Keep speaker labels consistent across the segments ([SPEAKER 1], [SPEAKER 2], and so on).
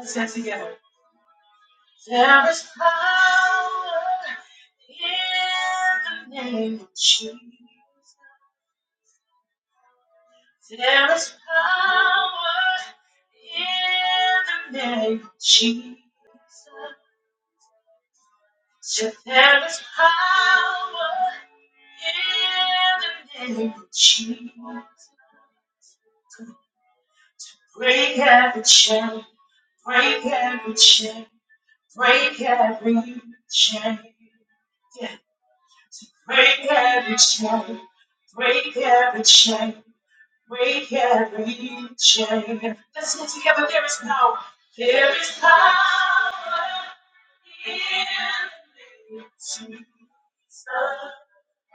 [SPEAKER 1] Let's get together. There is power in the name of Jesus. There is power in the name of Jesus. So there is power in the name of Jesus. Break every chain, break every chain, break every chain. Yeah. Break every chain, break every chain, we can reach him. Let's get together. There is power. There is power in the name of Jesus.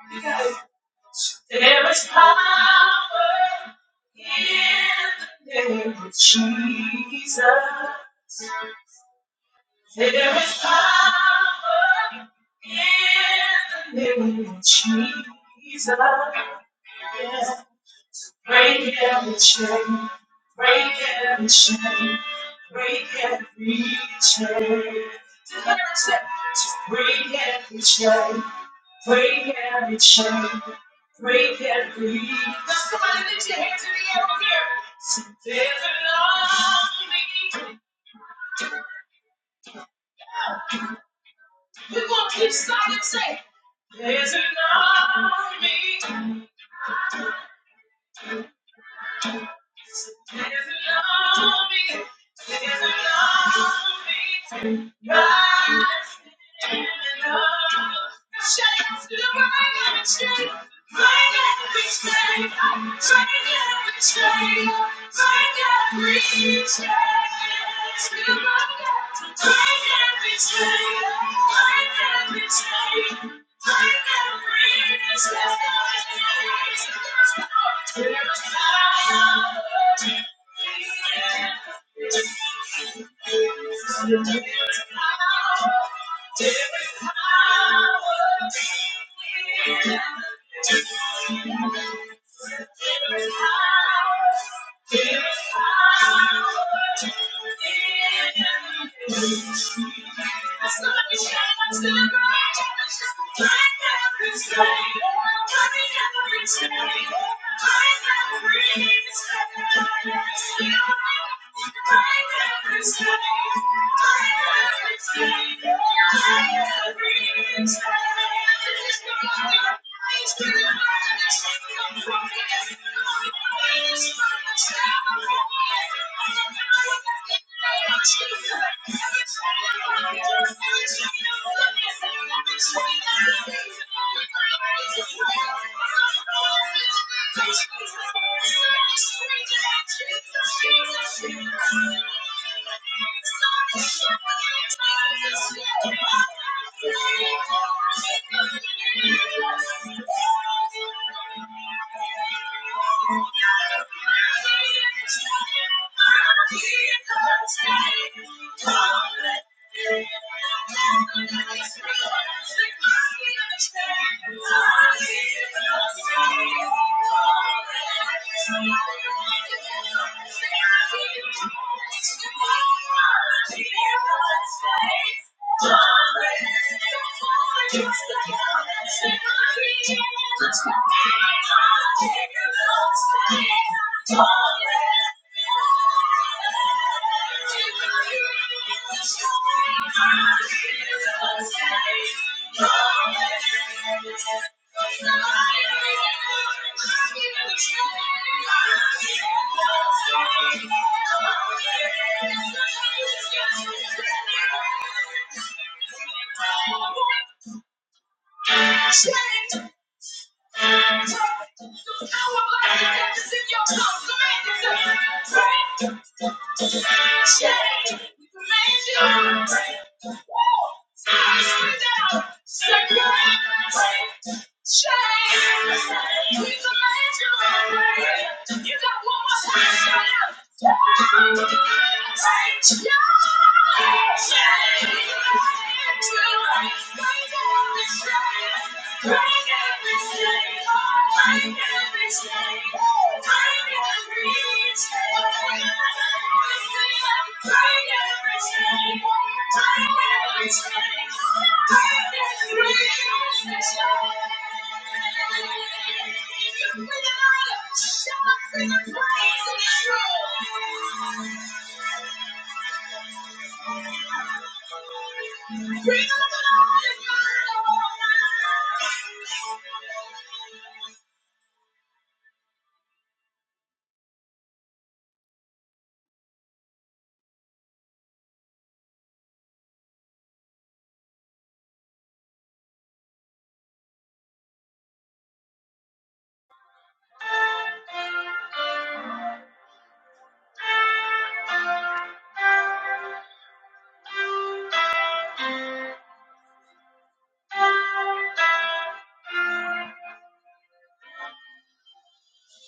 [SPEAKER 1] Yes. There is power in the name of Jesus. There is power in the name of Jesus. Yeah. Break every chain, break every chain, break every chain. Declare Just break every chain, break every chain, break every. Now somebody lift your hands in the air over here. So there's a love We're gonna keep silent, say, there's an army. So stand along me, stand along me, right standing up. Got to shake through the rigging, break every chain, break every chain, break every chain, through the rigging, break every chain, break every chain, break every chain, through the rigging.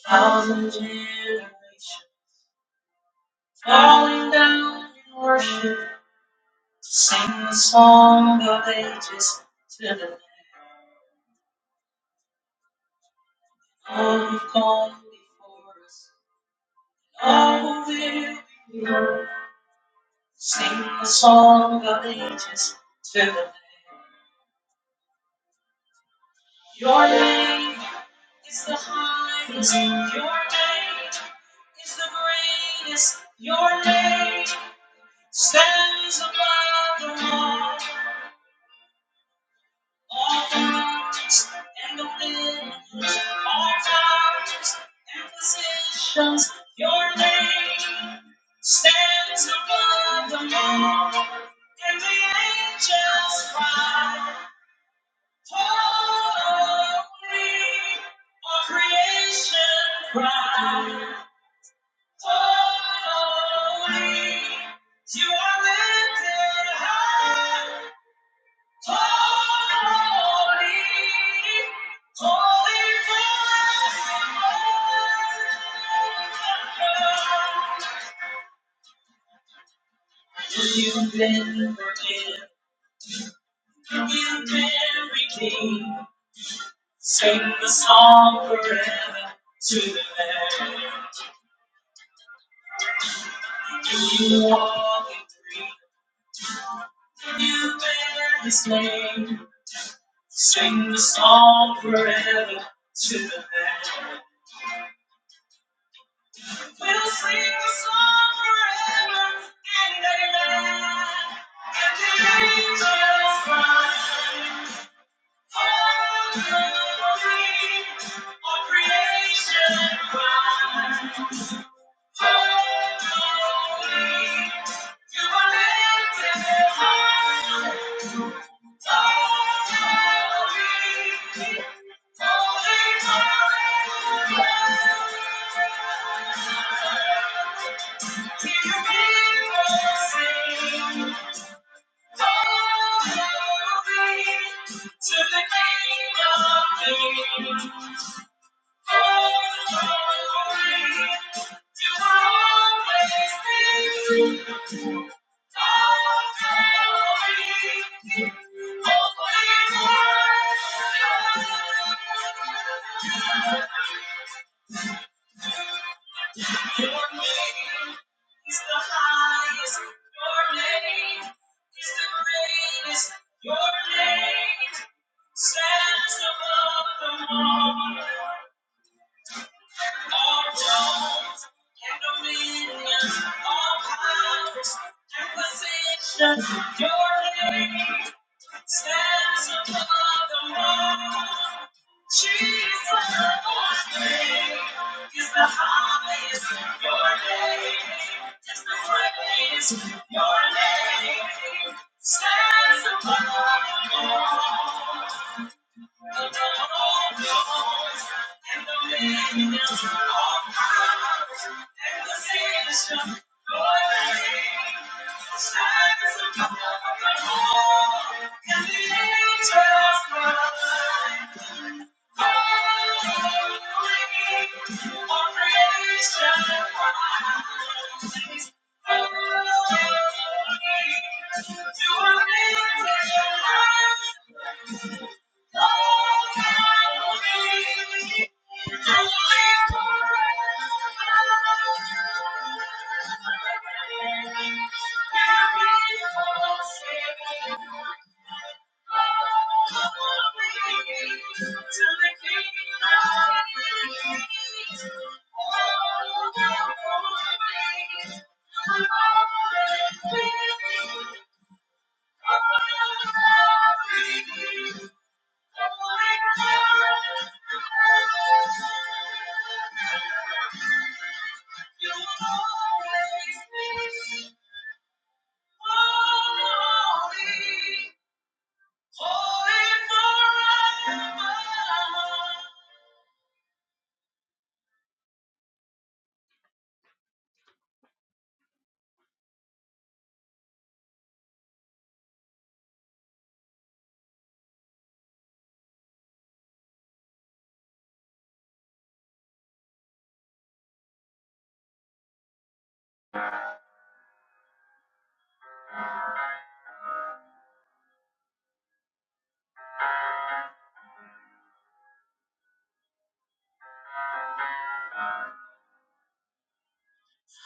[SPEAKER 1] Thousand generations falling down in worship to sing the song of ages to the Lamb. All who've gone before us, all who will be yours. Your name stands up in the angels. All creation cries, holy, you are high. Holy, holy, holy. You've been forgiven, you've been redeemed. Sing the song forever to the Lamb. You walk in freedom, you bear His name. Sing the song forever to the Lamb.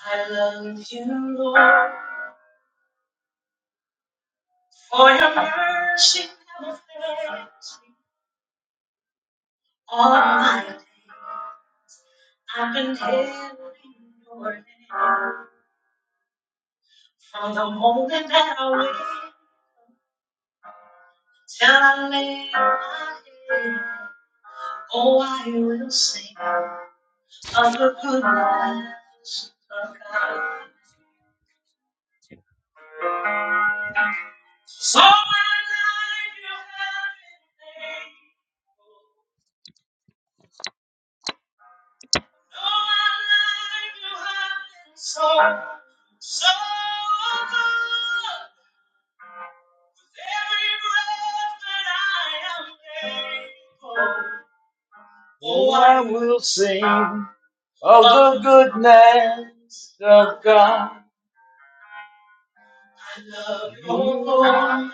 [SPEAKER 1] I love you, Lord. For your mercy never fails me. All my days I've been held in your hand. From the moment that I wake till I lay my head. Oh, I will sing of the Oh, I will sing of the goodness of God. I you, Lord.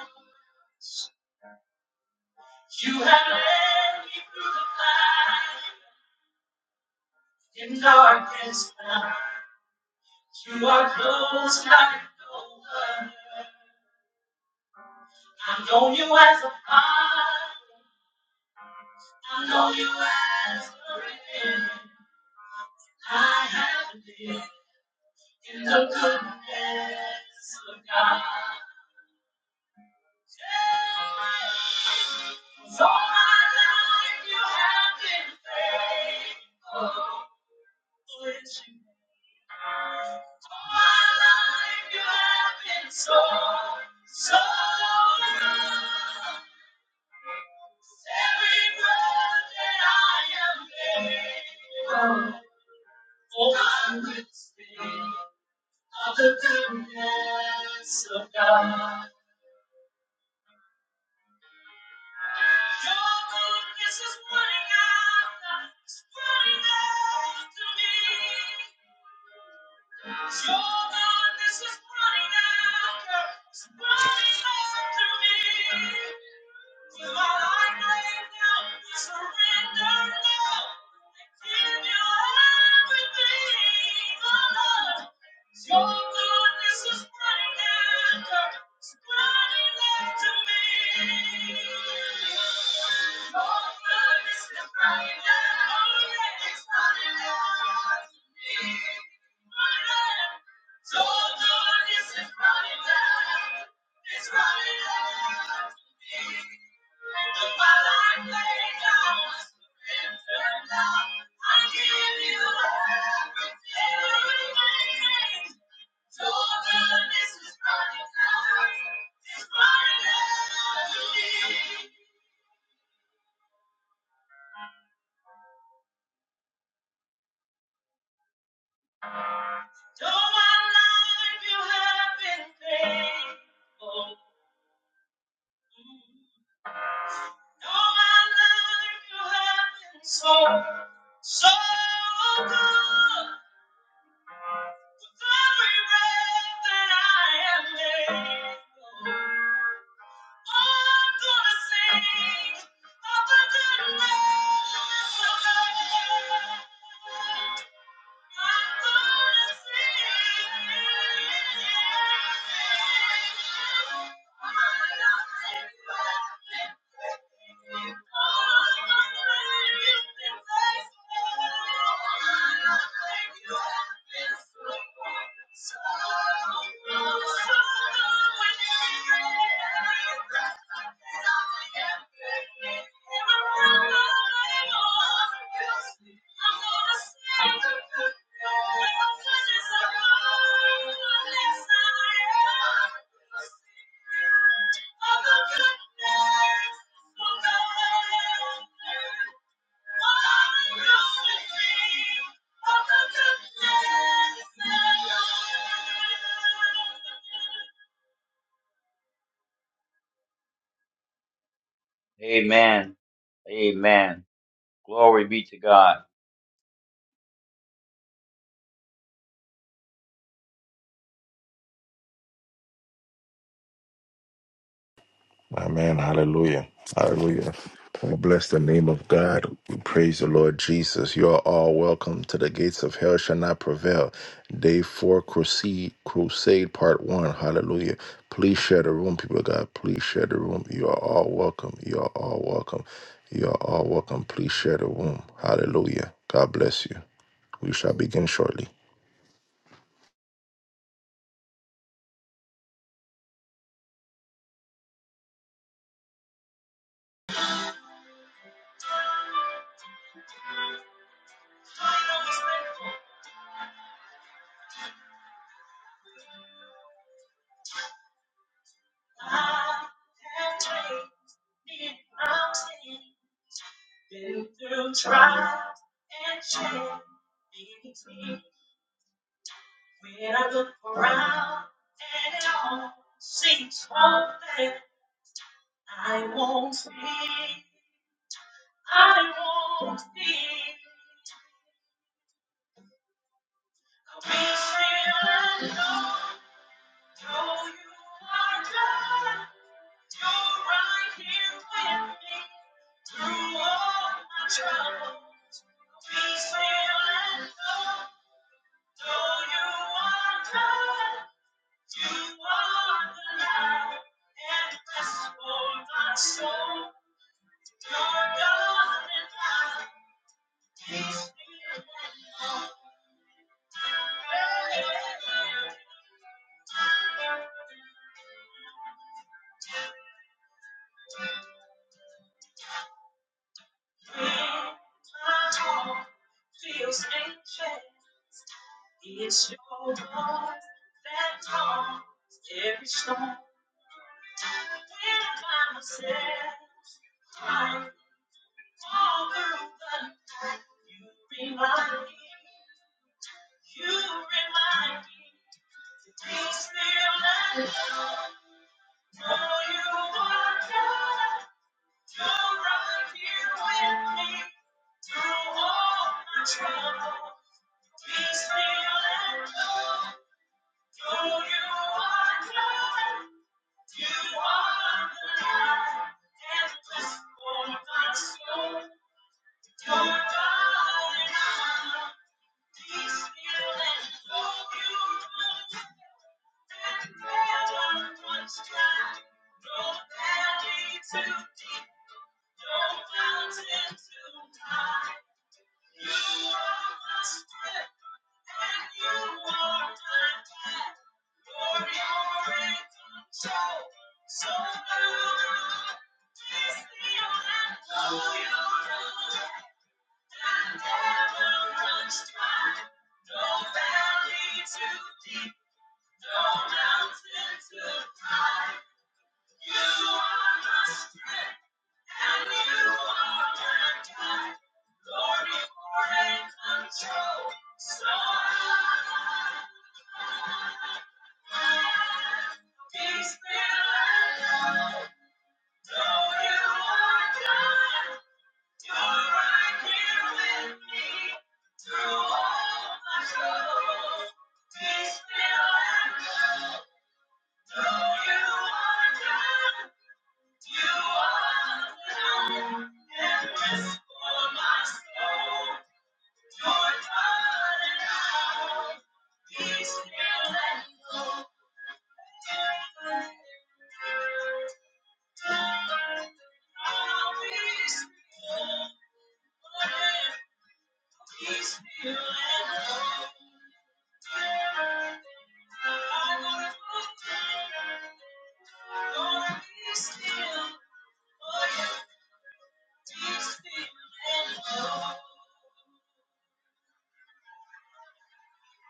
[SPEAKER 1] Amen. Amen. Glory be to God.
[SPEAKER 2] Amen. Hallelujah. Hallelujah. We bless the name of God. We praise the Lord Jesus. You are all welcome to the gates of hell shall not prevail. Day four crusade, crusade part one. Hallelujah. Please share the room, people of God. Please share the room. You are all welcome. You are all welcome. You are all welcome. Please share the room. Hallelujah. God bless you. We shall begin shortly.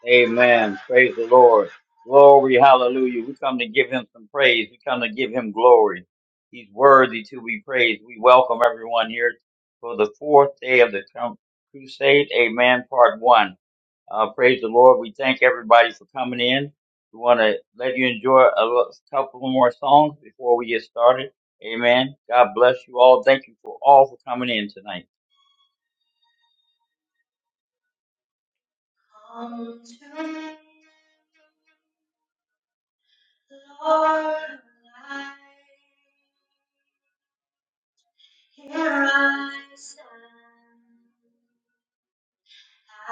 [SPEAKER 1] Amen. Praise the Lord. Glory, hallelujah. We come to give him some praise. We come to give him glory. He's worthy to be praised. We welcome everyone here for the fourth day of the com- crusade. Amen. Part one. Uh, praise the Lord. We thank everybody for coming in. We want to let you enjoy a lo- couple more songs before we get started. Amen. God bless you all. Thank you for all for coming in tonight.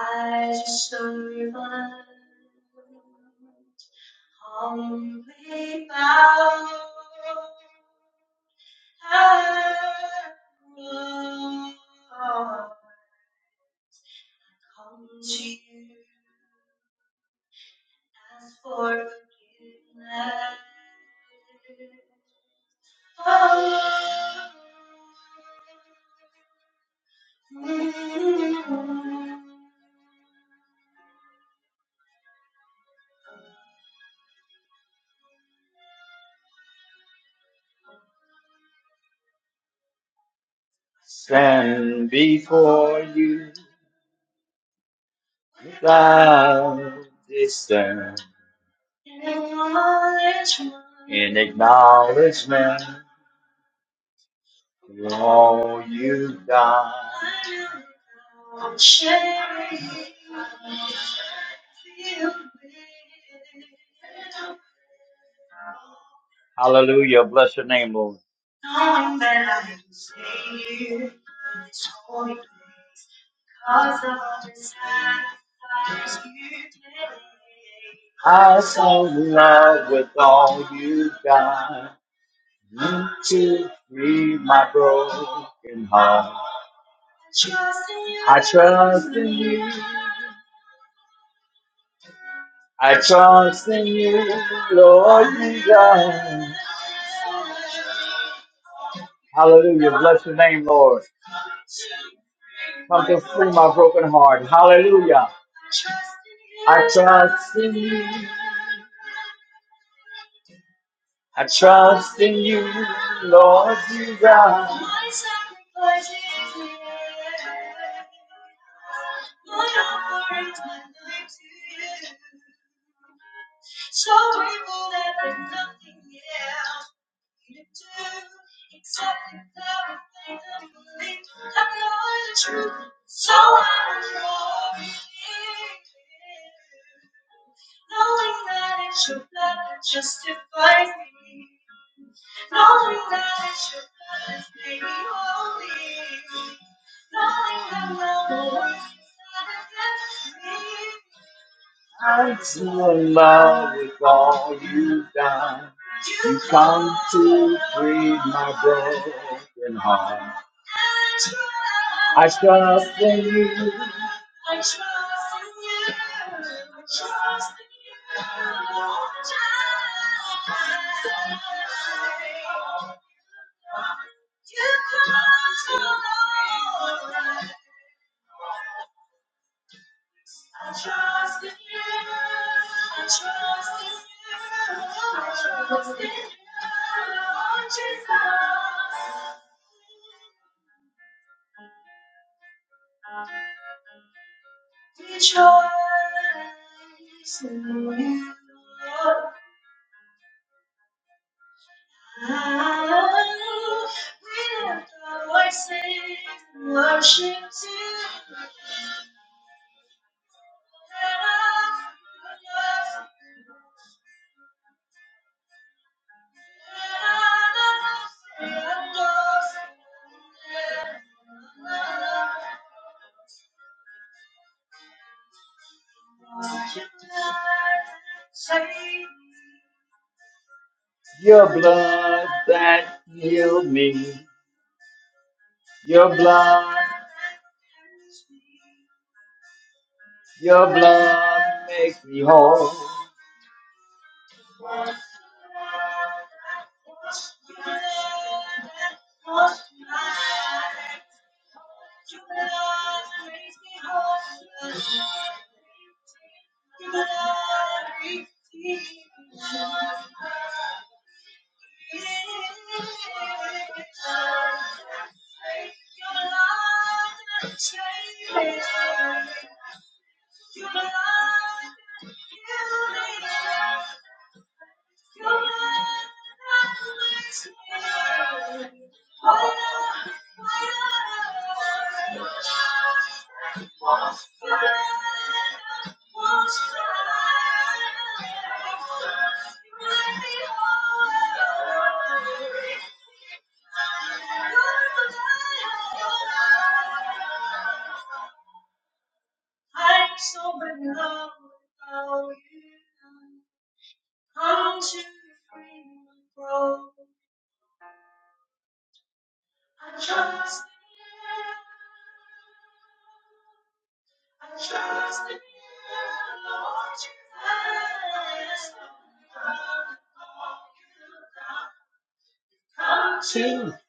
[SPEAKER 1] I Stand before you thou distant, in acknowledgement of all you've done. Hallelujah. Bless your name, Lord. I so love with all you've got. You too. I trust in you, trust in you, Lord, you God. Hallelujah. Bless your name, Lord. Come to free my broken heart. Hallelujah. I trust in you. I trust in you, Lord Jesus. My sacrifice is here. I'm to in love with all you've done. You come to free my broken heart. I trust in you, your blood that healed me. Your blood, your blood makes me whole.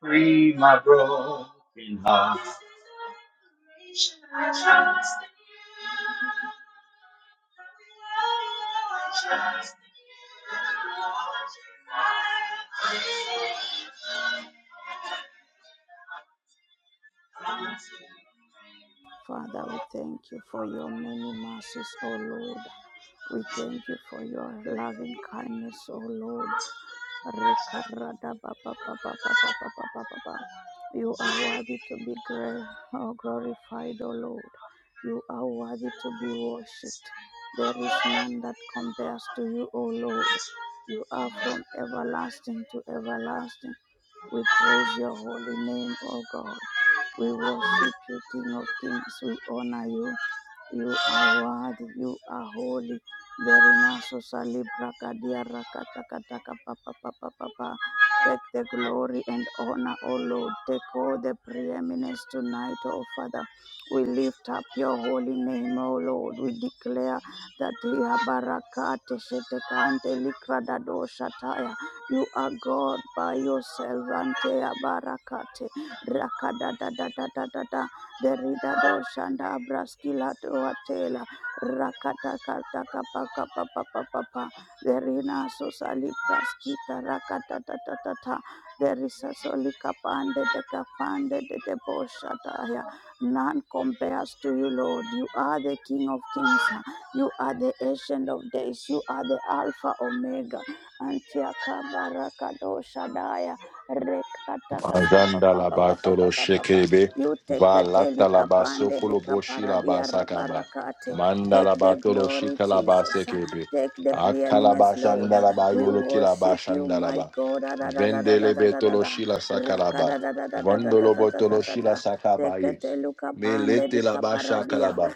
[SPEAKER 1] free my broken heart.
[SPEAKER 3] Father, we thank you for your many mercies, O Lord. We thank you for your loving kindness, O Lord. Rekarada ba ba ba ba ba ba ba ba ba ba ba. You are worthy to be gra- oh, glorified, O Lord. You are worthy to be worshipped. There is none that compares to you, O Lord. You are from everlasting to everlasting. We praise your holy name, O God. We worship you, King of Kings. We honor you. You are worthy, you are holy. There in us, O Salibra Kadia Rakata Kataka Papa Papa Papa. Take the glory and honor, O Lord. Take all the preeminence tonight, O Father. We lift up your holy name, O Lord. We declare that here Barakate Shetekante Likradado Shataya. You are God by yourself, Antea Barakate. Rakada da da da da da da derida do shanda braskila to atela rakata kata kapa kapa papa papa derina sosali praskita rakata tata tata derisa soli kapande de kapande de deboshata ya none compares to you lord you are the king of kings huh? you are the ancient of days you are the alpha omega antiakabarakado shadaya rekata kapa
[SPEAKER 2] Ajanda
[SPEAKER 3] papa
[SPEAKER 2] la
[SPEAKER 3] papa papa
[SPEAKER 2] batolo
[SPEAKER 3] papa
[SPEAKER 2] shekebe,
[SPEAKER 3] Yutekete
[SPEAKER 2] valata la baso
[SPEAKER 3] likapande
[SPEAKER 2] koloboshi la
[SPEAKER 3] dikaparadia
[SPEAKER 2] basakaba,
[SPEAKER 3] rabarakate.
[SPEAKER 2] manda
[SPEAKER 3] Take
[SPEAKER 2] la
[SPEAKER 3] the
[SPEAKER 2] batolo
[SPEAKER 3] glory,
[SPEAKER 2] shika la
[SPEAKER 3] Jesus.
[SPEAKER 2] basekebe,
[SPEAKER 3] Take the preeminence, Lord.
[SPEAKER 2] akalabashanda la
[SPEAKER 3] We
[SPEAKER 2] bayolo
[SPEAKER 3] worship you,
[SPEAKER 2] kilabashanda la
[SPEAKER 3] my
[SPEAKER 2] ba,
[SPEAKER 3] God.
[SPEAKER 2] vendele betolo
[SPEAKER 3] Ra-ra-ra-ra-ra-ra-ra-ra-ra.
[SPEAKER 2] shila sakalaba, vandolo botolo shila
[SPEAKER 3] Raka-ra-ra-ra-ra-ra-ra-ra-ra-ra-ra-ra.
[SPEAKER 2] sakabaye,
[SPEAKER 3] Tekete lukapande
[SPEAKER 2] melete la basha
[SPEAKER 3] dikaparadia.
[SPEAKER 2] kalaba,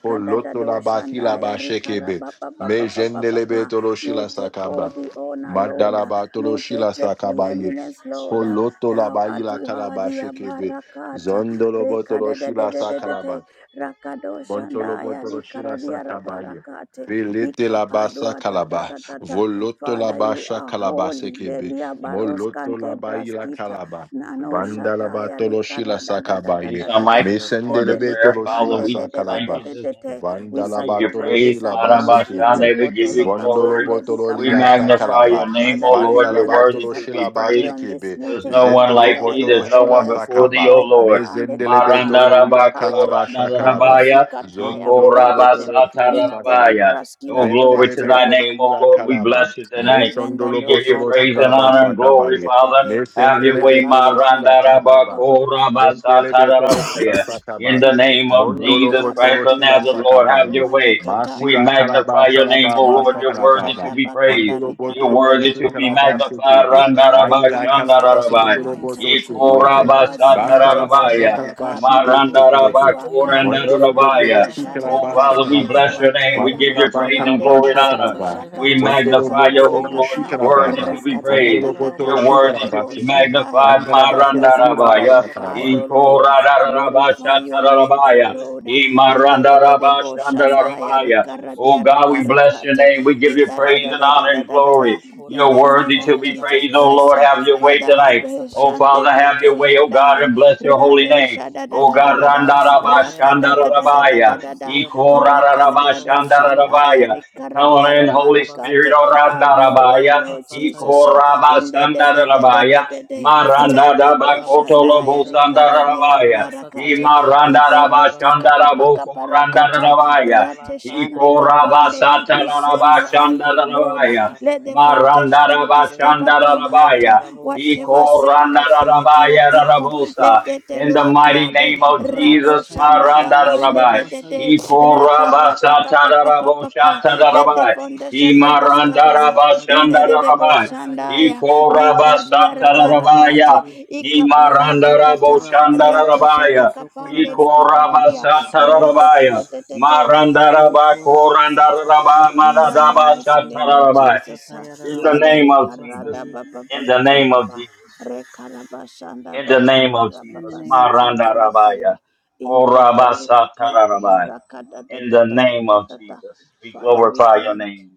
[SPEAKER 2] poloto la baki la bashekebe, mejendele
[SPEAKER 3] rikarabababababababa.
[SPEAKER 2] betolo
[SPEAKER 3] You
[SPEAKER 2] shila
[SPEAKER 3] take all
[SPEAKER 2] sakaba,
[SPEAKER 3] the honor, Lord.
[SPEAKER 2] madala batolo
[SPEAKER 3] You
[SPEAKER 2] shila
[SPEAKER 3] take the
[SPEAKER 2] sakabaye,
[SPEAKER 3] preeminence, Lord.
[SPEAKER 2] Poloto la
[SPEAKER 3] Thou art
[SPEAKER 2] baila karaba
[SPEAKER 3] worthy,
[SPEAKER 2] shekebe.
[SPEAKER 3] Barakata.
[SPEAKER 2] Zondolo botolo
[SPEAKER 3] Rekada de de
[SPEAKER 2] shila
[SPEAKER 3] de
[SPEAKER 2] sa
[SPEAKER 3] de de
[SPEAKER 2] karaba.
[SPEAKER 3] rekadededededede rakado
[SPEAKER 2] Montolo
[SPEAKER 3] shandaya
[SPEAKER 2] Botoro Shila
[SPEAKER 3] rikaradia
[SPEAKER 2] Satabaye.
[SPEAKER 3] rabarakate
[SPEAKER 2] Belete la basa
[SPEAKER 3] ikapadua
[SPEAKER 2] kalaba,
[SPEAKER 3] tatatatata
[SPEAKER 2] voloto la
[SPEAKER 3] Father, you
[SPEAKER 2] basha
[SPEAKER 3] are
[SPEAKER 2] kalaba
[SPEAKER 3] holy.
[SPEAKER 2] sekebe,
[SPEAKER 3] Delia baros
[SPEAKER 2] moloto
[SPEAKER 3] kante
[SPEAKER 2] la baila
[SPEAKER 3] braskita
[SPEAKER 2] kalaba,
[SPEAKER 3] nano
[SPEAKER 2] banda la
[SPEAKER 3] shataya
[SPEAKER 2] batolo shila
[SPEAKER 3] rikarada da da da
[SPEAKER 2] sakabaye,
[SPEAKER 1] Release
[SPEAKER 3] da
[SPEAKER 1] our
[SPEAKER 3] da da
[SPEAKER 1] mics and let's go into
[SPEAKER 2] mesendele
[SPEAKER 3] tetelika
[SPEAKER 1] prayer.
[SPEAKER 2] betolo
[SPEAKER 1] Father,
[SPEAKER 2] shila
[SPEAKER 3] pande
[SPEAKER 1] we
[SPEAKER 3] de
[SPEAKER 1] just
[SPEAKER 3] de de
[SPEAKER 1] thank
[SPEAKER 3] de
[SPEAKER 2] sakalaba,
[SPEAKER 1] you
[SPEAKER 3] de
[SPEAKER 1] this
[SPEAKER 3] de
[SPEAKER 1] morning.
[SPEAKER 3] de. We
[SPEAKER 2] vanda
[SPEAKER 1] We
[SPEAKER 2] la
[SPEAKER 1] give you
[SPEAKER 2] batolo
[SPEAKER 3] saturate
[SPEAKER 1] praise,
[SPEAKER 3] this
[SPEAKER 2] shila
[SPEAKER 1] Madam
[SPEAKER 3] atmosphere
[SPEAKER 2] basekebe,
[SPEAKER 1] Bashande. We
[SPEAKER 3] lokoto
[SPEAKER 1] give you
[SPEAKER 3] loka
[SPEAKER 2] vondolo
[SPEAKER 1] glory.
[SPEAKER 3] pande
[SPEAKER 2] botolo
[SPEAKER 1] We
[SPEAKER 2] lila
[SPEAKER 3] dikaparakata.
[SPEAKER 1] magnify your
[SPEAKER 2] sakalaba,
[SPEAKER 1] name,
[SPEAKER 3] Father,
[SPEAKER 1] O Lord.
[SPEAKER 2] vanda la
[SPEAKER 1] You're
[SPEAKER 3] anyone that is
[SPEAKER 1] worthy
[SPEAKER 2] batolo
[SPEAKER 1] to be
[SPEAKER 2] shila
[SPEAKER 3] supposed to be
[SPEAKER 1] praised.
[SPEAKER 3] on this
[SPEAKER 2] basekebe,
[SPEAKER 1] There's
[SPEAKER 3] meeting
[SPEAKER 1] no one
[SPEAKER 2] jetolo
[SPEAKER 1] like
[SPEAKER 3] blow
[SPEAKER 1] thee.
[SPEAKER 2] botolo
[SPEAKER 1] There's
[SPEAKER 3] your
[SPEAKER 1] no
[SPEAKER 2] shila
[SPEAKER 1] one before
[SPEAKER 3] westwind
[SPEAKER 1] thee,
[SPEAKER 2] sakaba,
[SPEAKER 1] O Lord.
[SPEAKER 3] lokatande
[SPEAKER 2] mezendele
[SPEAKER 3] kapara
[SPEAKER 2] betolo lila
[SPEAKER 3] barakate
[SPEAKER 2] kalaba shakalaba,
[SPEAKER 3] barosi
[SPEAKER 1] Marandarabakorandarabaya,
[SPEAKER 3] kataya
[SPEAKER 2] Zondolo
[SPEAKER 3] gather them
[SPEAKER 2] botolo pila
[SPEAKER 3] in the
[SPEAKER 2] sakalaba.
[SPEAKER 1] ikorabasatarabaya.
[SPEAKER 3] libras
[SPEAKER 1] Oh,
[SPEAKER 3] kila
[SPEAKER 1] glory
[SPEAKER 2] Vendele
[SPEAKER 1] to thy
[SPEAKER 3] doatela
[SPEAKER 2] betolo
[SPEAKER 1] name, O
[SPEAKER 2] ila
[SPEAKER 1] Lord. We
[SPEAKER 2] kalaba.
[SPEAKER 1] bless you tonight.
[SPEAKER 3] even the
[SPEAKER 2] Mosondolo
[SPEAKER 1] We give you
[SPEAKER 2] botolo
[SPEAKER 3] doshata
[SPEAKER 1] praise and
[SPEAKER 2] silaba
[SPEAKER 1] honor and
[SPEAKER 3] kapande de de
[SPEAKER 1] glory,
[SPEAKER 2] sakabaye.
[SPEAKER 3] de de
[SPEAKER 1] Father.
[SPEAKER 3] de
[SPEAKER 1] Have your
[SPEAKER 2] Mesendele
[SPEAKER 1] way,
[SPEAKER 2] betolo
[SPEAKER 3] rabashata
[SPEAKER 2] sila
[SPEAKER 3] kapapa
[SPEAKER 2] sakaba.
[SPEAKER 1] Marandarabako
[SPEAKER 3] papa
[SPEAKER 2] Vendele betolo sila
[SPEAKER 1] In
[SPEAKER 2] sakaba.
[SPEAKER 1] the
[SPEAKER 3] inte
[SPEAKER 1] name of
[SPEAKER 3] telua
[SPEAKER 2] Mondolo
[SPEAKER 1] Jesus
[SPEAKER 3] kabe
[SPEAKER 1] Christ
[SPEAKER 2] botolo
[SPEAKER 1] of
[SPEAKER 2] sila
[SPEAKER 3] i
[SPEAKER 1] Nazareth, Lord, have
[SPEAKER 2] sakabaye.
[SPEAKER 1] your way.
[SPEAKER 3] kapapa
[SPEAKER 1] We
[SPEAKER 2] Masila kalaba
[SPEAKER 1] magnify your name,
[SPEAKER 2] shalaba
[SPEAKER 1] O
[SPEAKER 2] ba
[SPEAKER 1] Lord. You're worthy to
[SPEAKER 2] sakalaba.
[SPEAKER 1] be praised.
[SPEAKER 2] Vandolo
[SPEAKER 1] You're
[SPEAKER 2] botolo
[SPEAKER 1] worthy
[SPEAKER 2] poshi
[SPEAKER 1] to be
[SPEAKER 3] Arakashadabagandarikaradababa.
[SPEAKER 2] kalabaste
[SPEAKER 3] You
[SPEAKER 1] magnified.
[SPEAKER 2] kepe.
[SPEAKER 3] are worthy
[SPEAKER 2] Aila
[SPEAKER 3] in this place
[SPEAKER 2] kalabaste
[SPEAKER 1] Randarabashandarabai.
[SPEAKER 2] ndolo
[SPEAKER 3] tonight.
[SPEAKER 2] botolo
[SPEAKER 4] Ikorabasata
[SPEAKER 2] shepo
[SPEAKER 3] You
[SPEAKER 2] yepe.
[SPEAKER 3] are worthy
[SPEAKER 4] yararabosi
[SPEAKER 3] in
[SPEAKER 2] Basta la basta
[SPEAKER 4] ababasaye.
[SPEAKER 1] Ikorabasatarabaya.
[SPEAKER 3] Teteluakabe,
[SPEAKER 2] kalabasi
[SPEAKER 3] in
[SPEAKER 2] broshi kepe.
[SPEAKER 4] Ikorabasata
[SPEAKER 3] Teteluakabe,
[SPEAKER 2] Vandolo
[SPEAKER 4] yararaboso
[SPEAKER 2] botolo
[SPEAKER 1] Marandarabakorandarabaya.
[SPEAKER 2] shi
[SPEAKER 4] korabasata
[SPEAKER 3] Radeshanda
[SPEAKER 1] Oh,
[SPEAKER 2] kalabasta
[SPEAKER 1] Father, we
[SPEAKER 3] Praskila
[SPEAKER 2] kalaba.
[SPEAKER 1] bless
[SPEAKER 4] yararabosia.
[SPEAKER 1] your name. We
[SPEAKER 3] Tuatela,
[SPEAKER 1] give you
[SPEAKER 2] Vandalaba
[SPEAKER 1] praise and glory and
[SPEAKER 2] kalabasha
[SPEAKER 4] Ikerobosata
[SPEAKER 1] honor.
[SPEAKER 3] Radedebo
[SPEAKER 2] kalaba.
[SPEAKER 1] We
[SPEAKER 3] Shakata
[SPEAKER 4] yararabosi
[SPEAKER 2] Vandolo
[SPEAKER 1] magnify
[SPEAKER 3] Takata
[SPEAKER 1] you,
[SPEAKER 2] botolo
[SPEAKER 1] O
[SPEAKER 4] ababasaye
[SPEAKER 2] poshi
[SPEAKER 1] Lord.
[SPEAKER 4] rosi
[SPEAKER 3] Takapa,
[SPEAKER 1] You're worthy to
[SPEAKER 2] kalabata.
[SPEAKER 1] be
[SPEAKER 4] yokorabasata
[SPEAKER 1] praised.
[SPEAKER 2] Vandolo
[SPEAKER 3] Rakadadadaka
[SPEAKER 2] botolo
[SPEAKER 1] You're
[SPEAKER 2] shi
[SPEAKER 4] yararabosia.
[SPEAKER 1] worthy to
[SPEAKER 3] Dedebo
[SPEAKER 1] be
[SPEAKER 2] kalabaste ke.
[SPEAKER 3] Shandaya.
[SPEAKER 1] magnified,
[SPEAKER 2] Andalaba
[SPEAKER 3] Father,
[SPEAKER 2] tolo shi
[SPEAKER 3] be
[SPEAKER 4] Yokorabasata
[SPEAKER 1] Marandarabaya.
[SPEAKER 2] labasta
[SPEAKER 3] glorified,
[SPEAKER 2] kalaba.
[SPEAKER 4] yararaboso
[SPEAKER 3] O Lord.
[SPEAKER 4] korabasata
[SPEAKER 3] Glorify your
[SPEAKER 4] yararabosia
[SPEAKER 3] name, O
[SPEAKER 1] Ikoradarabashatarabaya.
[SPEAKER 4] ababasaye.
[SPEAKER 3] Lord in the de de de bo
[SPEAKER 4] Yokorabasata
[SPEAKER 3] shanda ya
[SPEAKER 1] Imarandarabashandarabaya.
[SPEAKER 3] rikara
[SPEAKER 4] yararaboso
[SPEAKER 1] Oh God, we
[SPEAKER 4] korabasata
[SPEAKER 1] bless your
[SPEAKER 3] rabarakate
[SPEAKER 1] name. We give
[SPEAKER 3] in
[SPEAKER 1] you
[SPEAKER 3] the
[SPEAKER 4] yararabosia.
[SPEAKER 3] da da
[SPEAKER 1] praise and
[SPEAKER 3] da da
[SPEAKER 1] honor
[SPEAKER 3] da
[SPEAKER 1] and
[SPEAKER 3] da da da
[SPEAKER 1] glory.
[SPEAKER 3] in
[SPEAKER 1] You're
[SPEAKER 3] the name
[SPEAKER 1] worthy
[SPEAKER 4] Ikorabasata
[SPEAKER 3] of
[SPEAKER 1] to be
[SPEAKER 3] Jesus
[SPEAKER 1] praised, oh
[SPEAKER 4] yararabosia
[SPEAKER 3] Christ
[SPEAKER 1] Lord.
[SPEAKER 3] uh,
[SPEAKER 1] Have your
[SPEAKER 4] ababasaye
[SPEAKER 1] way
[SPEAKER 3] Father
[SPEAKER 1] tonight.
[SPEAKER 3] habe
[SPEAKER 4] yokorabasata
[SPEAKER 1] Oh
[SPEAKER 3] shande
[SPEAKER 1] Father, have your
[SPEAKER 3] kato
[SPEAKER 1] way,
[SPEAKER 4] yararabosia.
[SPEAKER 1] oh God,
[SPEAKER 3] shadai
[SPEAKER 1] and bless your holy
[SPEAKER 3] rade
[SPEAKER 1] name.
[SPEAKER 3] shada
[SPEAKER 4] Di
[SPEAKER 3] da
[SPEAKER 1] Oh
[SPEAKER 3] da da
[SPEAKER 1] God,
[SPEAKER 3] da da
[SPEAKER 4] korabasa
[SPEAKER 3] rakada da da da
[SPEAKER 4] tayarabasa
[SPEAKER 3] da da
[SPEAKER 1] Randarabashandarabaya.
[SPEAKER 3] da da
[SPEAKER 4] yorosia korabasi
[SPEAKER 3] rakada da do
[SPEAKER 4] ababasaye.
[SPEAKER 3] shanda ya
[SPEAKER 1] Ikoradarabashandarabaya. Come on
[SPEAKER 4] Yo
[SPEAKER 1] in, Holy
[SPEAKER 4] korabasa
[SPEAKER 1] Spirit,
[SPEAKER 3] rabarakate have your
[SPEAKER 4] tayaraboso
[SPEAKER 1] oh
[SPEAKER 3] way Lord
[SPEAKER 4] korabasa
[SPEAKER 3] Jesus uh,
[SPEAKER 1] Ikoraba
[SPEAKER 3] in the de de
[SPEAKER 4] tayarabosia.
[SPEAKER 3] de de de
[SPEAKER 1] Sandarabaya,
[SPEAKER 3] de de
[SPEAKER 1] Maranda
[SPEAKER 4] Yo
[SPEAKER 3] rakado
[SPEAKER 1] Daba
[SPEAKER 4] korabasa
[SPEAKER 3] shanda ya
[SPEAKER 1] Kotolobo
[SPEAKER 4] tayaraboso
[SPEAKER 1] Sandarabaya,
[SPEAKER 4] korabasa
[SPEAKER 3] rabarakate
[SPEAKER 1] Imaranda
[SPEAKER 4] tayarabosia
[SPEAKER 1] Raba
[SPEAKER 3] Ibarata
[SPEAKER 4] ababasaye.
[SPEAKER 3] kapapa
[SPEAKER 1] Shandarabo
[SPEAKER 3] kaparakata
[SPEAKER 4] Yo
[SPEAKER 1] Kurandarabaya,
[SPEAKER 4] korabasa
[SPEAKER 3] rateshande
[SPEAKER 1] Ikoraba
[SPEAKER 3] kapande.
[SPEAKER 4] tayaraboso
[SPEAKER 3] We send
[SPEAKER 1] Sataraba
[SPEAKER 3] your
[SPEAKER 4] korabasa
[SPEAKER 3] earthquake, Lord.
[SPEAKER 1] Shandarabaya,
[SPEAKER 4] tayarabosia.
[SPEAKER 3] Let the
[SPEAKER 1] Maranda
[SPEAKER 3] foundation be
[SPEAKER 1] Raba
[SPEAKER 3] discovered
[SPEAKER 4] Ikerobosa
[SPEAKER 3] tonight.
[SPEAKER 1] Shandarabaya,
[SPEAKER 4] tayarabosia
[SPEAKER 3] Whatever's
[SPEAKER 4] ababasaye
[SPEAKER 3] held
[SPEAKER 4] rosia
[SPEAKER 3] captivity, of
[SPEAKER 1] Ikorandarabaya
[SPEAKER 4] korabasaye.
[SPEAKER 3] people,
[SPEAKER 1] Rabosa,
[SPEAKER 3] let the
[SPEAKER 1] in the mighty
[SPEAKER 3] teluakabe
[SPEAKER 1] name of
[SPEAKER 3] rado
[SPEAKER 4] Ikorabasa
[SPEAKER 1] Jesus,
[SPEAKER 3] shanda
[SPEAKER 1] Maranda
[SPEAKER 4] tayarabosia
[SPEAKER 3] kapande
[SPEAKER 1] Rabai.
[SPEAKER 3] de de de
[SPEAKER 4] ababasaye.
[SPEAKER 1] Ikoraba
[SPEAKER 3] raparata kapapa
[SPEAKER 1] Satarabo
[SPEAKER 3] papa. Let the
[SPEAKER 1] Shatarabai.
[SPEAKER 3] foundation be discovered.
[SPEAKER 4] Ikorarabasata
[SPEAKER 3] In the de de
[SPEAKER 4] yararabosi
[SPEAKER 1] Imarandarabashandarabai.
[SPEAKER 3] boshandaya
[SPEAKER 4] ababasayerosi okorarabasata
[SPEAKER 3] rikardia
[SPEAKER 1] Ikorabasatarabaya.
[SPEAKER 4] yararabasaye
[SPEAKER 3] rabarakate ikabawa tatata
[SPEAKER 4] ikorabasata
[SPEAKER 3] Rato shata
[SPEAKER 1] Imarandaraboshandarabaya.
[SPEAKER 4] yararaboso
[SPEAKER 3] kapande rika
[SPEAKER 4] korabasata
[SPEAKER 3] baradia.
[SPEAKER 4] yararabosi
[SPEAKER 3] Rato te
[SPEAKER 4] ababasaye
[SPEAKER 3] te
[SPEAKER 1] Ikorabasatarabaya.
[SPEAKER 3] te te te.
[SPEAKER 4] yokorabasata
[SPEAKER 1] Marandarabakorandaraba
[SPEAKER 3] In the
[SPEAKER 4] yararabasayerosi
[SPEAKER 3] mighty name of
[SPEAKER 1] maradabachatarabaya.
[SPEAKER 4] okorarabasata
[SPEAKER 3] Jesus. uh,
[SPEAKER 1] In the
[SPEAKER 3] Father
[SPEAKER 4] yararabosi
[SPEAKER 1] name of
[SPEAKER 3] rika
[SPEAKER 1] Jesus.
[SPEAKER 3] rada
[SPEAKER 4] ababasaye
[SPEAKER 3] Baba Baba ba
[SPEAKER 1] In the
[SPEAKER 3] ba ba
[SPEAKER 1] name
[SPEAKER 3] ba
[SPEAKER 1] of
[SPEAKER 3] ba.
[SPEAKER 1] Jesus.
[SPEAKER 3] Reka raba shanda
[SPEAKER 1] In the name
[SPEAKER 3] baganda
[SPEAKER 1] of
[SPEAKER 3] raba
[SPEAKER 4] in the
[SPEAKER 1] Jesus.
[SPEAKER 4] name of
[SPEAKER 3] basikato
[SPEAKER 4] Jesus.
[SPEAKER 3] atela.
[SPEAKER 1] Marandarabaya.
[SPEAKER 3] Intetelua kabe
[SPEAKER 1] Korabasatarabaya
[SPEAKER 3] raka da da
[SPEAKER 1] in
[SPEAKER 3] da
[SPEAKER 1] the
[SPEAKER 3] da da
[SPEAKER 1] name
[SPEAKER 3] da
[SPEAKER 1] of
[SPEAKER 3] da da.
[SPEAKER 1] Jesus. We
[SPEAKER 3] Father, we
[SPEAKER 1] glorify
[SPEAKER 3] thank
[SPEAKER 1] your
[SPEAKER 3] you.
[SPEAKER 1] name.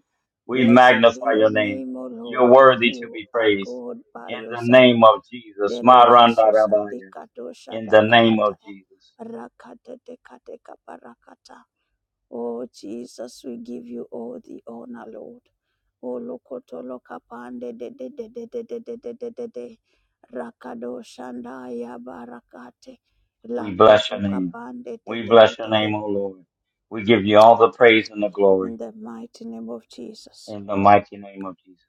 [SPEAKER 1] We
[SPEAKER 3] Blessed be
[SPEAKER 1] magnify
[SPEAKER 3] your
[SPEAKER 1] your name.
[SPEAKER 3] name, O
[SPEAKER 1] You're
[SPEAKER 3] Lord.
[SPEAKER 1] worthy to
[SPEAKER 3] You
[SPEAKER 1] be
[SPEAKER 3] are
[SPEAKER 1] praised.
[SPEAKER 3] God by
[SPEAKER 1] In the
[SPEAKER 3] yourself.
[SPEAKER 1] name of Jesus. Maranda
[SPEAKER 3] Derirasosa
[SPEAKER 1] Rabaya.
[SPEAKER 3] likadosha
[SPEAKER 1] In the name of
[SPEAKER 3] dabahataya.
[SPEAKER 1] Jesus.
[SPEAKER 3] Rakatetekatekapa parakata. Oh Jesus, we give you all the honor, Lord. Oh lokoto lokapande de de de de de de de de de de de. Rakado shandaya barakate.
[SPEAKER 1] We bless your
[SPEAKER 3] Lakoto
[SPEAKER 1] name.
[SPEAKER 3] kapande de
[SPEAKER 1] We
[SPEAKER 3] de de
[SPEAKER 1] bless your
[SPEAKER 3] de de.
[SPEAKER 1] name, O Lord. We give you all the praise and the glory
[SPEAKER 3] In the mighty name of Jesus.
[SPEAKER 1] in the mighty name of Jesus.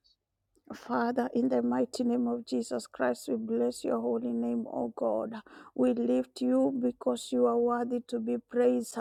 [SPEAKER 3] Father, in the mighty name of Jesus Christ, we bless your holy name, O God. We lift you because you are worthy to be praised.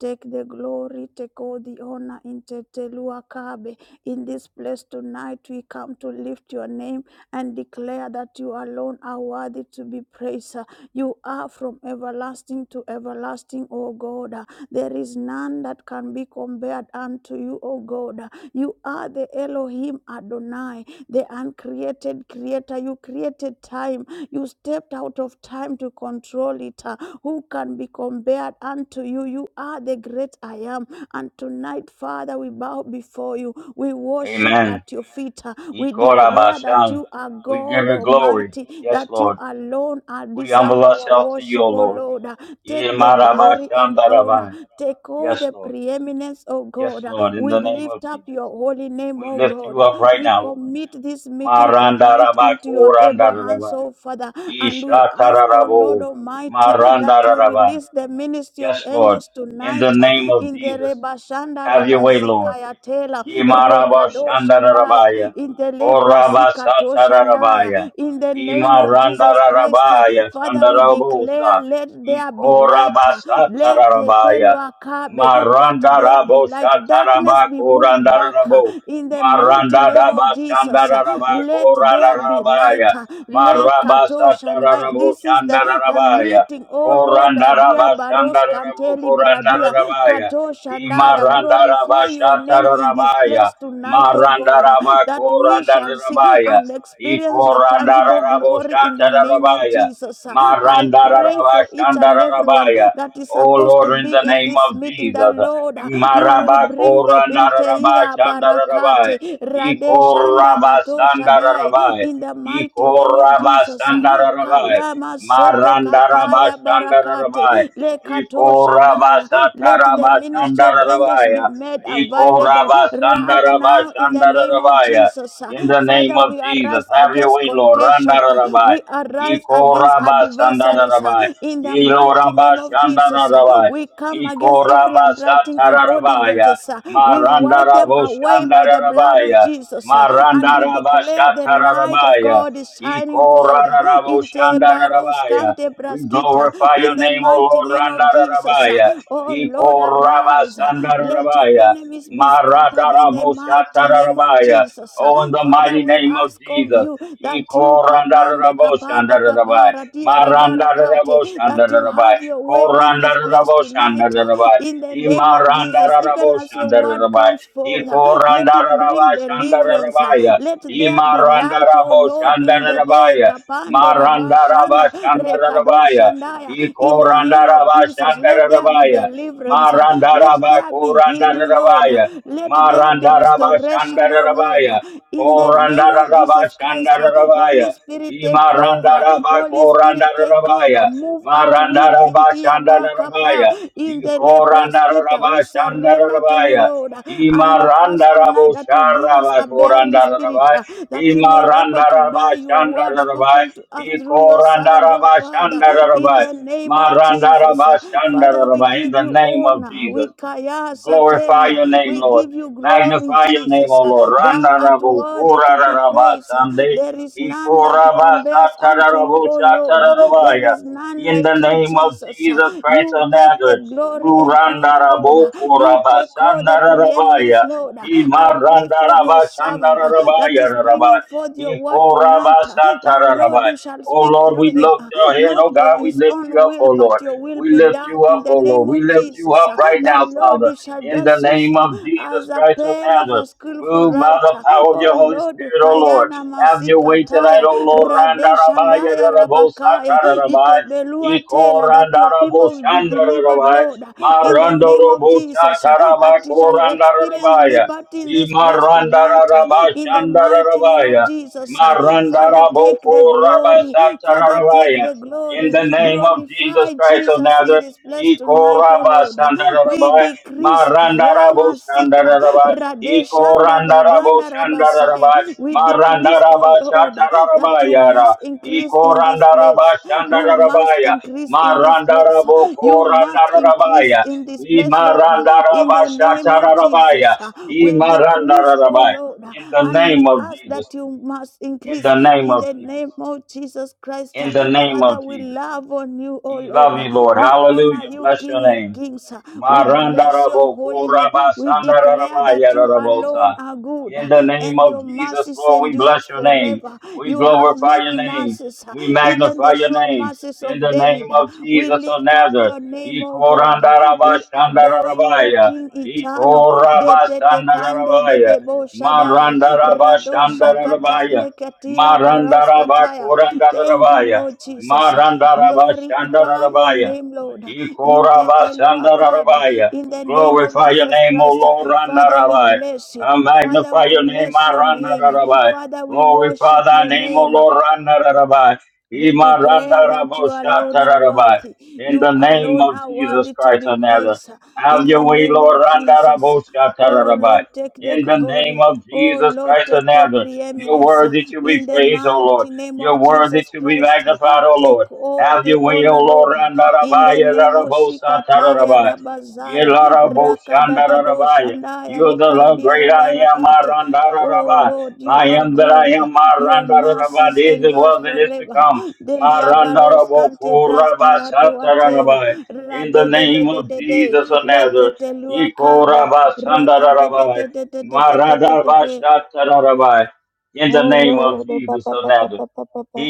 [SPEAKER 3] Take the glory, take all the honor in Teteluakabe. In this place tonight, we come to lift your name and declare that you alone are worthy to be praised. You are from everlasting to everlasting, O God. There is none that can be compared unto you, O God. You are the Elohim Adonai the uncreated creator. You created time. You stepped out of time to control it. Uh, Who can be compared unto you? You are the great I am. And tonight, Father, we bow before you. We worship
[SPEAKER 1] Amen.
[SPEAKER 3] at your feet. Uh, We declare that
[SPEAKER 1] Ikorabashan.
[SPEAKER 3] you are
[SPEAKER 1] We give
[SPEAKER 3] God
[SPEAKER 1] you glory.
[SPEAKER 3] Almighty,
[SPEAKER 1] Yes,
[SPEAKER 3] that you
[SPEAKER 1] Lord.
[SPEAKER 3] alone are
[SPEAKER 1] We
[SPEAKER 3] deserve
[SPEAKER 1] humble
[SPEAKER 3] our
[SPEAKER 1] ourselves to you,
[SPEAKER 3] worship,
[SPEAKER 1] O
[SPEAKER 3] O
[SPEAKER 1] Lord.
[SPEAKER 3] Lord. Uh, Take the glory and honor.
[SPEAKER 1] Yemarabashandarabaya.
[SPEAKER 3] Take all
[SPEAKER 1] Yes,
[SPEAKER 3] the
[SPEAKER 1] Lord.
[SPEAKER 3] preeminence, O
[SPEAKER 1] Yes,
[SPEAKER 3] God. Uh,
[SPEAKER 1] Lord, in
[SPEAKER 3] We
[SPEAKER 1] the name of
[SPEAKER 3] lift up
[SPEAKER 1] Jesus.
[SPEAKER 3] your holy name,
[SPEAKER 1] We
[SPEAKER 3] O
[SPEAKER 1] lift
[SPEAKER 3] God.
[SPEAKER 1] you up right
[SPEAKER 3] We
[SPEAKER 1] now, Lord.
[SPEAKER 3] commit this meeting tonight
[SPEAKER 1] Marandarabai,
[SPEAKER 3] into your able hands,
[SPEAKER 1] korandarabai,
[SPEAKER 3] oh Father, and we ask, oh Lord
[SPEAKER 1] ishatararabo,
[SPEAKER 3] Almighty, that you
[SPEAKER 1] marandarabai.
[SPEAKER 3] release the ministry of
[SPEAKER 1] Yes, Lord,
[SPEAKER 3] angels
[SPEAKER 1] in the
[SPEAKER 3] tonight uh,
[SPEAKER 1] name of
[SPEAKER 3] in the
[SPEAKER 1] Jesus,
[SPEAKER 3] Rebashanda
[SPEAKER 1] have your way,
[SPEAKER 3] Rabazika
[SPEAKER 1] Lord.
[SPEAKER 3] Yatela
[SPEAKER 1] Yimaraba
[SPEAKER 3] Rekado Shandaya
[SPEAKER 1] Shandarabaya,
[SPEAKER 3] in the Libra
[SPEAKER 1] Koraba
[SPEAKER 3] Sikato Shandaya,
[SPEAKER 1] Satarabaya,
[SPEAKER 3] in the name of Jesus Christ. uh,
[SPEAKER 1] Imarandarabaya,
[SPEAKER 3] Father, we declare,
[SPEAKER 1] Shandarabosa,
[SPEAKER 3] let there be light.
[SPEAKER 1] Ikoraba
[SPEAKER 3] uh, Let uh,
[SPEAKER 1] Satarabaya,
[SPEAKER 3] Telua Kabe, let there be
[SPEAKER 1] Marandarabo
[SPEAKER 3] light. Darkness
[SPEAKER 1] Shataraba
[SPEAKER 3] be moved back uh,
[SPEAKER 1] Korandarabo,
[SPEAKER 3] in the mighty name
[SPEAKER 1] Marandaraba
[SPEAKER 3] of Jesus. uh,
[SPEAKER 1] Shandaraba
[SPEAKER 3] Let there be light.
[SPEAKER 1] Korandarabaya,
[SPEAKER 3] uh, Le
[SPEAKER 1] Maraba
[SPEAKER 3] Kato Shandaya.
[SPEAKER 1] Satarabo
[SPEAKER 3] This is the, the
[SPEAKER 1] Shandarabaya,
[SPEAKER 3] meeting, oh Lord, uh, dear
[SPEAKER 1] Korandaraba
[SPEAKER 3] Baros
[SPEAKER 1] Shandarabo
[SPEAKER 3] Kanteli Bradia.
[SPEAKER 1] Korandarabaya,
[SPEAKER 3] Katosha Shandaya, glorify your name in this
[SPEAKER 1] Imarandarabashatarabaya.
[SPEAKER 3] place tonight, oh God, that we shall see
[SPEAKER 1] Marandarabakorandarabaya.
[SPEAKER 3] and experience your tangible glory in the name of
[SPEAKER 1] Ikorandaraboshatarabaya.
[SPEAKER 3] Jesus. I pray for each and everyone
[SPEAKER 1] Marandarabashandarabaya.
[SPEAKER 3] that is
[SPEAKER 1] Oh
[SPEAKER 3] supposed to
[SPEAKER 1] Lord, in
[SPEAKER 3] be
[SPEAKER 1] the
[SPEAKER 3] in
[SPEAKER 1] name
[SPEAKER 3] this
[SPEAKER 1] of
[SPEAKER 3] meeting, that
[SPEAKER 1] Jesus.
[SPEAKER 3] Lord, you will bring them into here,
[SPEAKER 1] Marabakorandarabashandarabaya.
[SPEAKER 3] Barakate, Radeshanda Katosha Dai,
[SPEAKER 1] Ikorabasandarabaya.
[SPEAKER 3] in the mighty name of Jesus.
[SPEAKER 1] Ikorabasandarabaya.
[SPEAKER 3] Kayama Sete Kataya
[SPEAKER 1] Marandarabashandarabaya.
[SPEAKER 3] Barakate, Le Katosha Shandaya. Let the ministry of angels be
[SPEAKER 1] Ikorabashatarabashandarabaya.
[SPEAKER 3] made available right now in the name of
[SPEAKER 1] Ikorabasandarabashandarabaya.
[SPEAKER 3] Jesus. Uh,
[SPEAKER 1] In the name
[SPEAKER 3] Father,
[SPEAKER 1] of
[SPEAKER 3] we
[SPEAKER 1] Jesus,
[SPEAKER 3] arise
[SPEAKER 1] have your
[SPEAKER 3] against
[SPEAKER 1] way, Lord.
[SPEAKER 3] contention. Uh,
[SPEAKER 1] Randararabai.
[SPEAKER 3] We arise against adversaries uh,
[SPEAKER 1] Ikorabasandararabai.
[SPEAKER 3] in the mighty name of Jesus. Uh,
[SPEAKER 1] Ilorabashandararabai.
[SPEAKER 3] We come against every handwriting and
[SPEAKER 1] Ikorabasatararabaya.
[SPEAKER 3] ordinances. uh, We wipe them away by the blood of
[SPEAKER 1] Marandaraboshandararabaya.
[SPEAKER 3] Jesus. uh, And we declare the light of
[SPEAKER 1] Marandarabashatararabaya.
[SPEAKER 3] God is shining forth. uh, In Tebaros
[SPEAKER 1] Ikoraraboshandararabaya.
[SPEAKER 3] Kante
[SPEAKER 1] We
[SPEAKER 3] Braskita,
[SPEAKER 1] glorify your
[SPEAKER 3] in the
[SPEAKER 1] name, O
[SPEAKER 3] mighty
[SPEAKER 1] Lord
[SPEAKER 3] name of Jesus. uh,
[SPEAKER 1] Randarabaya.
[SPEAKER 3] Oh Lord,
[SPEAKER 1] Iko
[SPEAKER 3] arise. uh, Let your
[SPEAKER 1] Rabasandarabaya.
[SPEAKER 3] enemies be scattered in the mighty name of
[SPEAKER 1] Maradaraboshatarabaya.
[SPEAKER 3] Jesus. uh.
[SPEAKER 1] Oh, in the
[SPEAKER 3] Father,
[SPEAKER 1] mighty
[SPEAKER 3] we
[SPEAKER 1] name of
[SPEAKER 3] ask of
[SPEAKER 1] Jesus.
[SPEAKER 3] you that you
[SPEAKER 1] Iko
[SPEAKER 3] kapande kapada
[SPEAKER 1] Randaraboshandarabaya.
[SPEAKER 3] kapara diarabarakate, that you
[SPEAKER 1] Marandaraboshandarabaya.
[SPEAKER 3] have your way in this place tonight uh,
[SPEAKER 1] Korandaraboshandarabaya.
[SPEAKER 3] in the name of Jesus. Even as your word
[SPEAKER 1] Imarandaraboshandarabaya.
[SPEAKER 3] comes forth, uh,
[SPEAKER 1] Iko
[SPEAKER 3] let it bring deliverance. uh.
[SPEAKER 1] Randarabashandarabaya.
[SPEAKER 3] Let there be light, oh Lord, in the day.
[SPEAKER 1] Imarandaraboshandarabaya.
[SPEAKER 3] Kapande
[SPEAKER 1] Marandaraba
[SPEAKER 3] Rabashanda Rekado
[SPEAKER 1] Shandarabaya.
[SPEAKER 3] Shandaya. In the name of
[SPEAKER 1] Ikorandaraba
[SPEAKER 3] Jesus, let there be
[SPEAKER 1] Shandarabaya.
[SPEAKER 3] deliverance. uh, Let
[SPEAKER 1] Marandaraba
[SPEAKER 3] there be healing, Lord. uh,
[SPEAKER 1] Kurandarabaya.
[SPEAKER 3] Let there be
[SPEAKER 1] Marandaraba
[SPEAKER 3] restoration, oh Lord. uh,
[SPEAKER 1] Shandarabaya.
[SPEAKER 3] In the name of
[SPEAKER 1] Korandaraba
[SPEAKER 3] Jesus Christ, uh, Holy
[SPEAKER 1] Shandarabaya.
[SPEAKER 3] Spirit, take over.
[SPEAKER 1] Imarandaraba
[SPEAKER 3] Holy Spirit, take over.
[SPEAKER 1] Korandarabaya.
[SPEAKER 3] Move at will
[SPEAKER 1] Marandaraba
[SPEAKER 3] in
[SPEAKER 1] Shandarabaya.
[SPEAKER 3] Tiabakapa, in the Lebraskita. We
[SPEAKER 1] Ikorandaraba
[SPEAKER 3] surrender to you,
[SPEAKER 1] Shandarabaya.
[SPEAKER 3] Lord. uh, And we ask tonight
[SPEAKER 1] Imarandarabo
[SPEAKER 3] that you give us
[SPEAKER 1] Sharaba
[SPEAKER 3] a bearing spirit,
[SPEAKER 1] Korandarabaya.
[SPEAKER 3] uh, that we may able to
[SPEAKER 1] Imarandaraba
[SPEAKER 3] bear your word
[SPEAKER 1] Shandarabaya.
[SPEAKER 3] spoken to us through your servant, oh Father, in
[SPEAKER 1] Ikorandarabashandarabai.
[SPEAKER 3] the name of Jesus. Father, we
[SPEAKER 1] Marandarabashandarabai. In
[SPEAKER 3] give
[SPEAKER 1] the
[SPEAKER 3] you
[SPEAKER 1] name of
[SPEAKER 3] honor.
[SPEAKER 1] Jesus.
[SPEAKER 3] We kaya
[SPEAKER 1] Glorify
[SPEAKER 3] satelia.
[SPEAKER 1] your name,
[SPEAKER 3] We
[SPEAKER 1] Lord.
[SPEAKER 3] give you glory,
[SPEAKER 1] Magnify your name,
[SPEAKER 3] Jesus.
[SPEAKER 1] O Lord.
[SPEAKER 3] Thou
[SPEAKER 1] Randa
[SPEAKER 3] art
[SPEAKER 1] rabu
[SPEAKER 3] worthy
[SPEAKER 1] kura
[SPEAKER 3] to be
[SPEAKER 1] raba
[SPEAKER 3] praised.
[SPEAKER 1] sande
[SPEAKER 3] There is none that
[SPEAKER 1] ikura basa
[SPEAKER 3] compares unto you,
[SPEAKER 1] tararabu
[SPEAKER 3] O Lord. There
[SPEAKER 1] shatararabaya.
[SPEAKER 3] is none
[SPEAKER 1] In the
[SPEAKER 3] like you,
[SPEAKER 1] name of
[SPEAKER 3] Jesus.
[SPEAKER 1] Jesus Christ
[SPEAKER 3] You
[SPEAKER 1] of
[SPEAKER 3] take the
[SPEAKER 1] Nazareth,
[SPEAKER 3] glory and
[SPEAKER 1] Randa
[SPEAKER 3] honor, Lord.
[SPEAKER 1] rabu
[SPEAKER 3] You
[SPEAKER 1] kura
[SPEAKER 3] take all
[SPEAKER 1] basa
[SPEAKER 3] the preeminence,
[SPEAKER 1] nararabaya.
[SPEAKER 3] Lord. I
[SPEAKER 1] Ima
[SPEAKER 3] pray pray
[SPEAKER 1] randa
[SPEAKER 3] for your
[SPEAKER 1] raba
[SPEAKER 3] servant uh, that
[SPEAKER 1] shandararabaya
[SPEAKER 3] is
[SPEAKER 1] rarabaya.
[SPEAKER 3] bringing forth your word
[SPEAKER 1] Ikura
[SPEAKER 3] tonight, uh,
[SPEAKER 1] basa
[SPEAKER 3] that Lord,
[SPEAKER 1] tararabaya.
[SPEAKER 3] you shall
[SPEAKER 1] Oh
[SPEAKER 3] speak
[SPEAKER 1] Lord, we
[SPEAKER 3] through him,
[SPEAKER 1] lift
[SPEAKER 3] uh,
[SPEAKER 1] your head. Oh
[SPEAKER 3] not
[SPEAKER 1] God,
[SPEAKER 3] of
[SPEAKER 1] we
[SPEAKER 3] his
[SPEAKER 1] lift you
[SPEAKER 3] own
[SPEAKER 1] up,
[SPEAKER 3] will,
[SPEAKER 1] oh Lord.
[SPEAKER 3] but your will
[SPEAKER 1] We
[SPEAKER 3] be
[SPEAKER 1] lift
[SPEAKER 3] done
[SPEAKER 1] you
[SPEAKER 3] in
[SPEAKER 1] up,
[SPEAKER 3] the
[SPEAKER 1] oh Lord.
[SPEAKER 3] name
[SPEAKER 1] We
[SPEAKER 3] of
[SPEAKER 1] lift you
[SPEAKER 3] Jesus.
[SPEAKER 1] up
[SPEAKER 3] uh,
[SPEAKER 1] right
[SPEAKER 3] That
[SPEAKER 1] now, Father
[SPEAKER 3] Lord, you shall
[SPEAKER 1] in the
[SPEAKER 3] just use
[SPEAKER 1] name
[SPEAKER 3] him
[SPEAKER 1] of Jesus
[SPEAKER 3] as a
[SPEAKER 1] Christ of
[SPEAKER 3] pen of
[SPEAKER 1] Nazareth.
[SPEAKER 3] a skillful
[SPEAKER 1] Move by the
[SPEAKER 3] writer.
[SPEAKER 1] power of
[SPEAKER 3] Oh
[SPEAKER 1] your Holy
[SPEAKER 3] Lord,
[SPEAKER 1] Spirit, O Lord.
[SPEAKER 3] Kayana
[SPEAKER 1] Have your way tonight,
[SPEAKER 3] Masikataya,
[SPEAKER 1] O Lord. Randa rabaya
[SPEAKER 3] Radeshandaya
[SPEAKER 1] rabo
[SPEAKER 3] Rabakaya,
[SPEAKER 1] satara rabai.
[SPEAKER 3] Itebelua
[SPEAKER 1] Iko
[SPEAKER 3] Tela, that
[SPEAKER 1] randa
[SPEAKER 3] your people will be delivered, Lord, in the name of Jesus uh, that we shall experience liberty in this place tonight uh, in the mighty name of Jesus. uh. Father, take the glory. Father, take the
[SPEAKER 1] In
[SPEAKER 3] glory.
[SPEAKER 1] the name of Jesus
[SPEAKER 3] Glorify
[SPEAKER 1] Christ of
[SPEAKER 3] Jesus in
[SPEAKER 1] Nazareth.
[SPEAKER 3] this place
[SPEAKER 1] Iko
[SPEAKER 3] tonight, O Lord. uh. We decrease
[SPEAKER 1] Marandarabo
[SPEAKER 3] Kayama Sika
[SPEAKER 1] Shandaraba, Eko
[SPEAKER 3] Radeshanda
[SPEAKER 1] Randarabo
[SPEAKER 3] Baganda
[SPEAKER 1] Shandaraba,
[SPEAKER 3] Rabasaya. We decrease, O
[SPEAKER 1] Marandaraba
[SPEAKER 3] Lord, uh, that
[SPEAKER 1] Shataraba
[SPEAKER 3] you
[SPEAKER 1] Yara,
[SPEAKER 3] must increase
[SPEAKER 1] Eko
[SPEAKER 3] in this
[SPEAKER 1] Randaraba
[SPEAKER 3] place. You must
[SPEAKER 1] Shandarabaya,
[SPEAKER 3] increase in this place.
[SPEAKER 1] Marandarabo
[SPEAKER 3] You must increase
[SPEAKER 1] Korandarabaya,
[SPEAKER 3] in this
[SPEAKER 1] I
[SPEAKER 3] place, Lord. In
[SPEAKER 1] Marandaraba
[SPEAKER 3] the name of
[SPEAKER 1] Shatarabaya,
[SPEAKER 3] Jesus,
[SPEAKER 1] I
[SPEAKER 3] we decrease, oh
[SPEAKER 1] Marandarabaya.
[SPEAKER 3] Lord,
[SPEAKER 1] In the
[SPEAKER 3] and
[SPEAKER 1] name
[SPEAKER 3] we
[SPEAKER 1] of
[SPEAKER 3] ask
[SPEAKER 1] Jesus,
[SPEAKER 3] that you must
[SPEAKER 1] in the
[SPEAKER 3] increase
[SPEAKER 1] name
[SPEAKER 3] in
[SPEAKER 1] of
[SPEAKER 3] the name
[SPEAKER 1] Jesus,
[SPEAKER 3] of Jesus Christ.
[SPEAKER 1] in the name
[SPEAKER 3] Father,
[SPEAKER 1] of
[SPEAKER 3] we
[SPEAKER 1] Jesus.
[SPEAKER 3] love on you, oh
[SPEAKER 1] We
[SPEAKER 3] Lord.
[SPEAKER 1] love you, Lord.
[SPEAKER 3] We honor
[SPEAKER 1] Hallelujah.
[SPEAKER 3] you,
[SPEAKER 1] Bless
[SPEAKER 3] King
[SPEAKER 1] your
[SPEAKER 3] of
[SPEAKER 1] name.
[SPEAKER 3] Kings. We bless your
[SPEAKER 1] Marandarabo,
[SPEAKER 3] holy
[SPEAKER 1] koraba,
[SPEAKER 3] name. We declare
[SPEAKER 1] sandararaba,
[SPEAKER 3] that you alone
[SPEAKER 1] yararabota.
[SPEAKER 3] are good
[SPEAKER 1] In the name
[SPEAKER 3] and
[SPEAKER 1] of
[SPEAKER 3] your
[SPEAKER 1] Jesus,
[SPEAKER 3] mercies
[SPEAKER 1] Lord, we bless
[SPEAKER 3] endures
[SPEAKER 1] your name.
[SPEAKER 3] forever.
[SPEAKER 1] We
[SPEAKER 3] You have
[SPEAKER 1] glorify
[SPEAKER 3] many
[SPEAKER 1] your name.
[SPEAKER 3] mercies,
[SPEAKER 1] We
[SPEAKER 3] even
[SPEAKER 1] magnify
[SPEAKER 3] the
[SPEAKER 1] your
[SPEAKER 3] sure
[SPEAKER 1] name.
[SPEAKER 3] mercy houses
[SPEAKER 1] In
[SPEAKER 3] of
[SPEAKER 1] the name
[SPEAKER 3] David.
[SPEAKER 1] of
[SPEAKER 3] We
[SPEAKER 1] Jesus of
[SPEAKER 3] lift up
[SPEAKER 1] Nazareth.
[SPEAKER 3] your name, O God.
[SPEAKER 1] Ikorandaraba,
[SPEAKER 3] We adore you, O
[SPEAKER 1] shandararabaya.
[SPEAKER 3] King eternal. De
[SPEAKER 1] Ikoraba,
[SPEAKER 3] te
[SPEAKER 1] sandararabaya.
[SPEAKER 3] shaddai.
[SPEAKER 1] Marandaraba,
[SPEAKER 3] Radosha
[SPEAKER 1] shandararabaya.
[SPEAKER 3] katande katila baros
[SPEAKER 1] Marandaraba,
[SPEAKER 3] kataya. Thank you,
[SPEAKER 1] korandararabaya.
[SPEAKER 3] Lord Jesus.
[SPEAKER 1] Marandaraba,
[SPEAKER 3] Glorify your
[SPEAKER 1] shandararabaya.
[SPEAKER 3] name, Lord. In
[SPEAKER 1] Ikorabashandarabaya.
[SPEAKER 3] In the name of
[SPEAKER 1] Glorify your
[SPEAKER 3] Jesus
[SPEAKER 1] name, O
[SPEAKER 3] Christ.
[SPEAKER 1] Lord,
[SPEAKER 3] Father, we
[SPEAKER 1] Randarabai.
[SPEAKER 3] bless you.
[SPEAKER 1] I
[SPEAKER 3] Father,
[SPEAKER 1] magnify
[SPEAKER 3] we
[SPEAKER 1] your name,
[SPEAKER 3] bless
[SPEAKER 1] my
[SPEAKER 3] your name.
[SPEAKER 1] Randarabai.
[SPEAKER 3] Father, we
[SPEAKER 1] Glorify
[SPEAKER 3] worship
[SPEAKER 1] thy
[SPEAKER 3] your
[SPEAKER 1] name, O
[SPEAKER 3] name.
[SPEAKER 1] Lord, Randarabai.
[SPEAKER 3] We
[SPEAKER 1] Ima
[SPEAKER 3] declare that you alone are
[SPEAKER 1] Randaraboshatarabai.
[SPEAKER 3] worthy.
[SPEAKER 1] In
[SPEAKER 3] You
[SPEAKER 1] the name
[SPEAKER 3] alone
[SPEAKER 1] of
[SPEAKER 3] are
[SPEAKER 1] Jesus
[SPEAKER 3] worthy to
[SPEAKER 1] Christ
[SPEAKER 3] be
[SPEAKER 1] of Nazareth.
[SPEAKER 3] praised. In
[SPEAKER 1] Have your
[SPEAKER 3] the
[SPEAKER 1] way,
[SPEAKER 3] name of
[SPEAKER 1] Lord,
[SPEAKER 3] Jesus. Oh
[SPEAKER 1] Randaraboshatarabai.
[SPEAKER 3] Lord, take the
[SPEAKER 1] In the name
[SPEAKER 3] glory.
[SPEAKER 1] of
[SPEAKER 3] Oh
[SPEAKER 1] Jesus
[SPEAKER 3] Lord,
[SPEAKER 1] Christ of
[SPEAKER 3] take your
[SPEAKER 1] Nazareth. You're
[SPEAKER 3] preeminence.
[SPEAKER 1] worthy to be
[SPEAKER 3] In the
[SPEAKER 1] praised, O Lord.
[SPEAKER 3] mighty name
[SPEAKER 1] You're
[SPEAKER 3] of
[SPEAKER 1] worthy
[SPEAKER 3] Jesus
[SPEAKER 1] to be
[SPEAKER 3] Christ,
[SPEAKER 1] magnified, O Lord.
[SPEAKER 3] take all
[SPEAKER 1] Have
[SPEAKER 3] the
[SPEAKER 1] your way, O
[SPEAKER 3] honor,
[SPEAKER 1] Lord,
[SPEAKER 3] Lord. In the
[SPEAKER 1] Andarabaya,
[SPEAKER 3] name of
[SPEAKER 1] Rarabosa,
[SPEAKER 3] Shikataya
[SPEAKER 1] Tararabaya.
[SPEAKER 3] Rabazaya, Rakadadado
[SPEAKER 1] Yelaraboshandarabaya.
[SPEAKER 3] Shandaya,
[SPEAKER 1] You are the Lord,
[SPEAKER 3] Rikaradia
[SPEAKER 1] great I am,
[SPEAKER 3] Rabarakate. Oh
[SPEAKER 1] Marandarabaya.
[SPEAKER 3] Lord, you
[SPEAKER 1] I
[SPEAKER 3] are
[SPEAKER 1] am that I
[SPEAKER 3] good.
[SPEAKER 1] am,
[SPEAKER 3] Your
[SPEAKER 1] Marandarabaya.
[SPEAKER 3] mercies
[SPEAKER 1] This is
[SPEAKER 3] endures
[SPEAKER 1] was and is to
[SPEAKER 3] forever.
[SPEAKER 1] come.
[SPEAKER 3] Delia baros cante brasquila to Atela.
[SPEAKER 1] Marandarabokurabashatararabaya. In the
[SPEAKER 3] Rade de de
[SPEAKER 1] name
[SPEAKER 3] de
[SPEAKER 1] of
[SPEAKER 3] de de.
[SPEAKER 1] Jesus of Nazareth.
[SPEAKER 3] Letete luacabe. Raka de de
[SPEAKER 1] Ikorabashandarabaya.
[SPEAKER 3] de de de de de de de de de.
[SPEAKER 1] Maradabashatararabaya. In the
[SPEAKER 3] Oh
[SPEAKER 1] name of
[SPEAKER 3] Lord, oh
[SPEAKER 1] Jesus
[SPEAKER 3] Papa,
[SPEAKER 1] of
[SPEAKER 3] Papa,
[SPEAKER 1] Nazareth.
[SPEAKER 3] Papa, Papa.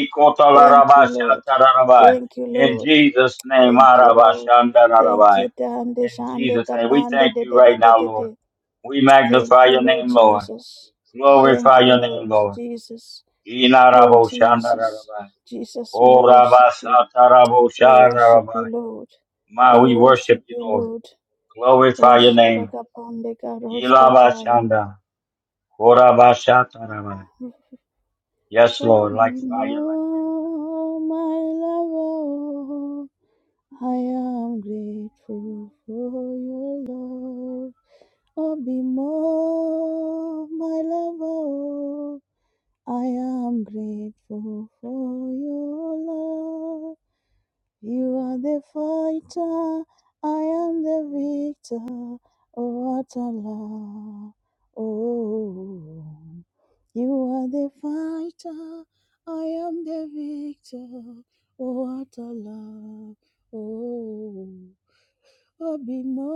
[SPEAKER 3] Thank you, Lord. Thank you,
[SPEAKER 1] In
[SPEAKER 3] Lord.
[SPEAKER 1] Jesus' name,
[SPEAKER 3] Thank you, Lord. Thank
[SPEAKER 1] Marabashandarabai.
[SPEAKER 3] you, Dande
[SPEAKER 1] in
[SPEAKER 3] Shande
[SPEAKER 1] Jesus' name, we
[SPEAKER 3] Kapande
[SPEAKER 1] thank
[SPEAKER 3] de
[SPEAKER 1] you
[SPEAKER 3] de de
[SPEAKER 1] right
[SPEAKER 3] de
[SPEAKER 1] now,
[SPEAKER 3] de
[SPEAKER 1] Lord.
[SPEAKER 3] de.
[SPEAKER 1] We
[SPEAKER 3] Thank
[SPEAKER 1] magnify
[SPEAKER 3] you,
[SPEAKER 1] your
[SPEAKER 3] Lord
[SPEAKER 1] name, Lord.
[SPEAKER 3] Jesus. Thank
[SPEAKER 1] Glorify
[SPEAKER 3] you,
[SPEAKER 1] your
[SPEAKER 3] Lord
[SPEAKER 1] name, Lord.
[SPEAKER 3] Jesus. Oh Jesus,
[SPEAKER 1] Inaraboshandarabai.
[SPEAKER 3] Jesus, we worship you. We worship
[SPEAKER 1] Korabasatarabosharabai.
[SPEAKER 3] you, Lord.
[SPEAKER 1] Ma,
[SPEAKER 3] We
[SPEAKER 1] we worship
[SPEAKER 3] worship
[SPEAKER 1] you,
[SPEAKER 3] you,
[SPEAKER 1] Lord.
[SPEAKER 3] Lord. O
[SPEAKER 1] Glorify your name.
[SPEAKER 3] Shadakapandeka Roskataya.
[SPEAKER 1] Ilabashanda. Korabashatarabai. Yes,
[SPEAKER 3] Oh,
[SPEAKER 1] Lord, like
[SPEAKER 3] be
[SPEAKER 1] fire, like
[SPEAKER 3] more, my lover. I am grateful for your love. Oh, be more, my lover. I am grateful for your love. You are the fighter, I am the victor. Oh, what a love. Oh, you are the fighter, I am the victor. Oh, what a love. Oh, Obimo,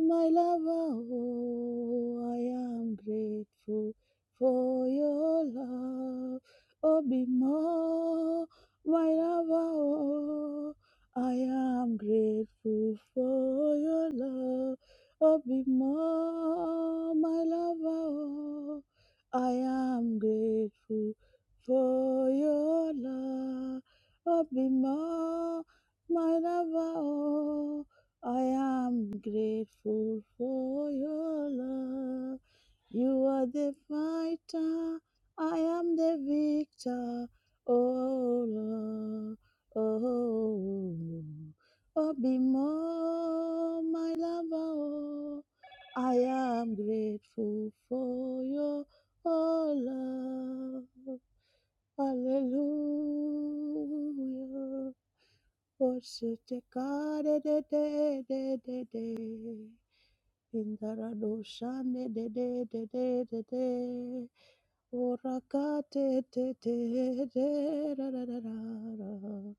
[SPEAKER 3] my lover, oh, I am grateful for your love. Obimo, my lover, oh, I am grateful for your love. Obimo, my lover, oh, I am grateful for your love. Obimo, my lover, oh, I am grateful for your love. You are the fighter, I am the victor. Oh, Lord, oh, oh, be more, my lover, oh, I am grateful for your oh, love. Hallelujah. Orsete kare de de de de de. Indara doshane de de de de de de. Orakate te te de ra ra ra ra ra.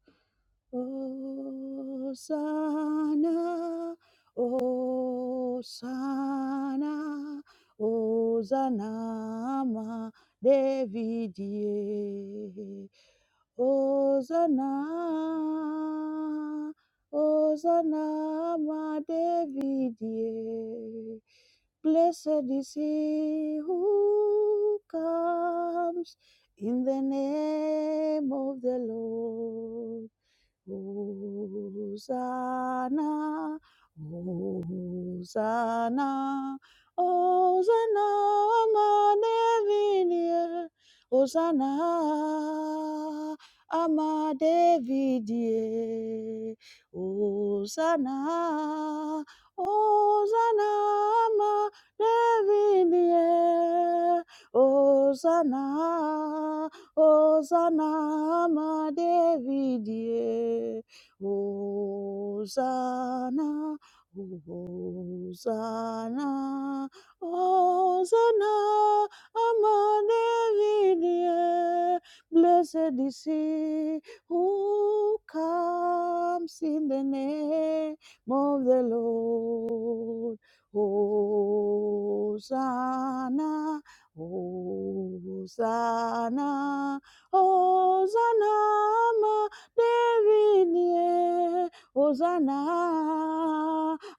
[SPEAKER 3] Hosanna, Hosanna, Hosanna, ma Davidie. Hosanna, Hosanna, ma Davidie. Blessed is he who comes in the name of the Lord. Hosanna, Hosanna, Hosanna, Amadevidia, Hosanna, Amadevidia, Hosanna, Hosanna, Amadevidia, Hosanna. Hosanna, ma Davidie. Hosanna, Hosanna, Hosanna, ama Davidie. Blessed is he who comes in the name of the Lord. Hosanna. Hosanna, Hosanna, ma Davidie, Hosanna,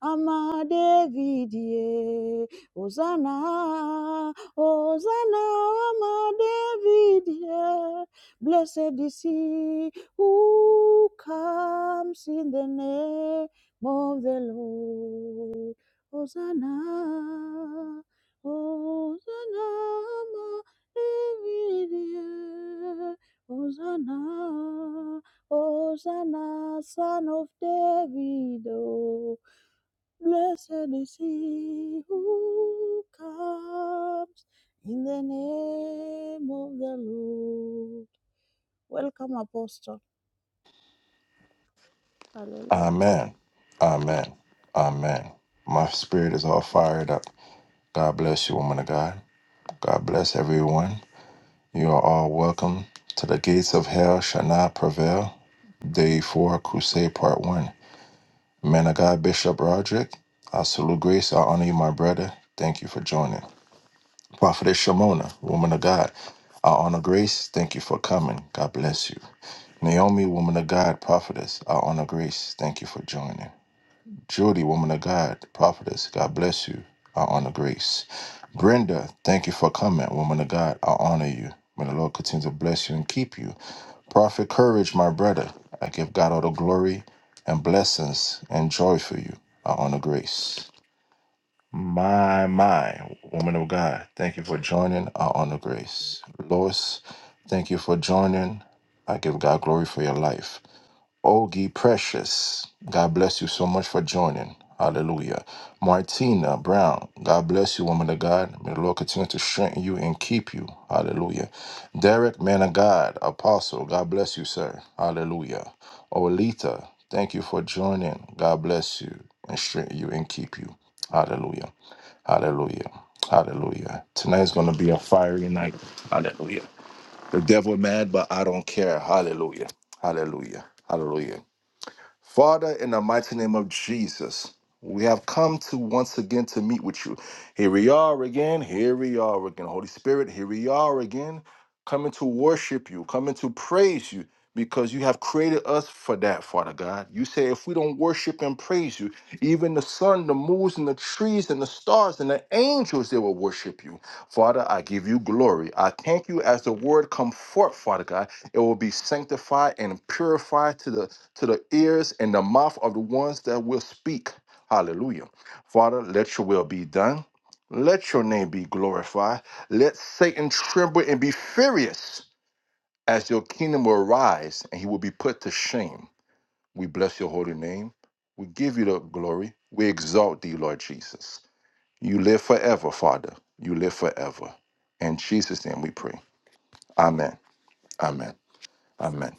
[SPEAKER 3] ama Davidie, Hosanna, Hosanna, ama Davidie. Blessed is he who comes in the name of the Lord. Hosanna. Hosanna, David, Hosanna, Hosanna, son of David. oh. Blessed is he who comes in the name of the Lord. Welcome, Apostle. Hallelujah.
[SPEAKER 2] Amen. Amen. Amen. My spirit is all fired up. God bless you, woman of God. God bless everyone. You are all welcome to the gates of hell shall not prevail. Day four, crusade part one. Man of God, Bishop Roderick, I salute grace. I honor you, my brother. Thank you for joining. Prophetess Shimona, woman of God, I honor grace. Thank you for coming. God bless you. Naomi, woman of God, prophetess, I honor grace. Thank you for joining. Judy, woman of God, prophetess, God bless you. I honor grace. Brenda, thank you for coming. Woman of God, I honor you. May the Lord continue to bless you and keep you. Prophet Courage, my brother, I give God all the glory and blessings and joy for you. Our honor grace. My, my, woman of God, thank you for joining. Our honor grace. Lois, thank you for joining. I give God glory for your life. Ogie Precious, God bless you so much for joining. Hallelujah. Martina Brown, God bless you, woman of God. May the Lord continue to strengthen you and keep you. Hallelujah. Derek, man of God, apostle, God bless you, sir. Hallelujah. Olita, thank you for joining. God bless you and strengthen you and keep you. Hallelujah. Hallelujah. Hallelujah. Tonight's going to be a fiery night. Hallelujah. The devil mad, but I don't care. Hallelujah. Hallelujah. Hallelujah. Father, in the mighty name of Jesus, we have come to once again to meet with you. Here we are again. Here we are again. Holy Spirit, here we are again, coming to worship you, coming to praise you, because you have created us for that, Father God. You say if we don't worship and praise you, even the sun, the moons, and the trees, and the stars, and the angels, they will worship you. Father, I give you glory. I thank you as the word come forth, Father God. It will be sanctified and purified to the to the ears and the mouth of the ones that will speak. Hallelujah. Father, let your will be done. Let your name be glorified. Let Satan tremble and be furious as your kingdom will rise and he will be put to shame. We bless your holy name. We give you the glory. We exalt thee, Lord Jesus. You live forever, Father. You live forever. In Jesus' name we pray. Amen. Amen. Amen.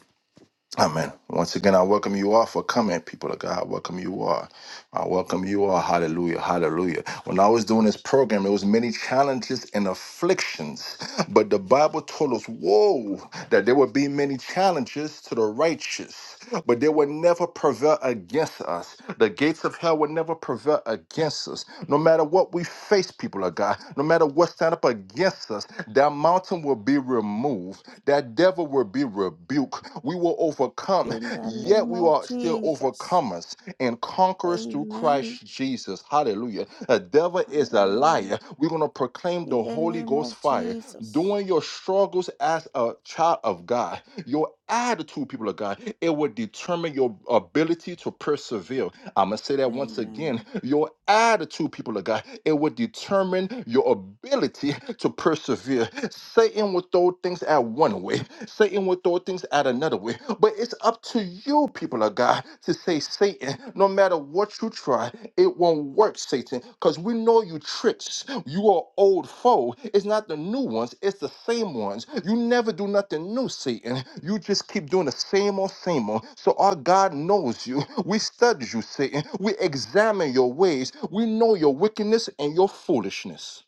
[SPEAKER 2] Amen. Once again, I welcome you all for coming, people of God. I welcome you all. I welcome you all. Hallelujah. Hallelujah. When I was doing this program, there was many challenges and afflictions, but the Bible told us, whoa, that there would be many challenges to the righteous, but they would never prevail against us. The gates of hell would never prevail against us. No matter what we face people of God. No matter what stand up against us, that mountain will be removed. That devil will be rebuked. We will overcome.
[SPEAKER 3] In the
[SPEAKER 2] Yet
[SPEAKER 3] name
[SPEAKER 2] we
[SPEAKER 3] of
[SPEAKER 2] are still
[SPEAKER 3] Jesus.
[SPEAKER 2] overcomers and conquerors through
[SPEAKER 3] Amen.
[SPEAKER 2] Christ Jesus. Hallelujah. The devil is a liar.
[SPEAKER 3] Hallelujah.
[SPEAKER 2] We're going to proclaim the
[SPEAKER 3] In the
[SPEAKER 2] Holy
[SPEAKER 3] name
[SPEAKER 2] Ghost
[SPEAKER 3] of
[SPEAKER 2] fire. During
[SPEAKER 3] Jesus.
[SPEAKER 2] your struggles as a child of God, your attitude, people of God, it will determine your ability to persevere. I'm going to say that once again.
[SPEAKER 3] Amen.
[SPEAKER 2] Your attitude, people of God, it will determine your ability to persevere. Satan will throw things at one way, Satan will throw things at another way. But it's up to you, people of God, to say, Satan, no matter what you try, it won't work, Satan because we know you tricks. You are old foe. It's not the new ones, it's the same ones. You never do nothing new, Satan. You just keep doing the same old, same old. So our God knows you. We study you, Satan. We examine your ways. We know your wickedness and your foolishness.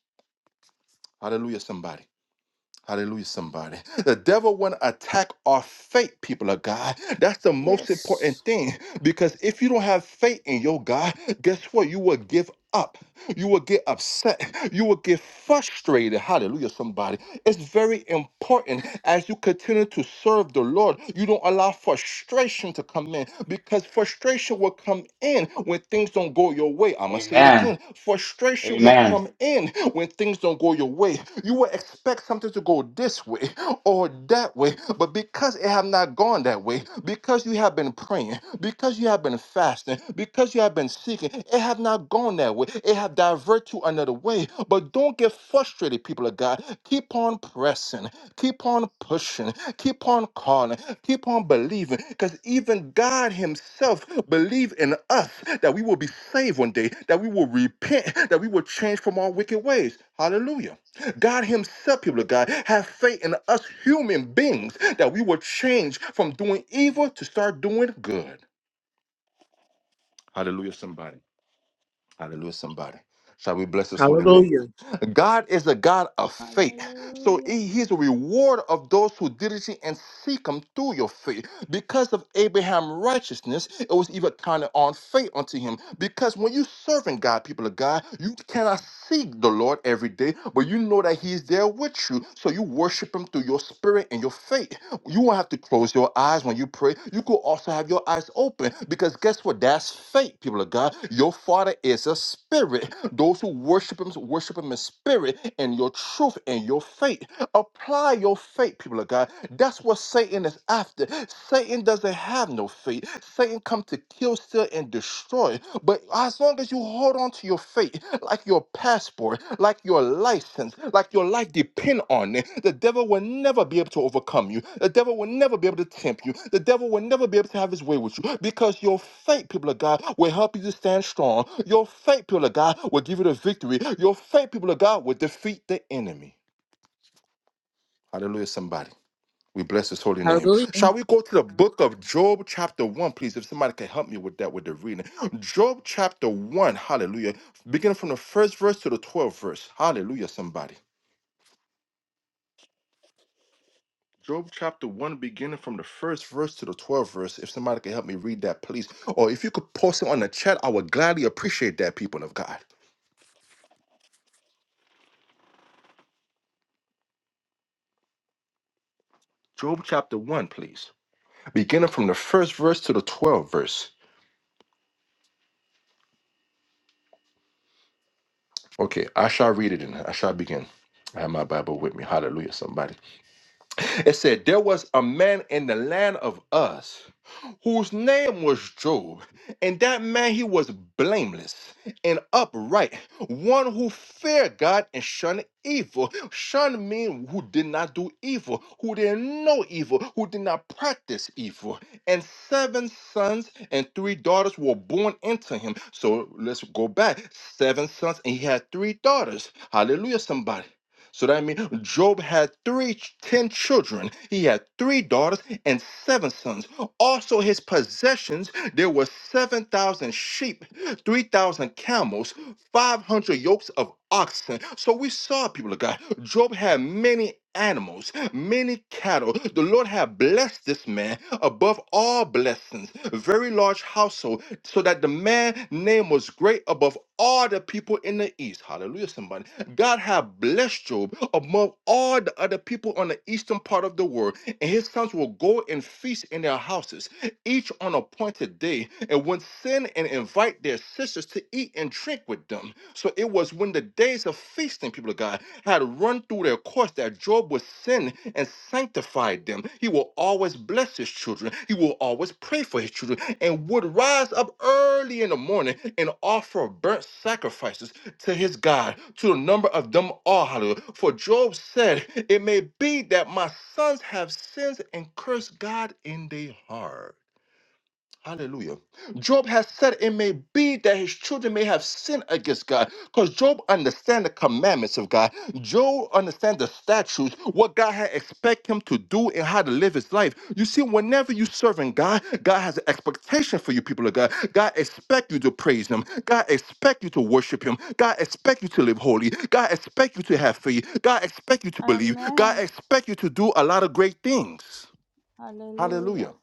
[SPEAKER 2] Hallelujah, somebody. Hallelujah, somebody. The devil want to attack our faith, people of God. That's the most
[SPEAKER 3] Yes.
[SPEAKER 2] important thing because if you don't have faith in your God, guess what? You will give up. You will get upset. You will get frustrated. Hallelujah, somebody. It's very important as you continue to serve the Lord, you don't allow frustration to come in because frustration will come in when things don't go your way. I'm going to
[SPEAKER 1] rain.
[SPEAKER 2] say it
[SPEAKER 1] Amen.
[SPEAKER 2] again. Frustration will
[SPEAKER 1] Amen.
[SPEAKER 2] come in when things don't go your way. You will expect something to go this way, or that way. But because it have not gone that way, because you have been praying, because you have been fasting, because you have been seeking, it have not gone that way. It have diverted to another way. But don't get frustrated, people of God. Keep on pressing, keep on pushing, keep on calling, keep on believing. Because even God Himself believe in us that we will be saved one day, that we will repent, that we will change from our wicked ways. Hallelujah. God Himself, people of God, have faith in us human beings that we will change from doing evil to start doing good. Hallelujah, somebody. Hallelujah, somebody. Shall we bless his holy name?
[SPEAKER 5] Hallelujah.
[SPEAKER 2] God is a God of faith. So
[SPEAKER 3] Hallelujah.
[SPEAKER 2] he- he's a reward of those who diligently and seek him through your faith. Because of Abraham's righteousness, it was even counted on faith unto him. Because when you serving God, people of God, you cannot seek the Lord every day, but you know that he's there with you. So you worship him through your spirit and your faith. You won't have to close your eyes when you pray. You could also have your eyes open because guess what? That's faith, people of God. Your Father is a spirit. Those who worship Him worship Him in spirit and your truth and your faith. Apply your faith, people of God. That's what Satan is after. Satan doesn't have no faith. Satan come to kill, steal, and destroy. But as long as you hold on to your faith, like your passport, like your license, like your life depend on it. The devil will never be able to overcome you. The devil will never be able to tempt you. The devil will never be able to have his way with you because your faith, people of God, will help you to stand strong. Your faith, people of God, will give you the victory. Your faith, people of God, will defeat the enemy. Hallelujah, somebody. We bless his holy name.
[SPEAKER 6] Hallelujah.
[SPEAKER 2] Shall we go to the book of Job, chapter 1, please? If somebody can help me with that, with the reading. Job, chapter 1, hallelujah. Beginning from the first verse to the 12th verse. Hallelujah, somebody. Job, chapter 1, beginning from the first verse to the 12th verse. If somebody can help me read that, please. Or if you could post it on the chat, I would gladly appreciate that, people of God. Job, chapter 1, please. Beginning from the first verse to the 12th verse. Okay, I shall read it in. I shall begin. I have my Bible with me. Hallelujah, somebody. It said, There was a man in the land of us whose name was Job, and that man he was blameless and upright, one who feared God and shunned evil. Shunned mean who did not do evil, who didn't know evil, who did not practice evil. And seven sons and three daughters were born into him. So let's go back. Seven sons, and he had three daughters. Hallelujah, somebody. So that means Job had three ch- ten children. He had three daughters and seven sons. Also, his possessions there were seven thousand sheep, three thousand camels, five hundred yokes of oxen. So we saw, people of God, Job had many animals, many cattle. The Lord had blessed this man above all blessings, very large household, so that the man name was great above all the people in the east. Hallelujah, somebody. God had blessed Job above all the other people on the eastern part of the world, and his sons will go and feast in their houses, each on appointed day, and would send and invite their sisters to eat and drink with them. So it was when the days of feasting, people of God, had run through their course that Job would sin and sanctify them. He will always bless his children. He will always pray for his children and would rise up early in the morning and offer burnt sacrifices to his God, to the number of them all. Hallelujah. For Job said, It may be that my sons have sins and cursed God in their heart. Hallelujah. Job has said it may be that his children may have sinned against God because Job understands the commandments of God. Job understands the statutes, what God had expect him to do and how to live his life. You see, whenever you serving God, God has an expectation for you, people of God. God expect you to praise him. God expect you to worship him. God expect you to live holy. God expect you to have faith. God expect you to believe. God
[SPEAKER 3] Amen.
[SPEAKER 2] expect you to do a lot of great things.
[SPEAKER 3] Hallelujah.
[SPEAKER 2] Hallelujah.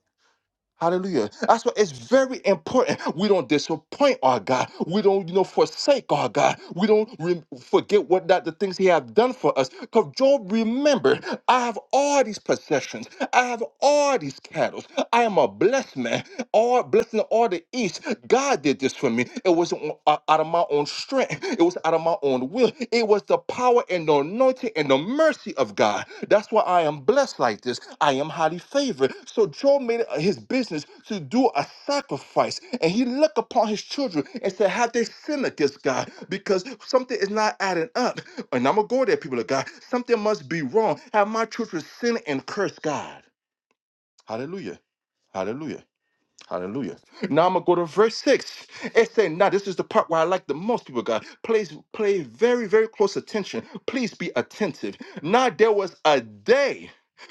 [SPEAKER 2] Hallelujah. That's why it's very important. We don't disappoint our God. We don't, you know, forsake our God. We don't re- forget what that the things He have done for us. Because Job, remember, I have all these possessions. I have all these cattle. I am a blessed man all blessing all the east. God did this for me. It wasn't o- o- out of my own strength. It was out of my own will. It was the power and the anointing and the mercy of God. That's why I am blessed like this. I am highly favored. So Job made it his business to do a sacrifice, and he looked upon his children and said, "Have they sinned against God? Because something is not adding up." And I'm gonna go there, people of God. Something must be wrong. Have my children sinned and cursed God? Hallelujah. Hallelujah. Hallelujah. Now I'm gonna go to verse six. It saying, now this is the part where I like the most people, of God. Please play very, very close attention. Please be attentive. Now there was a day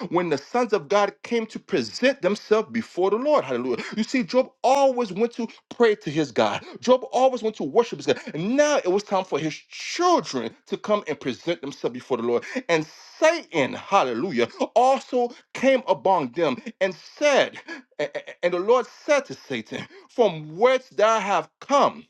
[SPEAKER 2] when the sons of God came to present themselves before the Lord. Hallelujah. You see, Job always went to pray to his God. Job always went to worship his God. And now it was time for his children to come and present themselves before the Lord. And Satan, hallelujah, also came upon them and said, a- a- And the Lord said to Satan, From whence thou have come?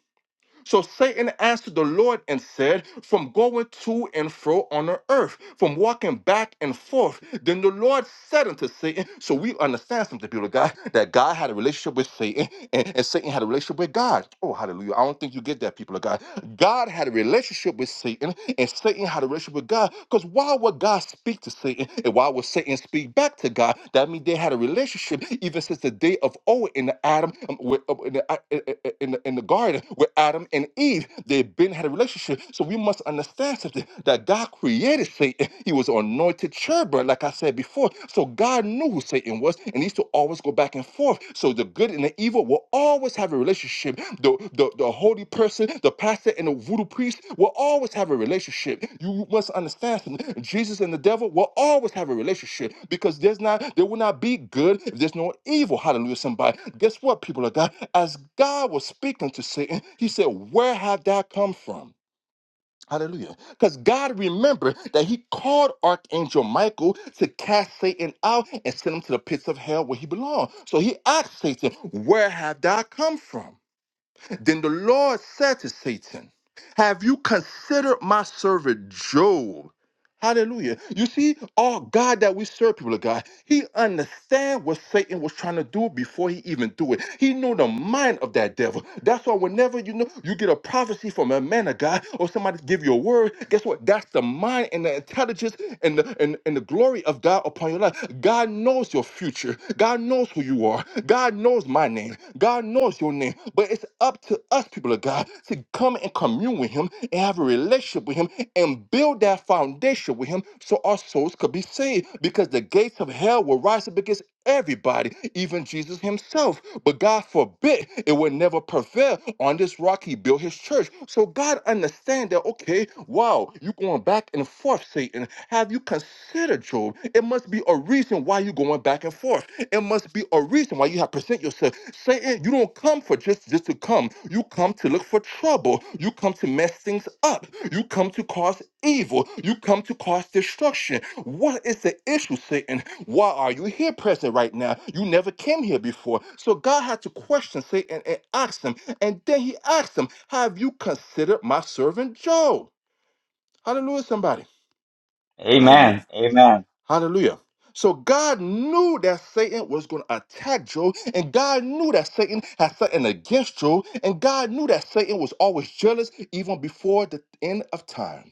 [SPEAKER 2] So Satan answered the Lord and said, From going to and fro on the earth, from walking back and forth. Then the Lord said unto Satan, So we understand something, people of God, that God had a relationship with Satan and, and Satan had a relationship with God. Oh, hallelujah. I don't think you get that, people of God. God had a relationship with Satan and Satan had a relationship with God. Because why would God speak to Satan? And why would Satan speak back to God? That means they had a relationship even since the day of old in the Adam um, with, uh, in, the, uh, uh, uh, in, the, in the garden with Adam and Eve. They've been had a relationship. So we must understand something that God created Satan. He was anointed cherubim, like I said before. So God knew who Satan was, and he used to always always go back and forth. So the good and the evil will always have a relationship. The, the, the holy person, the pastor, and the voodoo priest will always have a relationship. You must understand something. Jesus and the devil will always have a relationship because there's not there will not be good if there's no evil. Hallelujah, somebody. Guess what, people of God? As God was speaking to Satan, he said, Where have thou come from? Hallelujah. Because God remembered that he called Archangel Michael to cast Satan out and send him to the pits of hell where he belonged. So he asked Satan, Where have thou come from? Then the Lord said to Satan, Have you considered my servant Job? Hallelujah. You see, our God that we serve, people of God, he understand what Satan was trying to do before he even do it. He knew the mind of that devil. That's why whenever you know you get a prophecy from a man of God or somebody give you a word, guess what? That's the mind and the intelligence and the and, and the glory of of God upon your life. God knows your future. God knows who you are. God knows my name. God knows your name. But it's up to us, people of God, to come and commune with Him and have a relationship with Him and build that foundation with Him so our souls could be saved. Because the gates of hell will rise up against everybody, even Jesus Himself. But God forbid it would never prevail. On this rock, he built his church. So God understand that, okay, wow, you going back and forth, Satan. Have you considered, Job? It must be a reason why you going back and forth. It must be a reason why you have present yourself. Satan, you don't come for just, just to come. You come to look for trouble. You come to mess things up. You come to cause evil. You come to cause destruction. What is the issue, Satan? Why are you here present right now? You never came here before. So God had to question, say, and, and ask them. And then he asked them, Have you considered my servant Job? Hallelujah, somebody. Hallelujah.
[SPEAKER 1] Amen. Amen.
[SPEAKER 2] Hallelujah. So God knew that Satan was going to attack Job, and God knew that Satan had something against Job, and God knew that Satan was always jealous even before the end of time.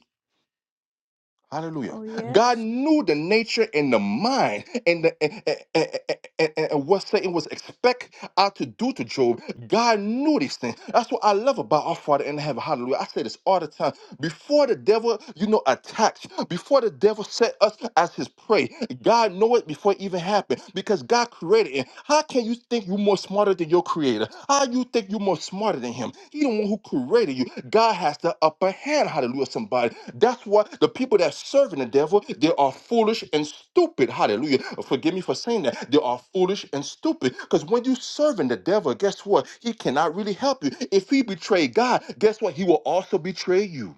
[SPEAKER 2] Hallelujah.
[SPEAKER 3] Oh,
[SPEAKER 2] God
[SPEAKER 3] yes.
[SPEAKER 2] knew the nature and the mind and, the, and, and, and- and- what Satan was expect out to do to Job. God knew these things. That's what I love about our Father in heaven. Hallelujah. I say this all the time. Before the devil, you know, attacks, before the devil set us as his prey, God know it before it even happened because God created it. How can you think you're more smarter than your creator? How you think you're more smarter than him? He the one who created you. God has the upper hand. Hallelujah, somebody. That's why the people that serving the devil, they are foolish and stupid. Hallelujah. Forgive me for saying that. They are foolish and stupid. Because when you serving the devil, guess what? He cannot really help you. If he betray God, guess what? He will also betray you.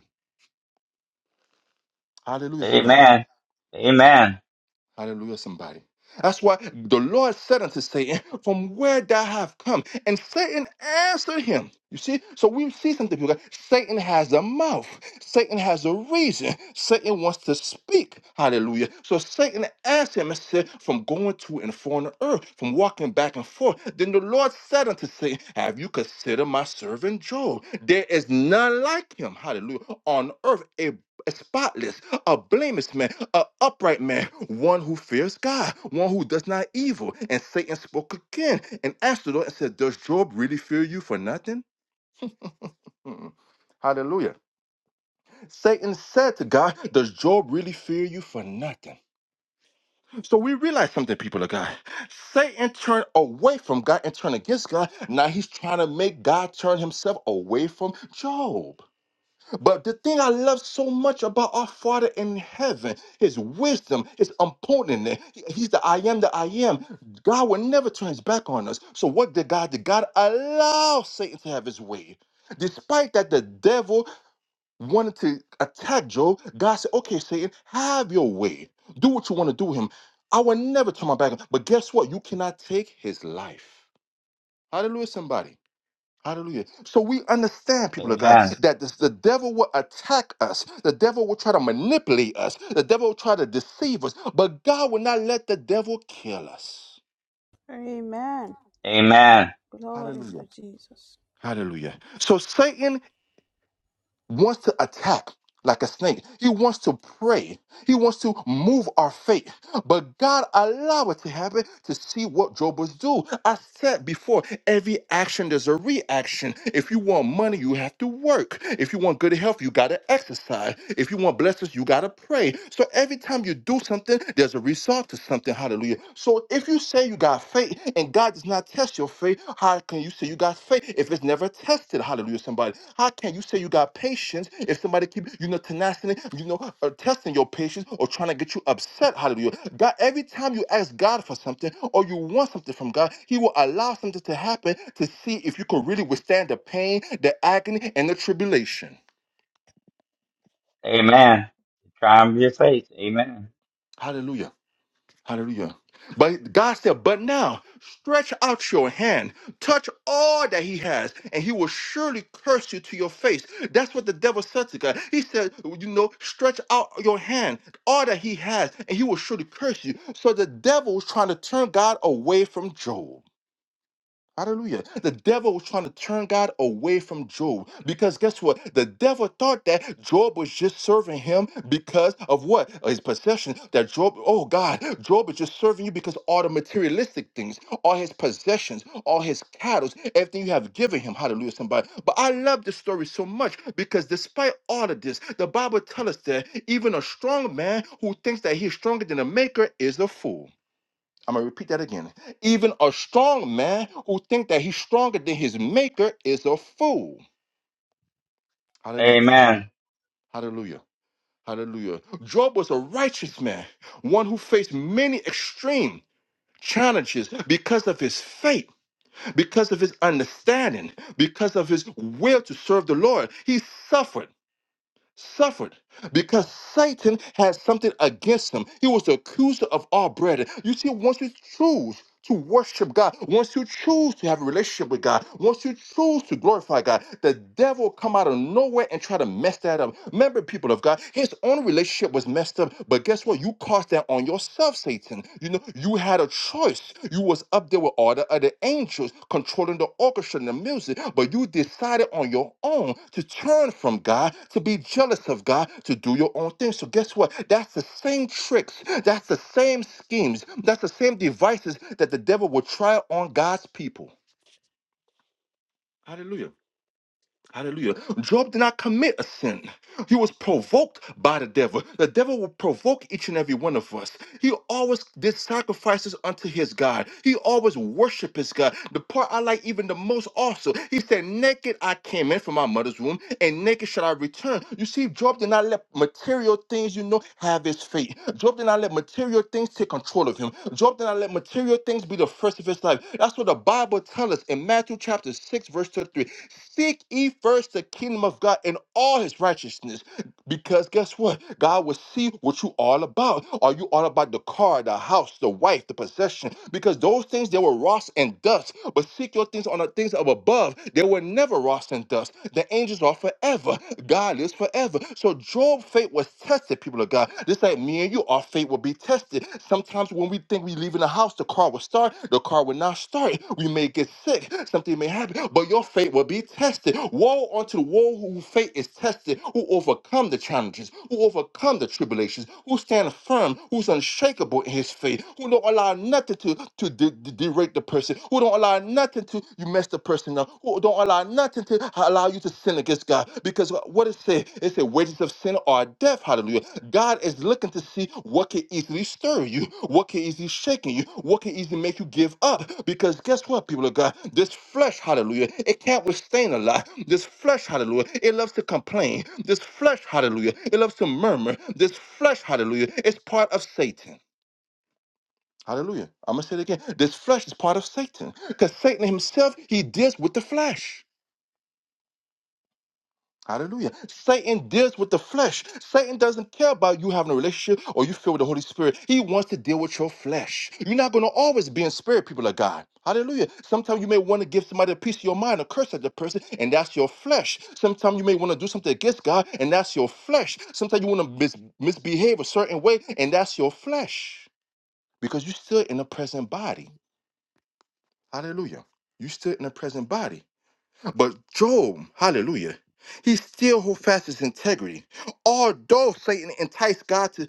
[SPEAKER 2] Hallelujah, somebody.
[SPEAKER 1] Amen. Amen.
[SPEAKER 2] Hallelujah, somebody. That's why the Lord said unto Satan, From where thou have come. And Satan answered him. You see? So we see something because Satan has a mouth. Satan has a reason. Satan wants to speak. Hallelujah. So Satan asked him and said, From going to and fro on the earth, from walking back and forth. Then the Lord said unto Satan, Have you considered my servant Job? There is none like him. Hallelujah. On earth, a." a spotless, a blameless man, a upright man, one who fears God, one who does not evil. And Satan spoke again and asked the Lord and said, Does Job really fear you for nothing? Mm-mm. Hallelujah. Satan said to God, Does Job really fear you for nothing? So we realize something, people of God. Satan turned away from God and turned against God. Now he's trying to make God turn himself away from Job. But the thing I love so much about our Father in heaven, his wisdom, his important. He- He's the I am that I am. God will never turn his back on us. So what did God did? God allow Satan to have his way. Despite that the devil wanted to attack Job, God said, okay, Satan, have your way. Do what you want to do with him. I will never turn my back on. But guess what? You cannot take his life. Hallelujah, somebody. Hallelujah. So we understand, people of God,
[SPEAKER 1] Amen.
[SPEAKER 2] that this, the devil will attack us. The devil will try to manipulate us. The devil will try to deceive us. But God will not let the devil kill us.
[SPEAKER 3] Amen.
[SPEAKER 1] Amen.
[SPEAKER 3] Glory
[SPEAKER 2] Hallelujah.
[SPEAKER 3] to Jesus.
[SPEAKER 2] Hallelujah. So Satan wants to attack like a snake. He wants to pray. He wants to move our faith. But God allowed it to happen to see what Job was do. I said before, every action there's a reaction. If you want money, you have to work. If you want good health, you gotta exercise. If you want blessings, you gotta pray. So every time you do something, there's a result to something. Hallelujah. So if you say you got faith and God does not test your faith, how can you say you got faith if it's never tested? Hallelujah, somebody. How can you say you got patience if somebody keep you know tenacity, you know, uh, testing your patience or trying to get you upset? Hallelujah. God, every time you ask God for something or you want something from God, He will allow something to happen to see if you can really withstand the pain, the agony, and the tribulation.
[SPEAKER 1] Amen. Triumph of your faith. Amen.
[SPEAKER 2] Hallelujah. Hallelujah. But God said, But now stretch out your hand, touch all that he has, and he will surely curse you to your face. That's what the devil said to God. He said, You know, stretch out your hand, all that he has, and he will surely curse you. So the devil was trying to turn God away from Job. Hallelujah. The devil was trying to turn God away from Job because guess what? The devil thought that Job was just serving him because of what? Of His possession. That Job, oh God, Job is just serving you because all the materialistic things, all his possessions, all his cattle, everything you have given him. Hallelujah, somebody. But I love this story so much because despite all of this, the Bible tells us that even a strong man who thinks that he's stronger than a maker is a fool. I'm gonna repeat that again. Even a strong man who thinks that he's stronger than his maker is a fool. Hallelujah.
[SPEAKER 1] Amen.
[SPEAKER 2] Hallelujah. Hallelujah. Job was a righteous man, one who faced many extreme challenges because of his faith, because of his understanding, because of his will to serve the Lord. He suffered. suffered because Satan had something against him. He was the accuser of our brethren. You see, once you choose to worship God, once you choose to have a relationship with God, once you choose to glorify God, the devil come out of nowhere and try to mess that up. Remember, people of God, his own relationship was messed up, but guess what? You caused that on yourself, Satan acting. You know, you had a choice. You was up there with all the other angels controlling the orchestra and the music, but you decided on your own to turn from God, to be jealous of God, to do your own thing. So guess what? That's the same tricks. That's the same schemes. That's the same devices that the devil will try on God's people. Hallelujah. Hallelujah. Job did not commit a sin. He was provoked by the devil. The devil will provoke each and every one of us. He always did sacrifices unto his God. He always worshiped his God. The part I like even the most also, he said, Naked I came in from my mother's womb, and naked shall I return. You see, Job did not let material things, you know, have his fate. Job did not let material things take control of him. Job did not let material things be the first of his life. That's what the Bible tells us in Matthew chapter 6, verse 33. Seek ye first the kingdom of God and all his righteousness because guess what? God will see what you all about. Are you all about the car, the house, the wife, the possession? Because those things they were rust and dust. But seek your things on the things of above. They were never rust and dust. The angels are forever. God is forever. So Job's faith was tested, people of God. Just like me and you, our faith will be tested. Sometimes when we think we leaving the house, the car car will start, the car will not start. We may get sick, something may happen, but your faith will be tested. Woe unto the one whose faith is tested, who overcome the challenges, who overcome the tribulations, who stand firm, who's unshakable in his faith, who don't allow nothing to, to de- de- derate the person, who don't allow nothing to you mess the person up, who don't allow nothing to allow you to sin against this God. Because what it said, it said wages of sin are death. Hallelujah. God is looking to see what can easily stir you, what can easily shake you, what can easily make you give up. Because guess what, people of God? This flesh, hallelujah, it can't withstand a lot. This flesh, hallelujah, it loves to complain. This flesh, hallelujah, it loves to murmur. This flesh, hallelujah, it's part of Satan. Hallelujah. I'm going to say it again. This flesh is part of Satan. Because Satan himself, he deals with the flesh. Hallelujah. Satan deals with the flesh. Satan doesn't care about you having a relationship or you filled with the Holy Spirit. He wants to deal with your flesh. You're not going to always be in spirit, people of God. Hallelujah. Sometimes you may want to give somebody a piece of your mind, a curse at the person, and that's your flesh. Sometimes you may want to do something against God, and that's your flesh. Sometimes you want to mis- misbehave a certain way, and that's your flesh because you're still in the present body. Hallelujah. You're still in the present body. But Job, hallelujah, he still hold fast his integrity. Although Satan enticed God to,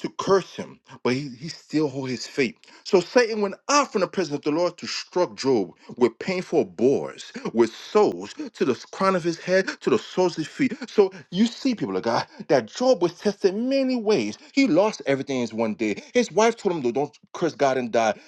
[SPEAKER 2] to curse him, but he, he still hold his faith. So Satan went out from the presence of the Lord to struck Job with painful bores, with soles to the crown of his head, to the soles of his feet. So you see, people of God, that Job was tested many ways. He lost everything in one day. His wife told him to don't curse God and die.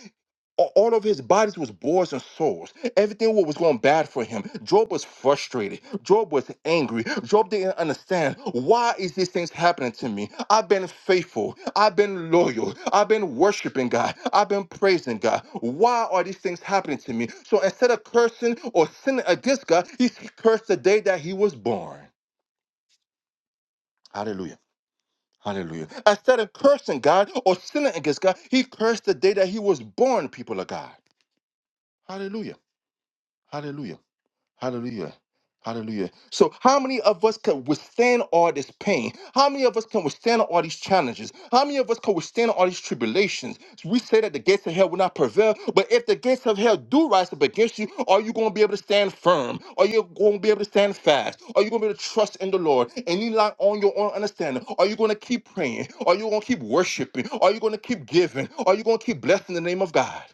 [SPEAKER 2] A- All of his bodies was boils and sores. Everything wa- was going bad for him. Job was frustrated. Job was angry. Job didn't understand why is these things happening to me. I've been faithful. I've been loyal. I've been worshiping God. I've been praising God. Why are these things happening to me? So instead of cursing or sinning against God, he cursed the day that he was born. Hallelujah. Hallelujah. Instead of cursing God or sinning against God, he cursed the day that he was born, people of God. Hallelujah. Hallelujah. Hallelujah. Hallelujah. So, how many of us can withstand all this pain? How many of us can withstand all these challenges? How many of us can withstand all these tribulations? We say that the gates of hell will not prevail, but if the gates of hell do rise up against you, are you going to be able to stand firm? Are you going to be able to stand fast? Are you going to be able to trust in the Lord and lean not on your own understanding? Are you going to keep praying? Are you going to keep worshiping? Are you going to keep giving? Are you going to keep blessing the name of God?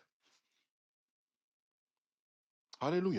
[SPEAKER 2] Hallelujah.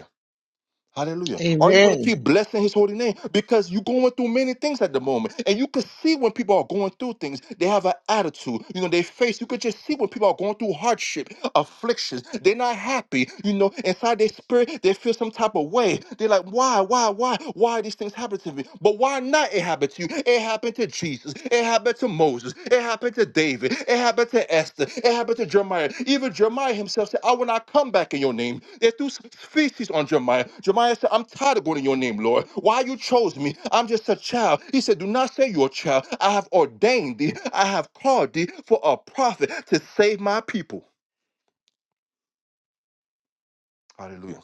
[SPEAKER 2] Hallelujah. Are you going to
[SPEAKER 5] Amen.
[SPEAKER 2] keep blessing his holy name? Because you're going through many things at the moment. And you can see when people are going through things, they have an attitude. You know, they face, you could just see when people are going through hardship, afflictions. They're not happy. You know, inside their spirit, they feel some type of way. They're like, why, why, why, why are these things happening to me? But why not it happened to you? It happened to Jesus. It happened to Moses. It happened to David. It happened to Esther. It happened to Jeremiah. Even Jeremiah himself said, I will not come back in your name. They threw s- feces on Jeremiah. Jeremiah said, I'm tired of going in your name, Lord. Why you chose me? I'm just a child. He said, Do not say you're a child. I have ordained thee. I have called thee for a prophet to save my people. Hallelujah.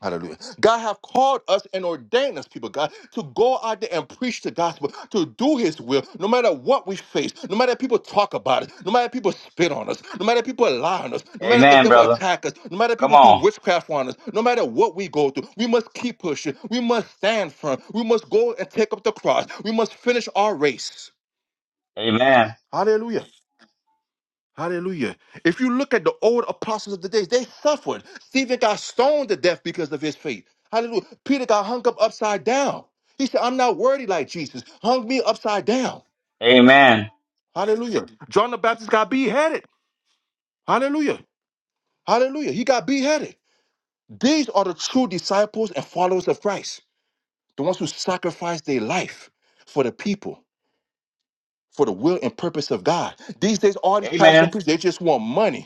[SPEAKER 2] Hallelujah. God have called us and ordained us, people, God, to go out there and preach the gospel, to do his will, no matter what we face, no matter if people talk about it, no matter if people spit on us, no matter if people lie on us, no matter if the
[SPEAKER 1] Amen,
[SPEAKER 2] devil
[SPEAKER 1] brother.
[SPEAKER 2] attack us, no matter if
[SPEAKER 1] Come
[SPEAKER 2] people do
[SPEAKER 1] on.
[SPEAKER 2] witchcraft on us, no matter what we go through, we must keep pushing. We must stand firm. We must go and take up the cross. We must finish our race.
[SPEAKER 1] Amen.
[SPEAKER 2] Hallelujah. Hallelujah. If you look at the old apostles of the days, they suffered. Stephen got stoned to death because of his faith. Hallelujah. Peter got hung up upside down. He said, I'm not worthy like Jesus. Hung me upside down.
[SPEAKER 1] Amen.
[SPEAKER 2] Hallelujah. John the Baptist got beheaded. Hallelujah. Hallelujah. He got beheaded. These are the true disciples and followers of Christ, the ones who sacrificed their life for the people, for the will and purpose of God. These days, all these pastors and
[SPEAKER 1] Amen.
[SPEAKER 2] preachers they just want money.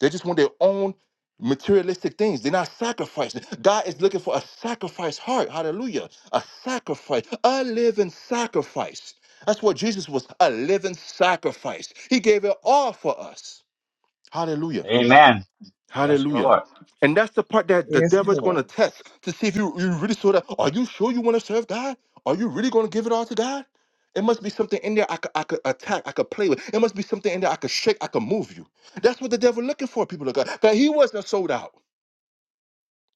[SPEAKER 2] They just want their own materialistic things. They're not sacrificing. God is looking for a sacrifice heart. Hallelujah. A sacrifice, a living sacrifice. That's what Jesus was a living sacrifice. He gave it all for us. Hallelujah.
[SPEAKER 1] Amen. Yes,
[SPEAKER 2] Hallelujah.
[SPEAKER 1] Lord.
[SPEAKER 2] And that's the part that the
[SPEAKER 5] Yes,
[SPEAKER 2] devil is
[SPEAKER 5] Lord.
[SPEAKER 2] going to test to see if you, you really saw that. Are you sure you want to serve God? Are you really going to give it all to God? It must be something in there I could, I could attack, I could play with. It must be something in there I could shake, I could move you. That's what the devil looking for, people of God. But he wasn't sold out.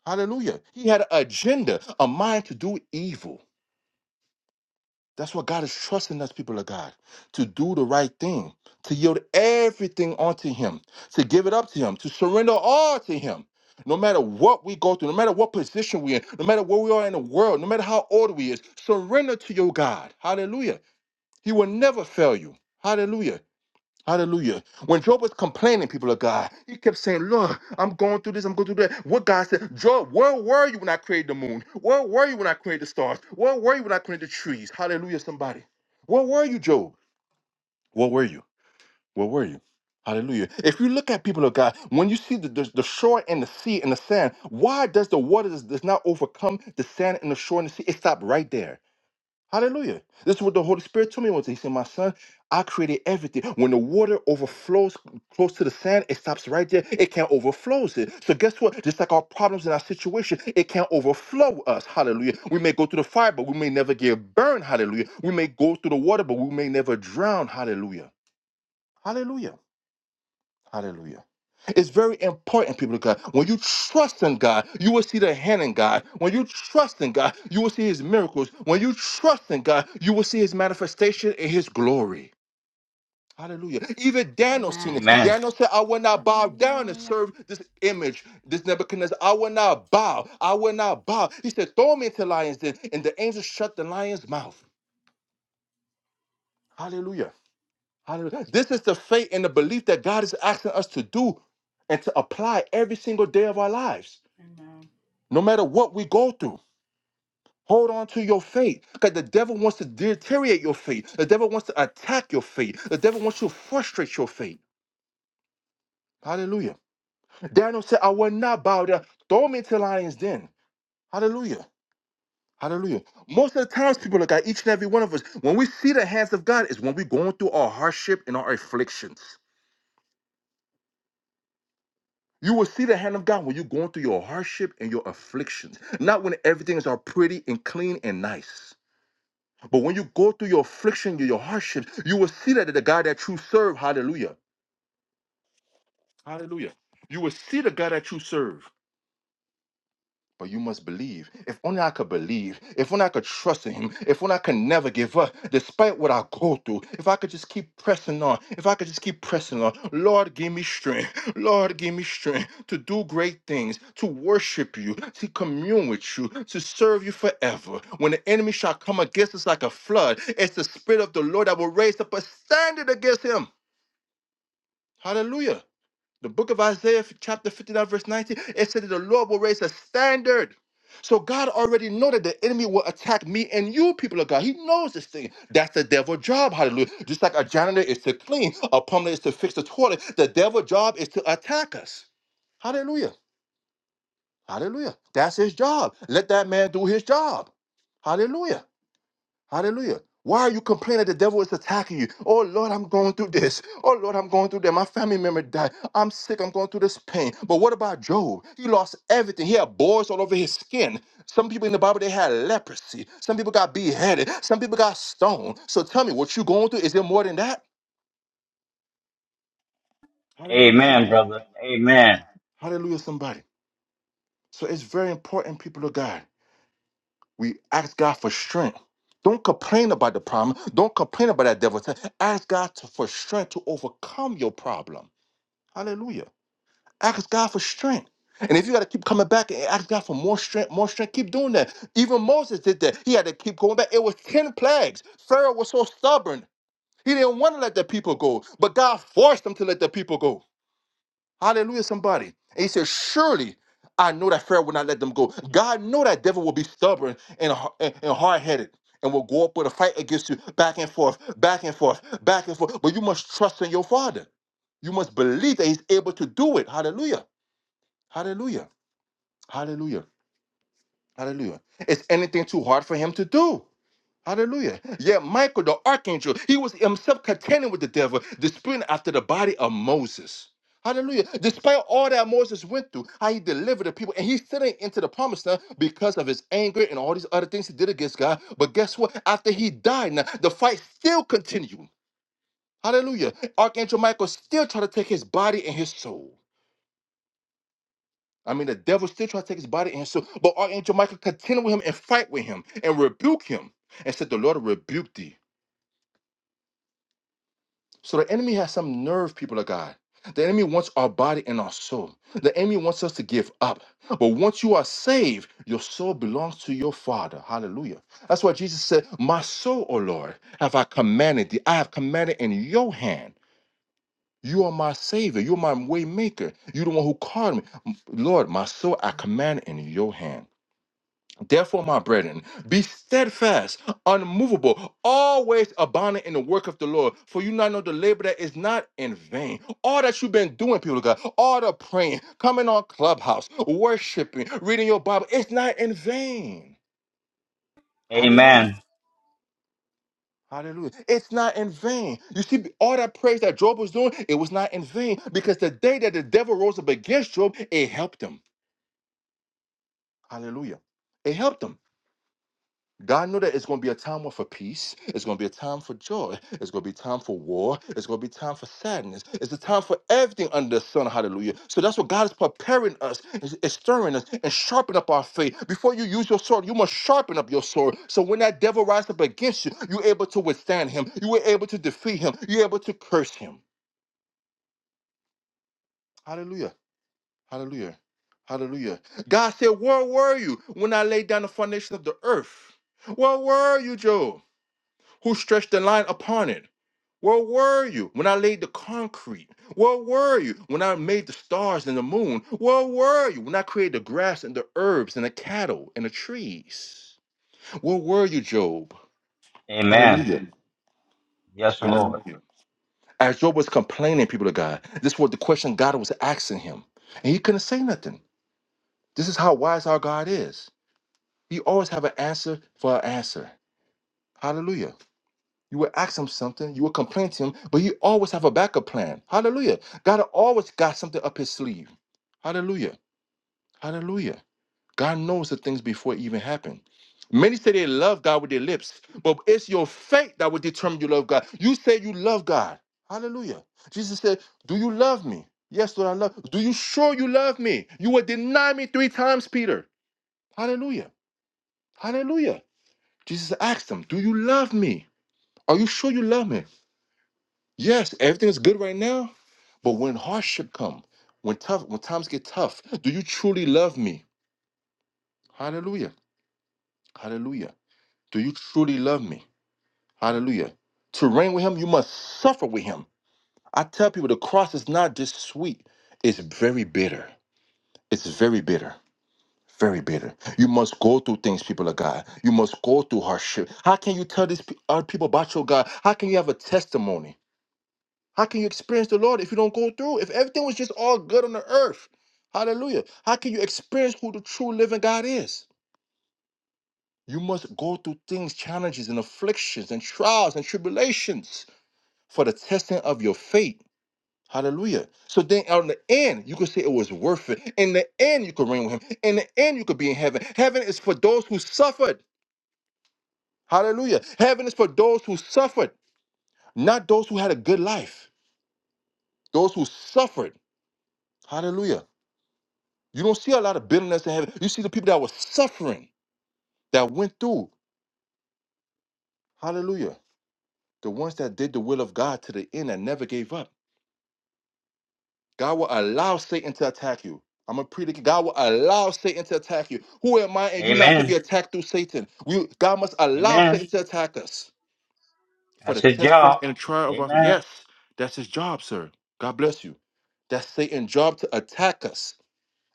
[SPEAKER 2] Hallelujah. He had an agenda, a mind to do evil. That's what God is trusting us, people of God, to do the right thing, to yield everything onto Him, to give it up to Him, to surrender all to Him. No matter what we go through, no matter what position we're in, no matter where we are in the world, no matter how old we is, surrender to your God. Hallelujah. He will never fail you. Hallelujah. Hallelujah. When Job was complaining, people of God, he kept saying, Look, I'm going through this, I'm going through that. What God said, Job, where were you when I created the moon? Where were you when I created the stars? Where were you when I created the trees? Hallelujah, somebody. Where were you, Job? Where were you? Where were you? Hallelujah. If you look at people of God, when you see the, the, the shore and the sea and the sand, why does the water does, does not overcome the sand and the shore and the sea? It stopped right there. Hallelujah. This is what the Holy Spirit told me once. He said, My son, I created everything. When the water overflows close to the sand, it stops right there. It can't overflows it. So guess what? Just like our problems and our situation, it can't overflow us. Hallelujah. We may go through the fire, but we may never get burned. Hallelujah. We may go through the water, but we may never drown. Hallelujah. Hallelujah. Hallelujah. It's very important, people of God. When you trust in God, you will see the hand in God. When you trust in God, you will see his miracles. When you trust in God, you will see his manifestation in his glory. Hallelujah. Even Daniel seen
[SPEAKER 4] Amen.
[SPEAKER 2] it.
[SPEAKER 1] Amen.
[SPEAKER 2] Daniel said, I will not bow down and
[SPEAKER 3] Hallelujah.
[SPEAKER 2] serve this image, this Nebuchadnezzar. I will not bow. I will not bow. He said, Throw me into lions den. And the angel shut the lion's mouth. Hallelujah. Hallelujah. This is the faith and the belief that God is asking us to do and to apply every single day of our lives,
[SPEAKER 4] Amen.
[SPEAKER 2] no matter what we go through. Hold on to your faith because the devil wants to deteriorate your faith. The devil wants to attack your faith. The devil wants to frustrate your faith. Hallelujah. Daniel said, I will not bow down. Throw me into the lion's den. Hallelujah. Hallelujah. Most of the times, people look at each and every one of us, when we see the hands of God, is when we're going through our hardship and our afflictions. You will see the hand of God when you're going through your hardship and your afflictions, not when everything is all pretty and clean and nice. But when you go through your affliction, your your hardship, you will see that the God that you serve, hallelujah, hallelujah, you will see the God that you serve. But you must believe. If only I could believe. If only I could trust in him. If only I could never give up, despite what I go through. If I could just keep pressing on. If I could just keep pressing on. Lord, give me strength. Lord, give me strength to do great things, to worship you, to commune with you, to serve you forever. When the enemy shall come against us like a flood, it's the Spirit of the Lord that will raise up a standard against him. Hallelujah. The book of Isaiah, chapter 59, verse 19, it said that the Lord will raise a standard. So God already know that the enemy will attack me and you, people of God. He knows this thing. That's the devil's job, hallelujah. Just like a janitor is to clean, a plumber is to fix the toilet, the devil's job is to attack us. Hallelujah. Hallelujah. That's his job. Let that man do his job. Hallelujah. Hallelujah. Why are you complaining the devil is attacking you? Oh Lord, I'm going through this. Oh Lord, I'm going through that. My family member died. I'm sick. I'm going through this pain. But what about Job? He lost everything. He had boils all over his skin. Some people in the Bible they had leprosy. Some people got beheaded. Some people got stoned. So tell me, what you going through? Is there more than that? Hallelujah,
[SPEAKER 1] Amen,
[SPEAKER 2] somebody.
[SPEAKER 1] brother. Amen.
[SPEAKER 2] Hallelujah, somebody. So it's very important, people of God. We ask God for strength. Don't complain about the problem. Don't complain about that devil. Ask God to, for strength to overcome your problem. Hallelujah. Ask God for strength. And if you got to keep coming back and ask God for more strength, more strength, keep doing that. Even Moses did that. He had to keep going back. It was 10 plagues. Pharaoh was so stubborn. He didn't want to let the people go, but God forced him to let the people go. Hallelujah, somebody. And he said, Surely I know that Pharaoh will not let them go. God know that devil will be stubborn and, har- and, and hard-headed and will go up with a fight against you back and forth, back and forth, back and forth. But you must trust in your father. You must believe that he's able to do it. Hallelujah. Hallelujah. Hallelujah. Hallelujah. Is anything too hard for him to do? Hallelujah. Yeah, Michael, the archangel, he was himself contending with the devil, disputing after the body of Moses. Hallelujah. Despite all that Moses went through, how he delivered the people, and he's sitting into the promised land because of his anger and all these other things he did against God. But guess what? After he died, now the fight still continued. Hallelujah. Archangel Michael still trying to take his body and his soul. I mean, the devil still trying to take his body and his soul, but Archangel Michael contended with him and fight with him and rebuke him and said, The Lord rebuke thee. So the enemy has some nerve, people of God. The enemy wants our body and our soul. The enemy wants us to give up. But once you are saved, your soul belongs to your Father. Hallelujah. That's why Jesus said, My soul, O Lord, have I commanded thee. I have commanded in your hand. You are my Savior. You're my way maker. You're the one who called me. Lord, my soul I command in your hand. Therefore, my brethren, be steadfast, unmovable, always abounding in the work of the Lord, for you not know the labor that is not in vain. All that you've been doing, people of God, all the praying, coming on clubhouse, worshiping, reading your Bible, it's not in vain. Hallelujah.
[SPEAKER 1] Amen.
[SPEAKER 2] Hallelujah. It's not in vain. You see, all that praise that Job was doing, it was not in vain because the day that the devil rose up against Job, it helped him. Hallelujah. It helped him. God knew that it's going to be a time for peace. It's going to be a time for joy. It's going to be time for war. It's going to be time for sadness. It's a time for everything under the sun. Hallelujah. So that's what God is preparing us, is is stirring us, and sharpen up our faith. Before you use your sword, you must sharpen up your sword. So when that devil rises up against you, you're able to withstand him. You were able to defeat him. You're able to curse him. Hallelujah. Hallelujah. Hallelujah. God said, Where were you when I laid down the foundation of the earth? Where were you, Job? Who stretched the line upon it? Where were you when I laid the concrete? Where were you when I made the stars and the moon? Where were you when I created the grass and the herbs and the cattle and the trees? Where were you, Job? Hallelujah.
[SPEAKER 1] Amen. Yes, Lord.
[SPEAKER 2] Hallelujah. As Job was complaining, people of God, this was the question God was asking him. And he couldn't say nothing. This is how wise our God is. He always have an answer for an answer. Hallelujah. You will ask him something, you will complain to him, but you always have a backup plan. Hallelujah. God always got something up his sleeve. Hallelujah. Hallelujah. God knows the things before it even happen. Many say they love God with their lips, but it's your faith that will determine you love God. You say you love God. Hallelujah. Jesus said, Do you love me? Yes, Lord, I love. Do you sure you love me? You will deny me three times, Peter. Hallelujah. Hallelujah. Jesus asked him, Do you love me? Are you sure you love me? Yes, everything's good right now, but when hardship come, when tough, when times get tough, do you truly love me? Hallelujah. Hallelujah. Do you truly love me? Hallelujah. To reign with him, you must suffer with him. I tell people the cross is not just sweet, it's very bitter. It's very bitter. Very bitter. You must go through things, people of God. You must go through hardship. How can you tell these pe- other people about your God? How can you have a testimony? How can you experience the Lord if you don't go through? If everything was just all good on the earth, hallelujah. How can you experience who the true living God is? You must go through things, challenges, and afflictions, and trials and tribulations for the testing of your faith. Hallelujah. So then, on the end, you could say it was worth it. In the end, you could reign with Him. In the end, you could be in heaven. Heaven is for those who suffered. Hallelujah. Heaven is for those who suffered, not those who had a good life, those who suffered. Hallelujah You don't see a lot of bitterness in heaven. You see the people that were suffering, that went through. Hallelujah. The ones that did the will of God to the end and never gave up. God will allow Satan to attack you. I'm a preacher. God will allow Satan to attack you. Who am I and you not to
[SPEAKER 1] Amen.
[SPEAKER 2] be attacked through Satan? We, God must allow
[SPEAKER 1] Amen.
[SPEAKER 2] Satan to attack us for
[SPEAKER 1] That's
[SPEAKER 2] the
[SPEAKER 1] his
[SPEAKER 2] testing
[SPEAKER 1] job.
[SPEAKER 2] and trial of our.
[SPEAKER 1] Amen.
[SPEAKER 2] Yes, that's his job, sir. God bless you. That's Satan's job to attack us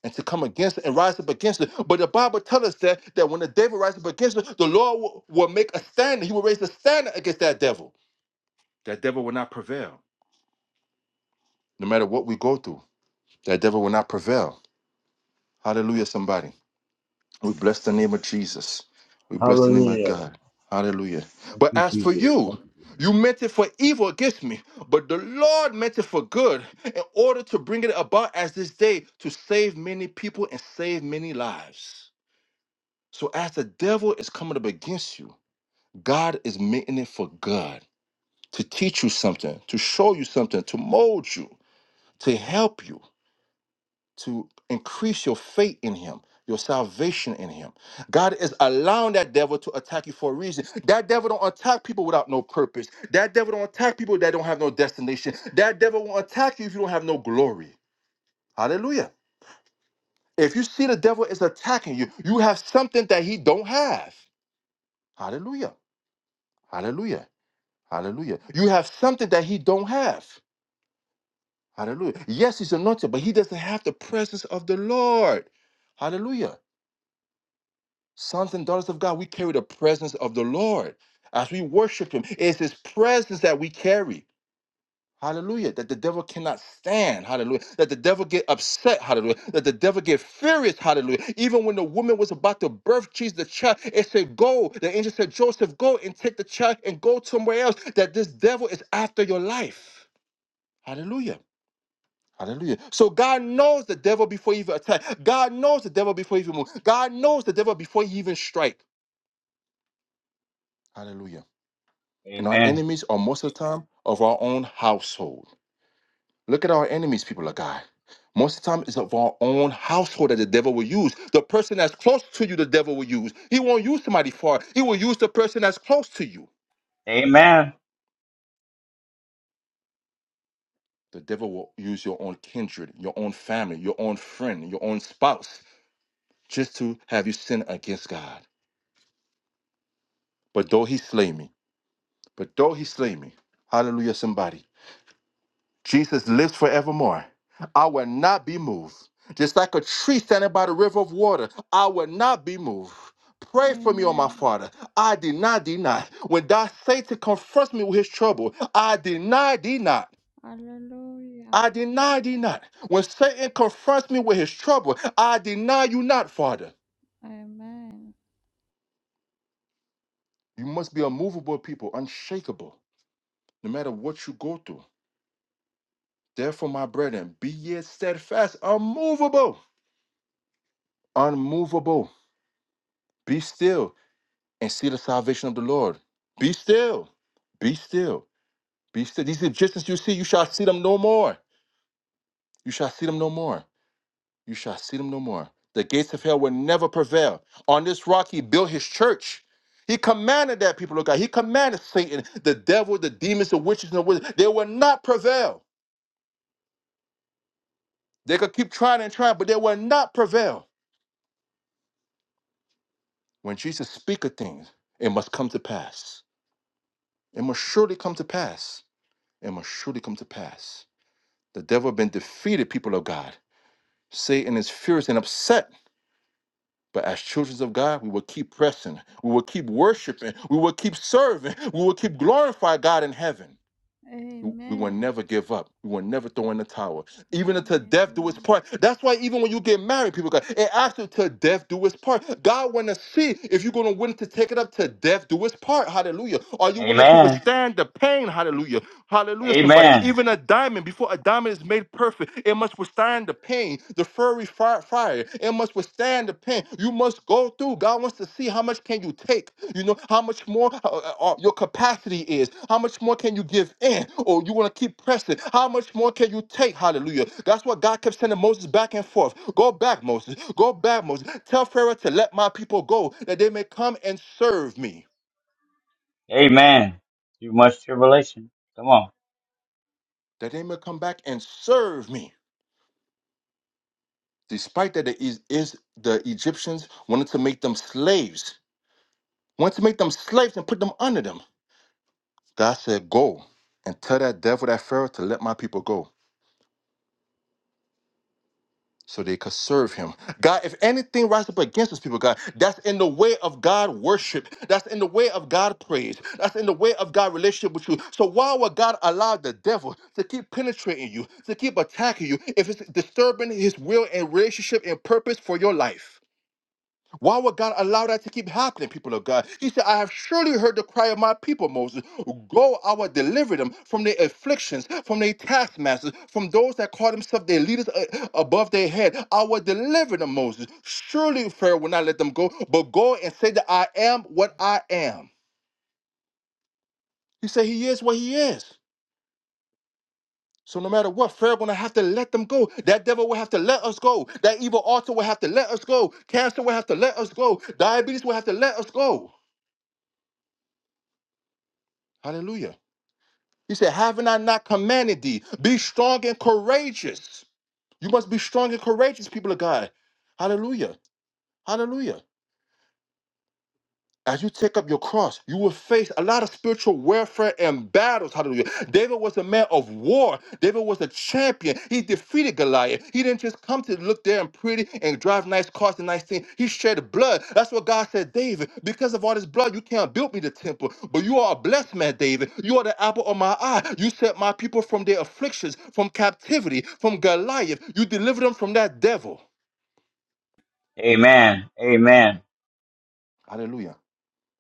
[SPEAKER 2] and to come against it and rise up against it. But the Bible tells us that that when the devil rises up against it, the Lord will, will make a stand. He will raise a stand against that devil. That devil will not prevail. No matter what we go through, that devil will not prevail. Hallelujah, somebody. We bless the name of Jesus. We bless the name of
[SPEAKER 7] Hallelujah.
[SPEAKER 2] God. Hallelujah.
[SPEAKER 7] Thank
[SPEAKER 2] But
[SPEAKER 7] you,
[SPEAKER 2] as for
[SPEAKER 7] Jesus.
[SPEAKER 2] you,
[SPEAKER 7] Thank
[SPEAKER 2] you meant it for evil against me, but the Lord meant it for good in order to bring it about as this day to save many people and save many lives. So as the devil is coming up against you, God is making it for good to teach you something, to show you something, to mold you, to help you, to increase your faith in Him, your salvation in Him. God is allowing that devil to attack you for a reason. That devil don't attack people without no purpose. That devil don't attack people that don't have no destination. That devil won't attack you if you don't have no glory. Hallelujah. If you see the devil is attacking you, you have something that he don't have. Hallelujah. Hallelujah. Hallelujah. You have something that he don't have. Hallelujah. Yes, he's anointed, but he doesn't have the presence of the Lord. Hallelujah. Sons and daughters of God, we carry the presence of the Lord. As we worship him, it's his presence that we carry. Hallelujah. That the devil cannot stand. Hallelujah. That the devil get upset. Hallelujah. That the devil get furious. Hallelujah. Even when the woman was about to birth Jesus, the child, it said, Go. The angel said, Joseph, go and take the child and go somewhere else. That this devil is after your life. Hallelujah. Hallelujah. So God knows the devil before he even attack. God knows the devil before he even move. God knows the devil before he even strike. Hallelujah. And our
[SPEAKER 1] Amen.
[SPEAKER 2] enemies are most of the time of our own household. Look at our enemies, people of God. Most of the time it's of our own household that the devil will use. The person that's close to you, the devil will use. He won't use somebody far. He will use the person that's close to you.
[SPEAKER 1] Amen.
[SPEAKER 2] The devil will use your own kindred, your own family, your own friend, your own spouse, just to have you sin against God. But though he slay me, but though he slay me, hallelujah, somebody, Jesus lives forevermore. I will not be moved. Just like a tree standing by the river of water, I will not be moved. Pray for me, O my
[SPEAKER 3] Amen.
[SPEAKER 2] Father. I deny thee not. deny. When thou Satan confronts me with his trouble, I deny thee not.
[SPEAKER 3] Hallelujah.
[SPEAKER 2] I deny thee not. When Satan confronts me with his trouble, I deny you not, Father.
[SPEAKER 3] Amen.
[SPEAKER 2] You must be a movable people, unshakable, no matter what you go through. Therefore, my brethren, be ye steadfast, unmovable, unmovable. Be still and see the salvation of the Lord. Be still, be still, be still. These Egyptians you see, you shall see them no more. You shall see them no more. You shall see them no more. The gates of hell will never prevail. On this rock, he built his church. He commanded that people of God. He commanded Satan, the devil, the demons, the witches, and the wizards. They will not prevail. They could keep trying and trying, but they will not prevail When Jesus speaketh things, it must come to pass. It must surely come to pass. It must surely come to pass. The devil been defeated, people of God. Satan is furious and upset. But as children of God, we will keep pressing. We will keep worshiping. We will keep serving. We will keep glorifying God in heaven. We we will
[SPEAKER 3] Amen.
[SPEAKER 2] never give up. We will never throw in the towel. Even until death do its
[SPEAKER 3] Hallelujah.
[SPEAKER 2] part. That's why even when you get married, people go, it asks you till death do its part. God wanna see if you're gonna willing to take it up to death do its part. Hallelujah. Are you willing to
[SPEAKER 1] Amen.
[SPEAKER 2] withstand the pain? Hallelujah. Hallelujah, somebody.
[SPEAKER 1] Amen.
[SPEAKER 2] Even a diamond, before a diamond is made perfect, it must withstand the pain, the fiery fire, fire. It must withstand the pain you must go through. God wants to see how much can you take. You know how much more uh, uh, uh, your capacity is. How much more can you give in, or you want to keep pressing? How much more can you take? Hallelujah. That's what God kept sending Moses back and forth. Go back, Moses. Go back, Moses. Tell Pharaoh to let my people go, that they may come and serve me.
[SPEAKER 1] Amen. Too much tribulation. Come on.
[SPEAKER 2] That they may come back and serve me. Despite that, the, is, is the Egyptians wanted to make them slaves. Wanted to make them slaves and put them under them. God said, Go and tell that devil, that Pharaoh, to let my people go so they could serve him. God, if anything rises up against his people, God, that's in the way of God worship. That's in the way of God praise. That's in the way of God relationship with you. So why would God allow the devil to keep penetrating you, to keep attacking you, if it's disturbing his will and relationship and purpose for your life? Why would God allow that to keep happening, people of God? He said, I have surely heard the cry of my people, Moses. Go, I will deliver them from their afflictions, from their taskmasters, from those that call themselves their leaders uh, above their head. I will deliver them, Moses. Surely Pharaoh will not let them go, but go and say that I am what I am. He said, He is what He is. So no matter what, Pharaoh gonna have to let them go. That devil will have to let us go. That evil altar will have to let us go. Cancer will have to let us go. Diabetes will have to let us go. Hallelujah. He said, Haven't I not commanded thee? Be strong and courageous. You must be strong and courageous, people of God. Hallelujah. Hallelujah. As you take up your cross, you will face a lot of spiritual warfare and battles. Hallelujah. David was a man of war. David was a champion. He defeated Goliath. He didn't just come to look there and pretty and drive nice cars and nice things. He shed blood. That's what God said, David. Because of all this blood, you can't build me the temple. But you are a blessed man, David. You are the apple of my eye. You set my people from their afflictions, from captivity, from Goliath. You delivered them from that devil.
[SPEAKER 1] Amen. Amen.
[SPEAKER 2] Hallelujah.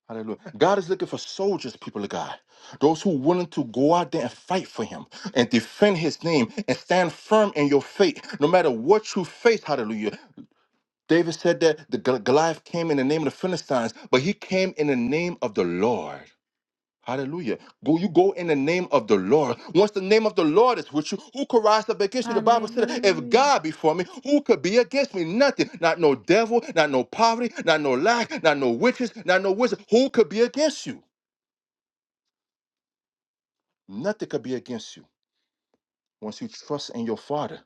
[SPEAKER 2] Hallelujah. God is looking for soldiers, people of God. Those who are willing to go out there and fight for him and defend his name and stand firm in your faith, no matter what you face. Hallelujah. David said that the Gol- Goliath came in the name of the Philistines, but he came in the name of the Lord. Hallelujah. Go, you go in the name of the Lord. Once the name of the Lord is with you, who could rise up against you? The Bible said, if
[SPEAKER 3] Hallelujah.
[SPEAKER 2] God be for me, who could be against me? Nothing. Not no devil, not no poverty, not no lack, not no witches, not no wizard. Who could be against you? Nothing could be against you. Once you trust in your Father,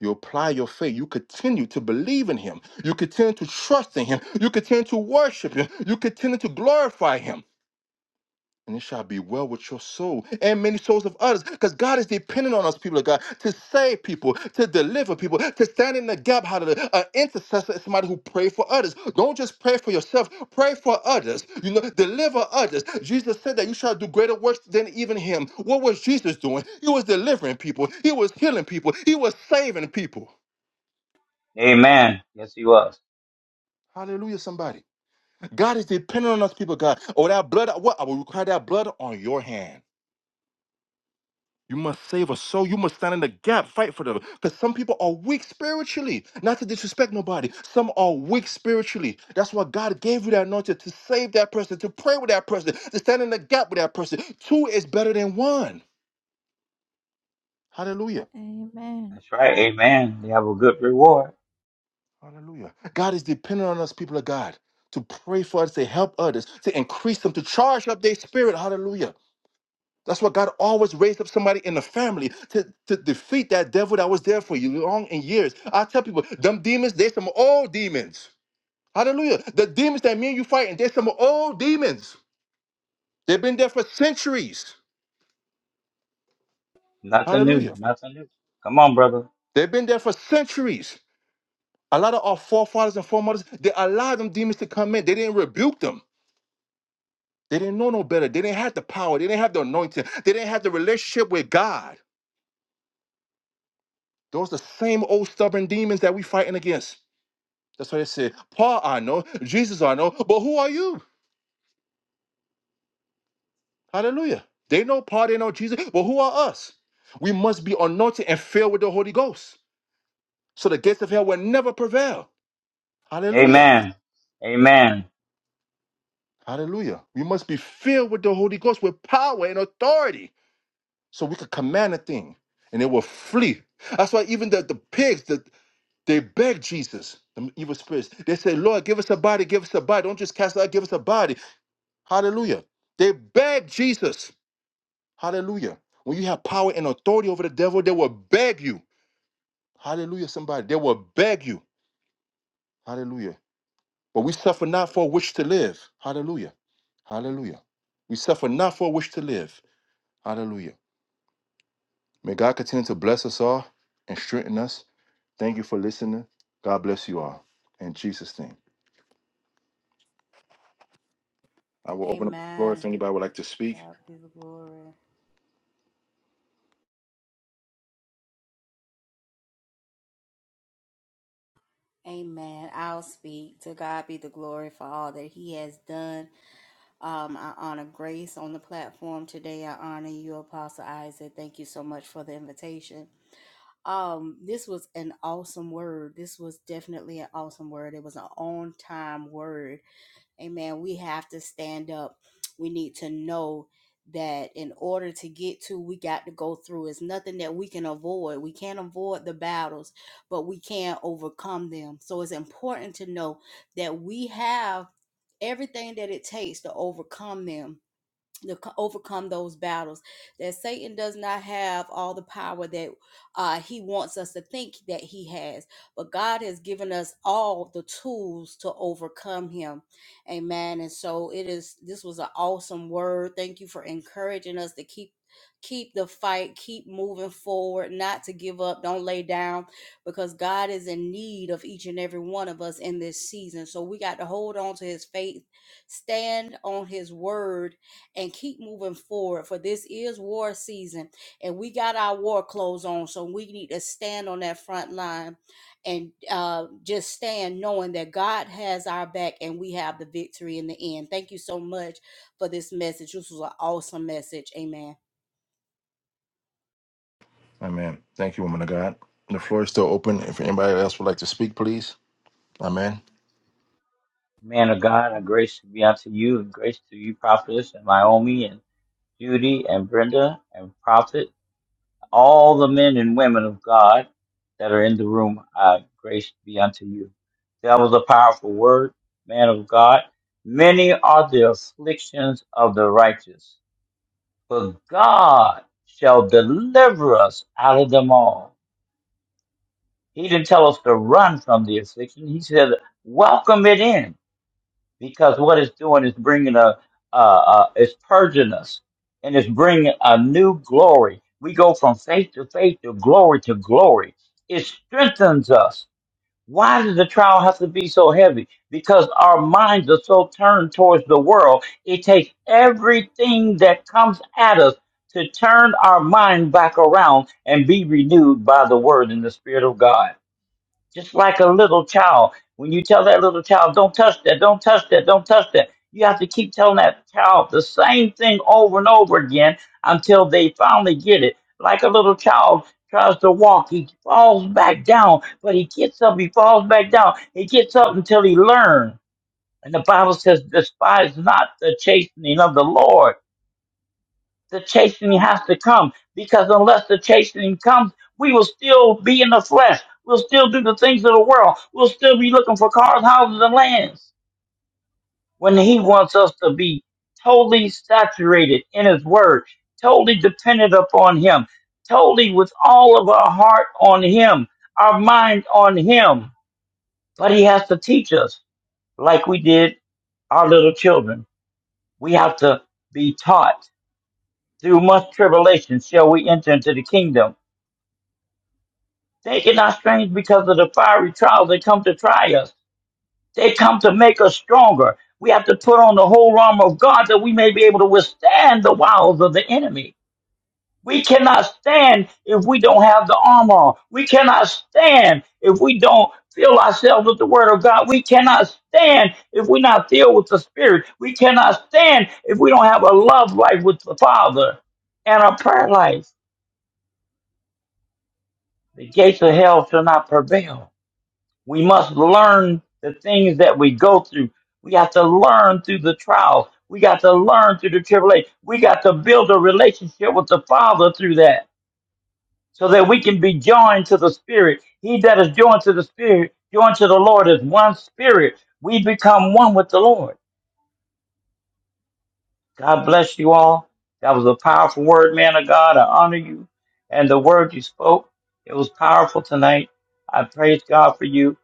[SPEAKER 2] you apply your faith. You continue to believe in Him. You continue to trust in Him. You continue to worship Him. You continue to glorify Him. and it shall be well with your soul and many souls of others. Because God is dependent on us, people of God, to save people, to deliver people, to stand in the gap. Hallelujah. An intercessor is somebody who prays for others. Don't just pray for yourself, pray for others. You know, deliver others. Jesus said that you shall do greater works than even him. What was Jesus doing? He was delivering people, he was healing people, he was saving people.
[SPEAKER 1] Amen. Yes, he was.
[SPEAKER 2] Hallelujah, somebody. God is dependent on us, people, of God. Oh, that blood, what? I will require that blood on your hand. You must save a soul. You must stand in the gap, fight for them. Because some people are weak spiritually. Not to disrespect nobody. Some are weak spiritually. That's why God gave you that anointing to save that person, to pray with that person, to stand in the gap with that person. Two is better than one. Hallelujah.
[SPEAKER 3] Amen.
[SPEAKER 1] That's right. Amen. They have a good reward.
[SPEAKER 2] Hallelujah. God is dependent on us, people of God, to pray for us, to help others, to increase them, to charge up their spirit. Hallelujah. That's why God always raised up somebody in the family to, to defeat that devil that was there for you long in years. I tell people, them demons, they some old demons. Hallelujah. The demons that me and you fighting, they some old demons. They've been there for centuries.
[SPEAKER 1] Nothing new.
[SPEAKER 2] Hallelujah.
[SPEAKER 1] Nothing new. Come on, brother.
[SPEAKER 2] They've been there for centuries. A lot of our forefathers and foremothers, they allowed them demons to come in. They didn't rebuke them. They didn't know no better. They didn't have the power. They didn't have the anointing. They didn't have the relationship with God. Those are the same old stubborn demons that we fighting against. That's why they said, Paul I know, Jesus I know, but who are you? Hallelujah. They know Paul, they know Jesus, but who are us? We must be anointed and filled with the Holy Ghost. So the gates of hell will never prevail. Hallelujah.
[SPEAKER 1] Amen. Amen.
[SPEAKER 2] Hallelujah. We must be filled with the Holy Ghost with power and authority. So we could command a thing and it will flee. That's why even the, the pigs, the, they begged Jesus, the evil spirits. They said, Lord, give us a body, give us a body. Don't just cast it out, give us a body. Hallelujah. They begged Jesus. Hallelujah. When you have power and authority over the devil, they will beg you. Hallelujah, somebody. They will beg you. Hallelujah. But we suffer not for a wish to live. Hallelujah. Hallelujah. We suffer not for a wish to live. Hallelujah. May God continue to bless us all and strengthen us. Thank you for listening. God bless you all. In Jesus' name. I will open up the floor if
[SPEAKER 4] Amen.
[SPEAKER 2] anybody would like to
[SPEAKER 4] To
[SPEAKER 2] speak.
[SPEAKER 4] God be the glory. Amen. I'll speak. To God be the glory for all that He has done Um, I honor Grace on the platform today. I honor you, Apostle Isaac. Thank you so much for the invitation. Um, this was an awesome word. This was definitely an awesome word. It was an on time word Amen. We have to stand up. We need to know that in order to get to, we got to go through. It's nothing that we can avoid. We can't avoid the battles, but we can overcome them. So it's important to know that we have everything that it takes to overcome them to overcome those battles that satan does not have all the power that uh, he wants us to think that he has but god has given us all the tools to overcome him amen and so it is this was an awesome word thank you for encouraging us to keep keep the fight keep moving forward not to give up don't lay down because god is in need of each and every one of us in this season so we got to hold on to his faith stand on his word and keep moving forward for this is war season and we got our war clothes on so we need to stand on that front line and uh, just stand knowing that god has our back and we have the victory in the end thank you so much for this message this was an awesome message amen
[SPEAKER 2] Amen. Thank you, woman of God. The floor is still open. If anybody else would like to speak, please. Amen.
[SPEAKER 1] Man of God, a grace be unto you, and grace to you, prophetess, and Naomi, and Judy, and Brenda, and prophet, all the men and women of God that are in the room. Uh, grace be unto you. That was a powerful word, man of God. Many are the afflictions of the righteous But God shall deliver us out of them all. He didn't tell us to run from the affliction. He said, welcome it in, because what it's doing is bringing a, uh, uh, it's purging us, and it's bringing a new glory. We go from faith to faith to glory to glory. It strengthens us why does the trial have to be so heavy? Because our minds are so turned towards the world. It takes everything that comes at us to turn our mind back around and be renewed by the word and the spirit of God just like a little child. When you tell that little child, don't touch that, don't touch that, don't touch that, you have to keep telling that child the same thing over and over again until they finally get it. Like a little child tries to walk, he falls back down, but he gets up, he falls back down, he gets up until he learns. And the Bible says, despise not the chastening of the Lord the chastening has to come because unless the chastening comes, we will still be in the flesh. We'll still do the things of the world. We'll still be looking for cars, houses, and lands when He wants us to be totally saturated in His Word, totally dependent upon Him, totally with all of our heart on Him, our mind on Him. But He has to teach us like we did our little children. We have to be taught through much tribulation shall we enter into the kingdom Taking our strange because of the fiery trials that come to try us. They come to make us stronger. We have to put on the whole armor of God that we may be able to withstand the wiles of the enemy. We cannot stand if we don't have the armor. on. We cannot stand if we don't fill ourselves with the word of God. We cannot stand if we're not filled with the spirit. We cannot stand if we don't have a love life with the Father and a prayer life. The gates of hell shall not prevail. We must learn the things that we go through. We have to learn through the trials. We got to learn through the tribulation. We got to build a relationship with the Father through that so that we can be joined to the Spirit. He that is joined to the Spirit, joined to the Lord is one spirit. We become one with the Lord. God bless you all. That was a powerful word, man of God. I honor you. And the word you spoke, it was powerful tonight. I praise God for you.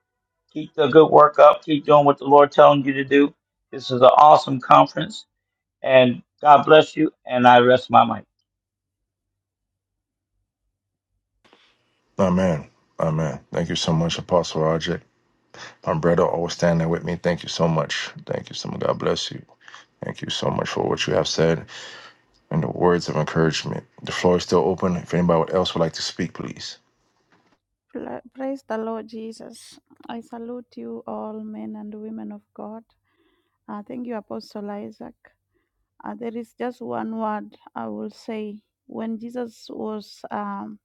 [SPEAKER 1] Keep the good work up. Keep doing what the Lord telling you to do. This is an awesome conference, and God bless you. And I rest my mic.
[SPEAKER 2] Amen. Amen. Thank you so much, Apostle Roger. My brother, always standing with me. Thank you so much. Thank you so much. God bless you. Thank you so much for what you have said and the words of encouragement. The floor is still open. If anybody else would like to speak, please.
[SPEAKER 3] Pla- Praise the Lord Jesus. I salute you all men and women of God. I thank you, Apostle Isaac. Uh, there is just one word I will say. When Jesus was um,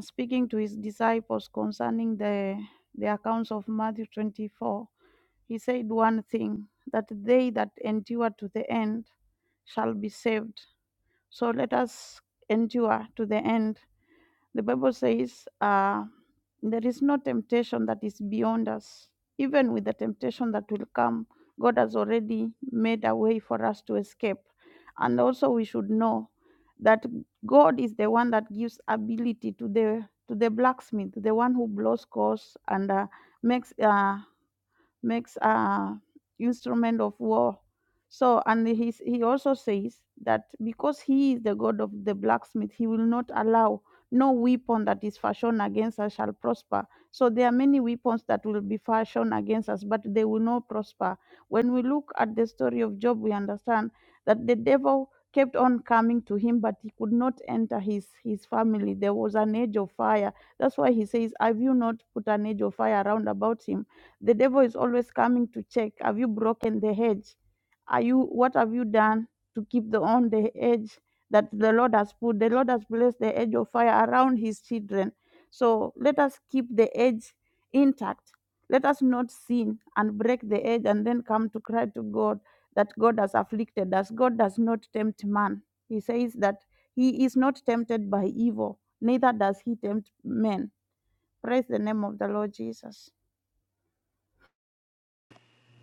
[SPEAKER 3] speaking to his disciples concerning the, the accounts of Matthew 24, he said one thing that they that endure to the end shall be saved. So let us endure to the end the Bible says, uh, There is no temptation that is beyond us. Even with the temptation that will come, God has already made a way for us to escape. And also, we should know that God is the one that gives ability to the to the blacksmith, the one who blows coals and uh, makes uh, makes a instrument of war. So, and he, he also says that because he is the god of the blacksmith, he will not allow no weapon that is fashioned against us shall prosper. So there are many weapons that will be fashioned against us, but they will not prosper. When we look at the story of Job, we understand that the devil kept on coming to him, but he could not enter his, his family. There was an edge of fire. That's why he says, Have you not put an edge of fire around about him? The devil is always coming to check. Have you broken the hedge? Are you what have you done to keep the on the edge that the Lord has put? The Lord has placed the edge of fire around his children. So let us keep the edge intact. Let us not sin and break the edge and then come to cry to God that God has afflicted us. God does not tempt man. He says that he is not tempted by evil, neither does he tempt men. Praise the name of the Lord Jesus.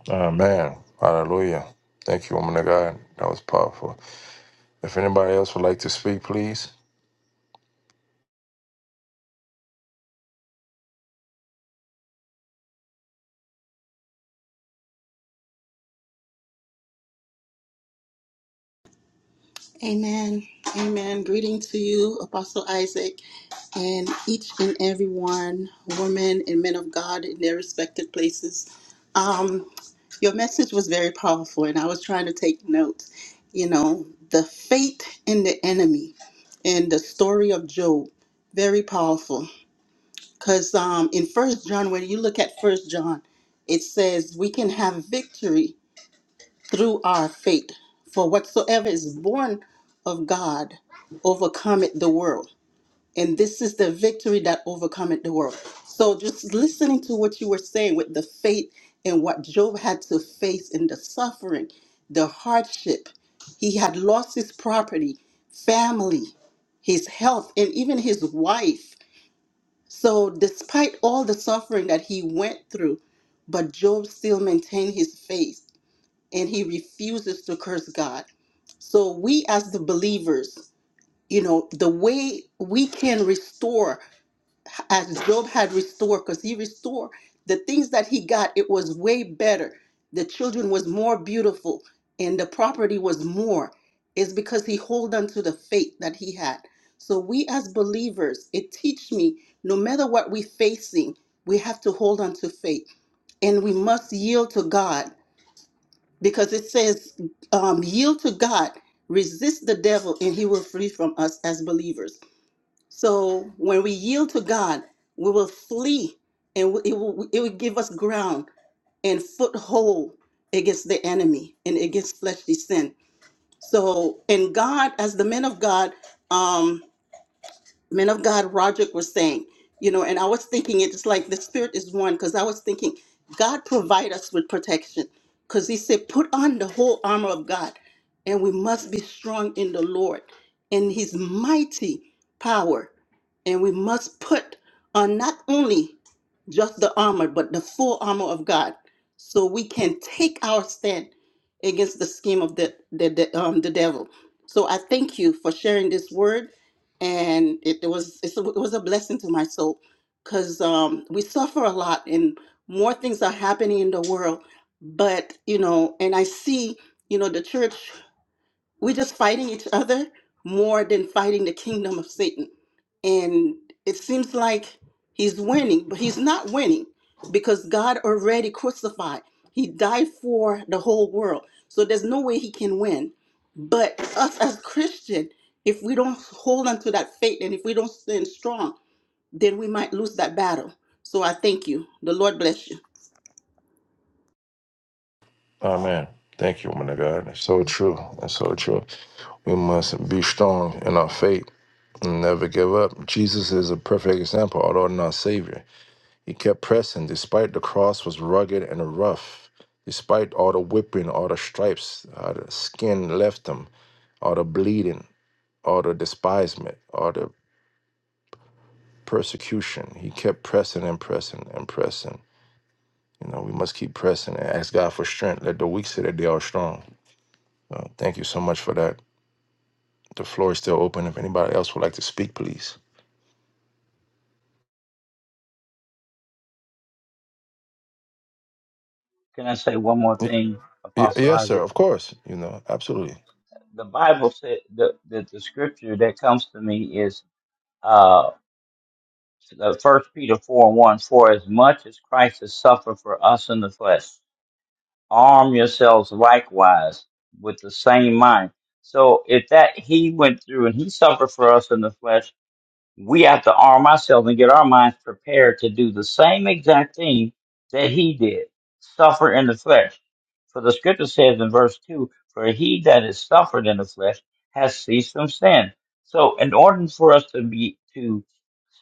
[SPEAKER 2] Amen. Hallelujah. Thank you, woman of God. That was powerful. If anybody else would like to speak, please.
[SPEAKER 8] Amen. Amen. Greeting to you, Apostle Isaac, and each and every one, women and men of God in their respective places. Um, your message was very powerful, and I was trying to take notes. You know, the fate and the enemy and the story of Job, very powerful. Because um, in First John, when you look at First John, it says we can have victory through our faith. For whatsoever is born of God overcometh the world. And this is the victory that overcometh the world. So just listening to what you were saying with the faith and what Job had to face in the suffering, the hardship. He had lost his property, family, his health, and even his wife. So despite all the suffering that he went through, but Job still maintained his faith and he refuses to curse God. So we as the believers, you know, the way we can restore as Job had restored, because he restored the things that he got, it was way better. The children was more beautiful and the property was more. Is because he hold on to the faith that he had. So we as believers, it teach me no matter what we facing, we have to hold on to faith and we must yield to God because it says, um, yield to God, resist the devil, and he will flee from us as believers. So when we yield to God, we will flee and it will, it will give us ground and foothold against the enemy and against fleshly sin. So, and God, as the men of God, um, man of God Roderick was saying, you know, and I was thinking it is like the spirit is one because I was thinking God provide us with protection because he said put on the whole armor of God and we must be strong in the Lord and his mighty power and we must put on not only just the armor but the full armor of God so we can take our stand against the scheme of the the, the um the devil. So I thank you for sharing this word and it, it was it's a, it was a blessing to my soul because um, we suffer a lot and more things are happening in the world but you know and i see you know the church we're just fighting each other more than fighting the kingdom of Satan. And it seems like he's winning, but he's not winning because God already crucified. He died for the whole world. So there's no way he can win. But us as Christian, if we don't hold on to that faith and if we don't stand strong, then we might lose that battle. So I thank you. The Lord bless you.
[SPEAKER 2] Amen. Thank you, woman of God. That's so true. That's so true. We must be strong in our faith and never give up. Jesus is a perfect example, although not Savior. He kept pressing, despite the cross was rugged and rough, despite all the whipping, all the stripes, all the skin left him, all the bleeding, all the despisement, all the persecution. He kept pressing and pressing and pressing. You know, we must keep pressing and ask God for strength. Let the weak say that they are strong. Uh, thank you so much for that. The floor is still open. If anybody else would like to speak, please.
[SPEAKER 1] Can I say one more
[SPEAKER 2] Y-
[SPEAKER 1] thing,
[SPEAKER 2] y-
[SPEAKER 1] Apostle
[SPEAKER 2] yes, sir.
[SPEAKER 1] Isaac?
[SPEAKER 2] Of course. You know, absolutely.
[SPEAKER 1] The Bible said the the, the scripture that comes to me is uh First Peter four and one. For as much as Christ has suffered for us in the flesh, arm yourselves likewise with the same mind. So if that he went through and he suffered for us in the flesh we have to arm ourselves and get our minds prepared to do the same exact thing that he did, suffer in the flesh. For the scripture says in verse 2, for he that is suffered in the flesh has ceased from sin. So in order for us to be, to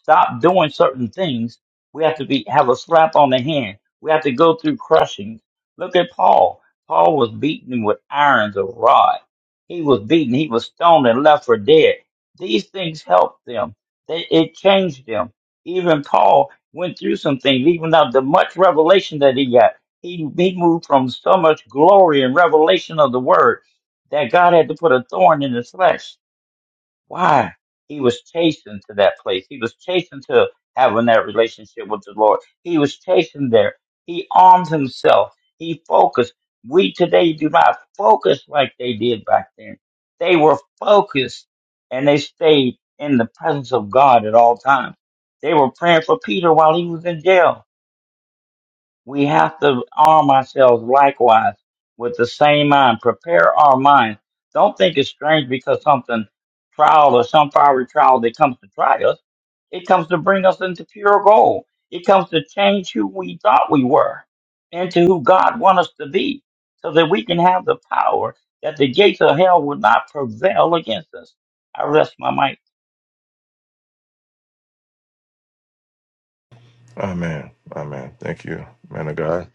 [SPEAKER 1] stop doing certain things, we have to be, have a slap on the hand. We have to go through crushing. Look at Paul. Paul was beaten with irons of rod. He was beaten. He was stoned and left for dead. These things helped them they, it changed them. Even Paul went through some things, even though the much revelation that he got. He, he moved from so much glory and revelation of the word that God had to put a thorn in his flesh why? He was chasing to that place. He was chasing to having that relationship with the Lord. He was chasing there. He armed himself. He focused. We today do not focus like they did back then. They were focused and they stayed in the presence of God at all times. They were praying for Peter while he was in jail we have to arm ourselves likewise with the same mind. Prepare our minds. Don't think it's strange because something trial or some fiery trial that comes to try us. It comes to bring us into pure gold. It comes to change who we thought we were into who God wants us to be so that we can have the power that the gates of hell would not prevail against us. I rest my mic.
[SPEAKER 2] Amen. Amen. Thank you, man of God.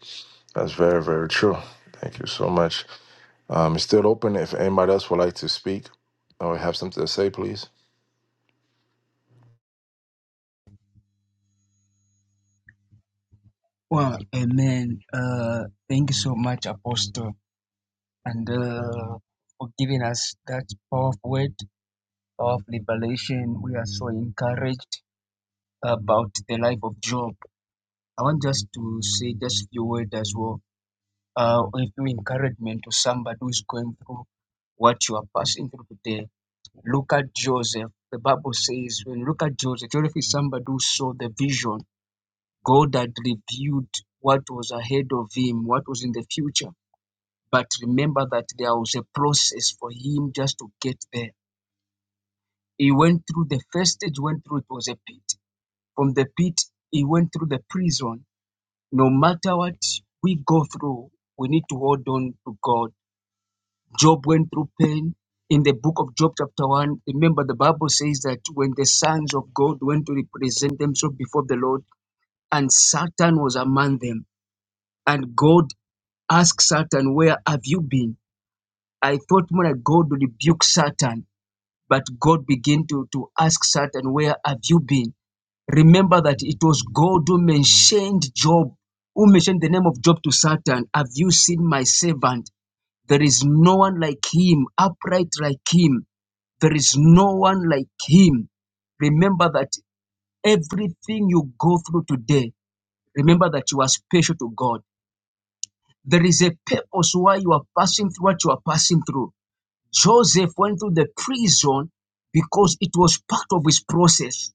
[SPEAKER 2] That's very, very true. Thank you so much. Um, it's still open. If anybody else would like to speak or have something to say, please.
[SPEAKER 9] Well, amen. Uh, thank you so much, Apostle, and uh, for giving us that powerful word of liberation. We are so encouraged about the life of Job. I want just to say just a few words as well. Uh, a few encouragement to somebody who is going through what you are passing through today. Look at Joseph. The Bible says, when you look at Joseph, Joseph is somebody who saw the vision. God had revealed what was ahead of him, what was in the future But remember that there was a process for him just to get there. He went through the first stage, went through it was a pit. From the pit, he went through the prison. No matter what we go through, we need to hold on to God. Job went through pain. In the book of Job, chapter 1, remember the Bible says that when the sons of God went to represent themselves before the Lord, and Satan was among them, and God asked Satan, Where have you been? I thought more like God would rebuke Satan But God began to, to ask Satan, Where have you been? Remember that it was God who mentioned Job, who mentioned the name of Job to Satan. Have you seen my servant? There is no one like him, upright like him. There is no one like him. Remember that everything you go through today, remember that you are special to God. There is a purpose why you are passing through what you are passing through. Joseph went to the prison because it was part of his process.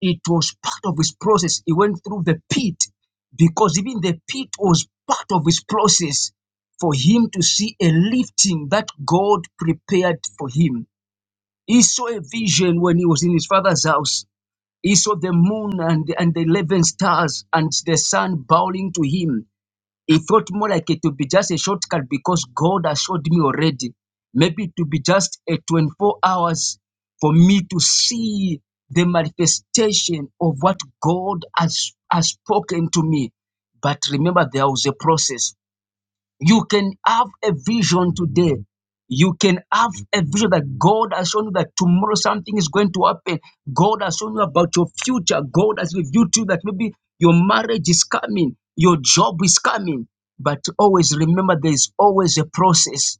[SPEAKER 9] It was part of his process. He went through the pit because even the pit was part of his process for him to see a lifting that God prepared for him. He saw a vision when he was in his father's house. He saw the moon and, and the 11 stars and the sun bowing to him. It felt more like it would be just a shortcut because God has showed me already. Maybe it would be just a 24 hours for me to see the manifestation of what God has, has spoken to me. But remember, there was a process you can have a vision today. You can have a vision that God has shown you that tomorrow something is going to happen. God has shown you about your future. God has revealed to you that maybe your marriage is coming, your job is coming. But always remember there is always a process.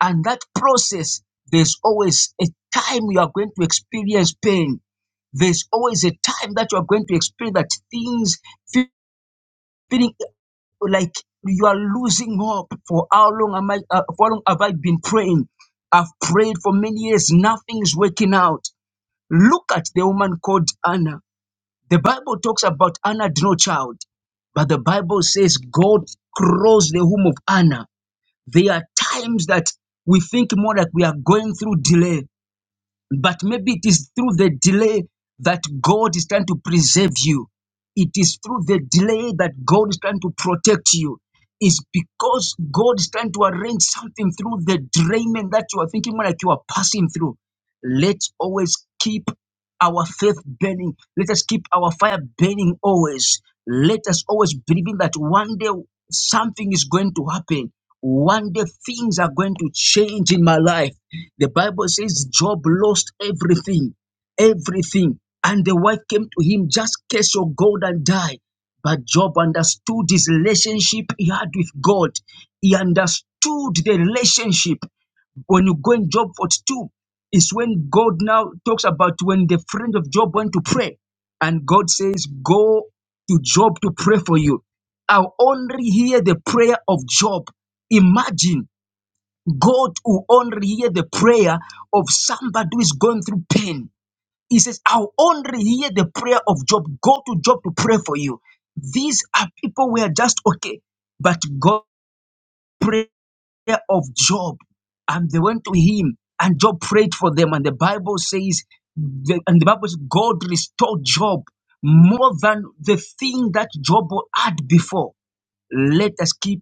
[SPEAKER 9] And that process, there's always a time you are going to experience pain. There's always a time that you are going to experience that things feeling like you are losing hope. For how long am I? Uh, for how long have I been praying? I've prayed for many years. Nothing is working out. Look at the woman called Anna. The Bible talks about Anna had no child, but the Bible says God closed the womb of Anna. There are times that we think more like we are going through delay, but maybe it is through the delay that God is trying to preserve you. It is through the delay that God is trying to protect you. It's because God is trying to arrange something through the draining that you are thinking like you are passing through. Let's always keep our faith burning. Let us keep our fire burning always. Let us always believing that one day something is going to happen. One day things are going to change in my life. The Bible says Job lost everything, everything. And the wife came to him, just cast your gold and die. But Job understood his relationship he had with God. He understood the relationship. When you go in Job 42, is when God now talks about when the friend of Job went to pray, and God says, Go to Job to pray for you. I'll only hear the prayer of Job. Imagine God will only hear the prayer of somebody who is going through pain. He says, I'll only hear the prayer of Job. Go to Job to pray for you. These are people who are just okay, but God prays care of Job. And they went to him, and Job prayed for them. And the Bible says, the- and the Bible says, God restored Job more than the thing that Job had before. Let us keep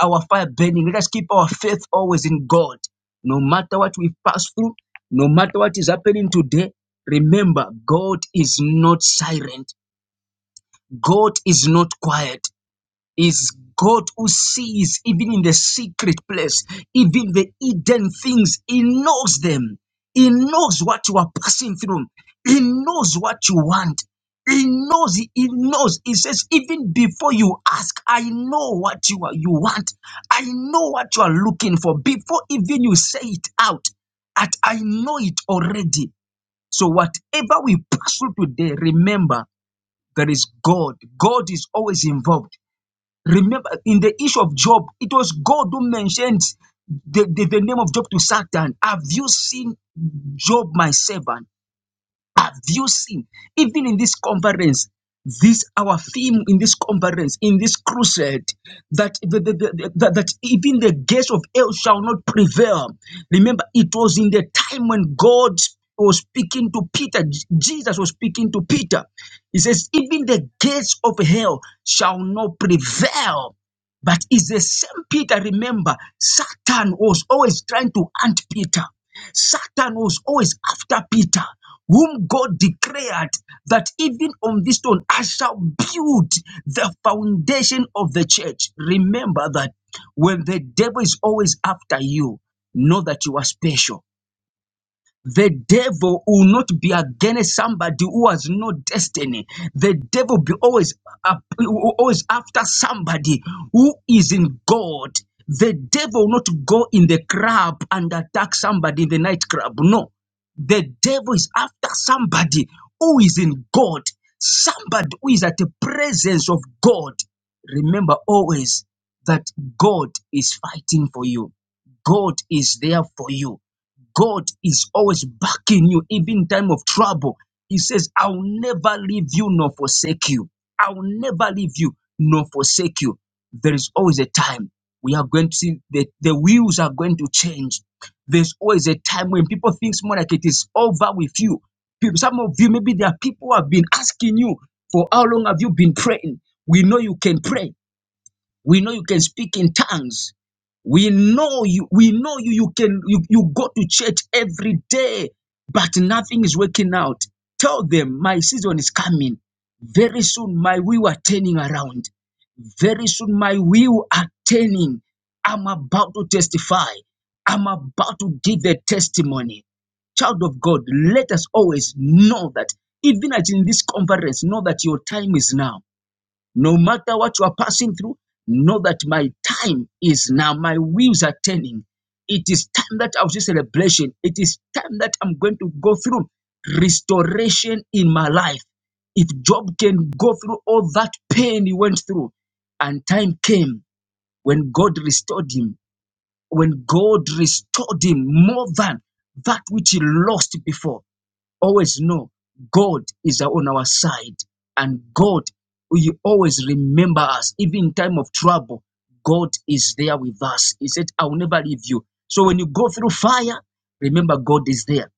[SPEAKER 9] our fire burning. Let us keep our faith always in God. No matter what we pass through, no matter what is happening today, remember, God is not silent. God is not quiet is God who sees even in the secret place, even the hidden things. He knows them. He knows what you are passing through. He knows what you want. He knows. He knows. He says, even before you ask, I know what you are. You want. I know what you are looking for before even you say it out. At I know it already. So whatever we pass through today, remember there is God. God is always involved. Remember, in the issue of Job, it was God who mentioned the, the, the name of Job to Satan. Have you seen Job, my servant? Have you seen? Even in this conference, this our theme in this conference, in this crusade, that the, the, the- the- that even the gates of hell shall not prevail. Remember, it was in the time when God was speaking to Peter, J- Jesus was speaking to Peter. He says, Even the gates of hell shall not prevail. But it's the same Peter, remember, Satan was always trying to hunt Peter. Satan was always after Peter, whom God declared that even on this stone I shall build the foundation of the church. Remember that when the devil is always after you, know that you are special the devil will not be against somebody who has no destiny. The devil be always up, always after somebody who is in God. The devil will not go in the crowd and attack somebody in the nightclub. No, the devil is after somebody who is in God, somebody who is at the presence of God. Remember always that God is fighting for you. God is there for you. God is always backing you, even in time of trouble. He says, I'll never leave you nor forsake you. I'll never leave you nor forsake you. There is always a time we are going to see that the wheels are going to change. There's always a time when people think more like it is over with you. People, some of you, maybe there are people who have been asking you, for how long have you been praying? We know you can pray. We know you can speak in tongues. We know you, we know you, you can, you, you go to church every day, but nothing is working out. Tell them my season is coming. Very soon my wheel are turning around. Very soon my wheel are turning. I'm about to testify. I'm about to give the testimony child of God, let us always know that even as in this conference, know that your time is now. No matter what you are passing through, know that my time is now. My wheels are turning. It is time that I'll see celebration. It is time that I'm going to go through restoration in my life. If Job can go through all that pain he went through, and time came when God restored him, when God restored him more than that which he lost before. Always know God is on our side and God will always remember us. Even in time of trouble, God is there with us. He said, I will never leave you. So when you go through fire, remember God is there.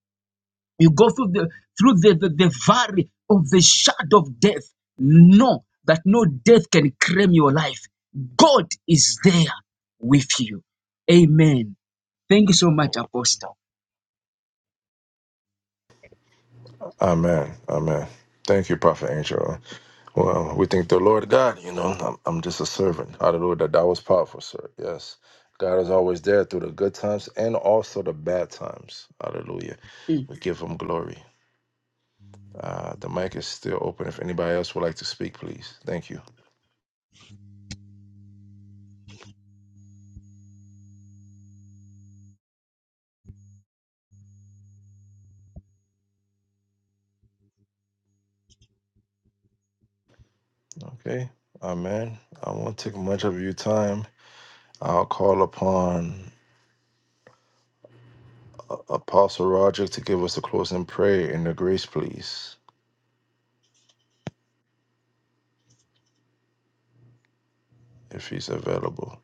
[SPEAKER 9] You go through the through the, the, the valley of the shadow of death. Know that no death can claim your life. God is there with you. Amen. Thank you so much, Apostle.
[SPEAKER 2] Amen. Amen. Thank you, Prophet Angel. Well, we thank the Lord God. You know, I'm, I'm just a servant. Hallelujah. That, that was powerful, sir. Yes. God is always there through the good times and also the bad times. Hallelujah.
[SPEAKER 9] Mm.
[SPEAKER 2] We give him glory. Uh, the mic is still open. If anybody else would like to speak, please. Thank you. Okay, Amen. I won't take much of your time. I'll call upon A- Apostle Roger to give us the closing prayer in the grace, please, if he's available.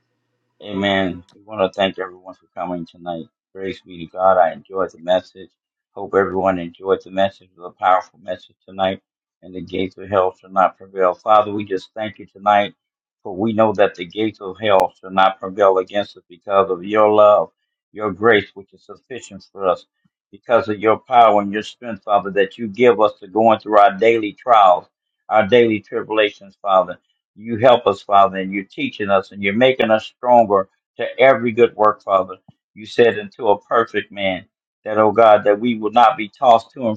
[SPEAKER 1] Amen. We want to thank everyone for coming tonight. Praise be to God. I enjoyed the message. Hope everyone enjoyed the message. It was a powerful message tonight, and the gates of hell shall not prevail. Father, we just thank you tonight, for we know that the gates of hell shall not prevail against us because of your love, your grace, which is sufficient for us, because of your power and your strength, Father, that you give us to go on through our daily trials, our daily tribulations, Father you help us, Father, and you're teaching us and you're making us stronger to every good work, Father. You said into a plan that, oh God, that we not be torn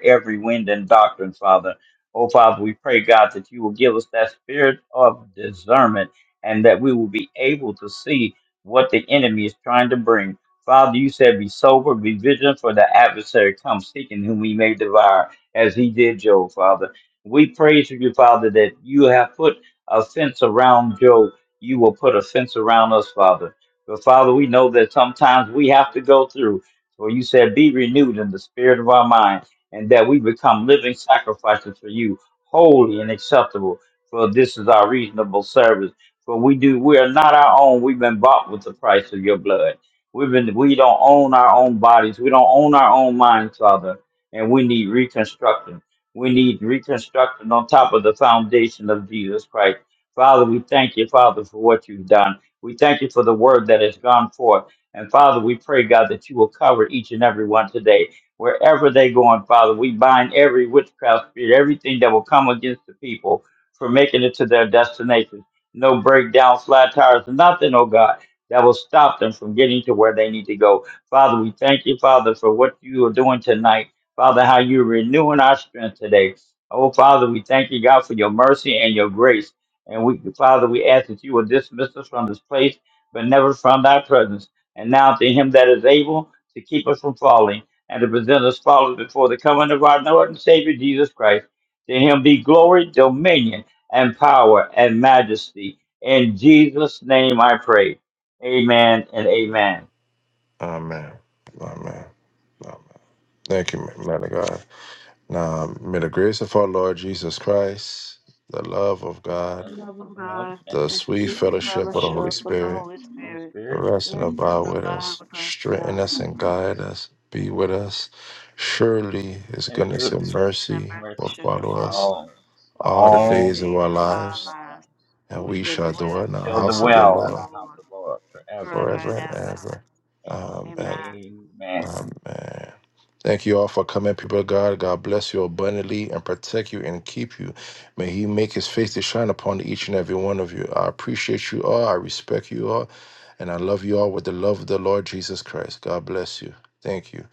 [SPEAKER 1] over every wind and doctrine, Father. Oh, Father, we pray, God, that you will give us that spirit of discernment and that we will be able to see what the enemy is trying to bring. Father, you said, be sober, be vigilant, for the adversary comes seeking whom he may devour, as he did Job, Father. We praise you, Father, that you have put a fence around Job. You will put a fence around us, Father. But Father, we know that sometimes we have to go through. For you said, be renewed in the spirit of our mind and that we become living sacrifices for you, holy and acceptable. For this is our reasonable service. For we do, we are not our own. We've been bought with the price of your blood. We've been, we don't own our own bodies. We don't own our own minds, Father. And we need reconstruction. We need reconstruction on top of the foundation of Jesus Christ. Father, we thank you, Father, for what you've done. We thank you for the word that has gone forth. And Father, we pray, God, that you will cover each and every one today wherever they go on, Father. We bind every witchcraft spirit, everything that will come against the people for making it to their destination. No breakdown, flat tires, nothing, oh God, that will stop them from getting to where they need to go. Father, we thank you, Father, for what you are doing tonight. Father, how you're renewing our strength today. Oh, Father, we thank you, God, for your mercy and your grace. And we, Father, we ask that you will dismiss us from this place, but never from thy presence. And now to him that is able to keep us from falling and to present us flawless before the coming of our Lord and Savior Jesus Christ. To him be glory, dominion, and power and majesty. In Jesus' name I pray. Amen and amen.
[SPEAKER 2] Amen. Amen. Amen. Thank you, man of God. Now, may the grace of our Lord Jesus Christ, the love of God,
[SPEAKER 1] And,
[SPEAKER 4] Love of
[SPEAKER 1] you know,
[SPEAKER 4] God,
[SPEAKER 1] and
[SPEAKER 2] the
[SPEAKER 4] the
[SPEAKER 1] it's
[SPEAKER 10] He
[SPEAKER 2] sweet
[SPEAKER 4] sweet
[SPEAKER 10] was also a
[SPEAKER 1] and it's
[SPEAKER 2] fellowship of the
[SPEAKER 1] Holy
[SPEAKER 2] Holy
[SPEAKER 4] fellowship
[SPEAKER 1] spirit,
[SPEAKER 4] of the
[SPEAKER 2] Spirit
[SPEAKER 4] Holy
[SPEAKER 10] member of the
[SPEAKER 1] no
[SPEAKER 4] Spirit,
[SPEAKER 1] spirit,
[SPEAKER 2] Rest and
[SPEAKER 4] rest
[SPEAKER 10] British Academy
[SPEAKER 4] and
[SPEAKER 2] abide with
[SPEAKER 4] abide
[SPEAKER 1] just-
[SPEAKER 2] us.
[SPEAKER 4] with us now
[SPEAKER 2] Strengthen us
[SPEAKER 4] and
[SPEAKER 10] of
[SPEAKER 2] and
[SPEAKER 10] Sciences.
[SPEAKER 4] forever.
[SPEAKER 2] guide us. Be with us. Surely his
[SPEAKER 1] and
[SPEAKER 2] goodness
[SPEAKER 4] Goodness
[SPEAKER 2] and
[SPEAKER 1] goodness,
[SPEAKER 4] And
[SPEAKER 2] mercy
[SPEAKER 1] and
[SPEAKER 4] mercy
[SPEAKER 2] will
[SPEAKER 1] mercy
[SPEAKER 4] shall
[SPEAKER 1] shall
[SPEAKER 2] follow
[SPEAKER 4] follow
[SPEAKER 2] us
[SPEAKER 4] us
[SPEAKER 1] follow us
[SPEAKER 2] all the
[SPEAKER 4] all the
[SPEAKER 1] all
[SPEAKER 2] days
[SPEAKER 1] the
[SPEAKER 2] of
[SPEAKER 4] days
[SPEAKER 2] our
[SPEAKER 4] of
[SPEAKER 1] days
[SPEAKER 4] our
[SPEAKER 1] of
[SPEAKER 2] lives,
[SPEAKER 1] our life.
[SPEAKER 4] lives,
[SPEAKER 2] and
[SPEAKER 4] and we
[SPEAKER 2] we
[SPEAKER 4] shall
[SPEAKER 2] shall
[SPEAKER 4] dwell
[SPEAKER 2] dwell in
[SPEAKER 1] And
[SPEAKER 2] the
[SPEAKER 4] in the
[SPEAKER 1] shall
[SPEAKER 2] house of
[SPEAKER 4] house
[SPEAKER 2] the
[SPEAKER 4] of
[SPEAKER 1] dwell in the
[SPEAKER 4] the
[SPEAKER 2] Lord
[SPEAKER 1] house
[SPEAKER 4] Lord
[SPEAKER 1] of the Lord forever.
[SPEAKER 4] forever
[SPEAKER 2] forever
[SPEAKER 4] and
[SPEAKER 2] and
[SPEAKER 4] ever.
[SPEAKER 2] ever.
[SPEAKER 1] A-
[SPEAKER 2] Amen.
[SPEAKER 4] Amen.
[SPEAKER 1] Amen.
[SPEAKER 2] Thank you all for coming, people of God. God bless you abundantly and protect you and keep you. May He make His face to shine upon each and every one of you. I appreciate you all. I respect you all. And I love you all with the love of the Lord Jesus Christ. God bless you. Thank you.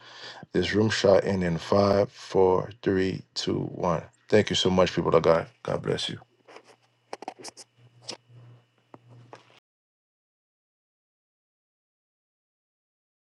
[SPEAKER 2] This room shot in in five, four, three, two, one. Thank you so much, people of God. God bless you.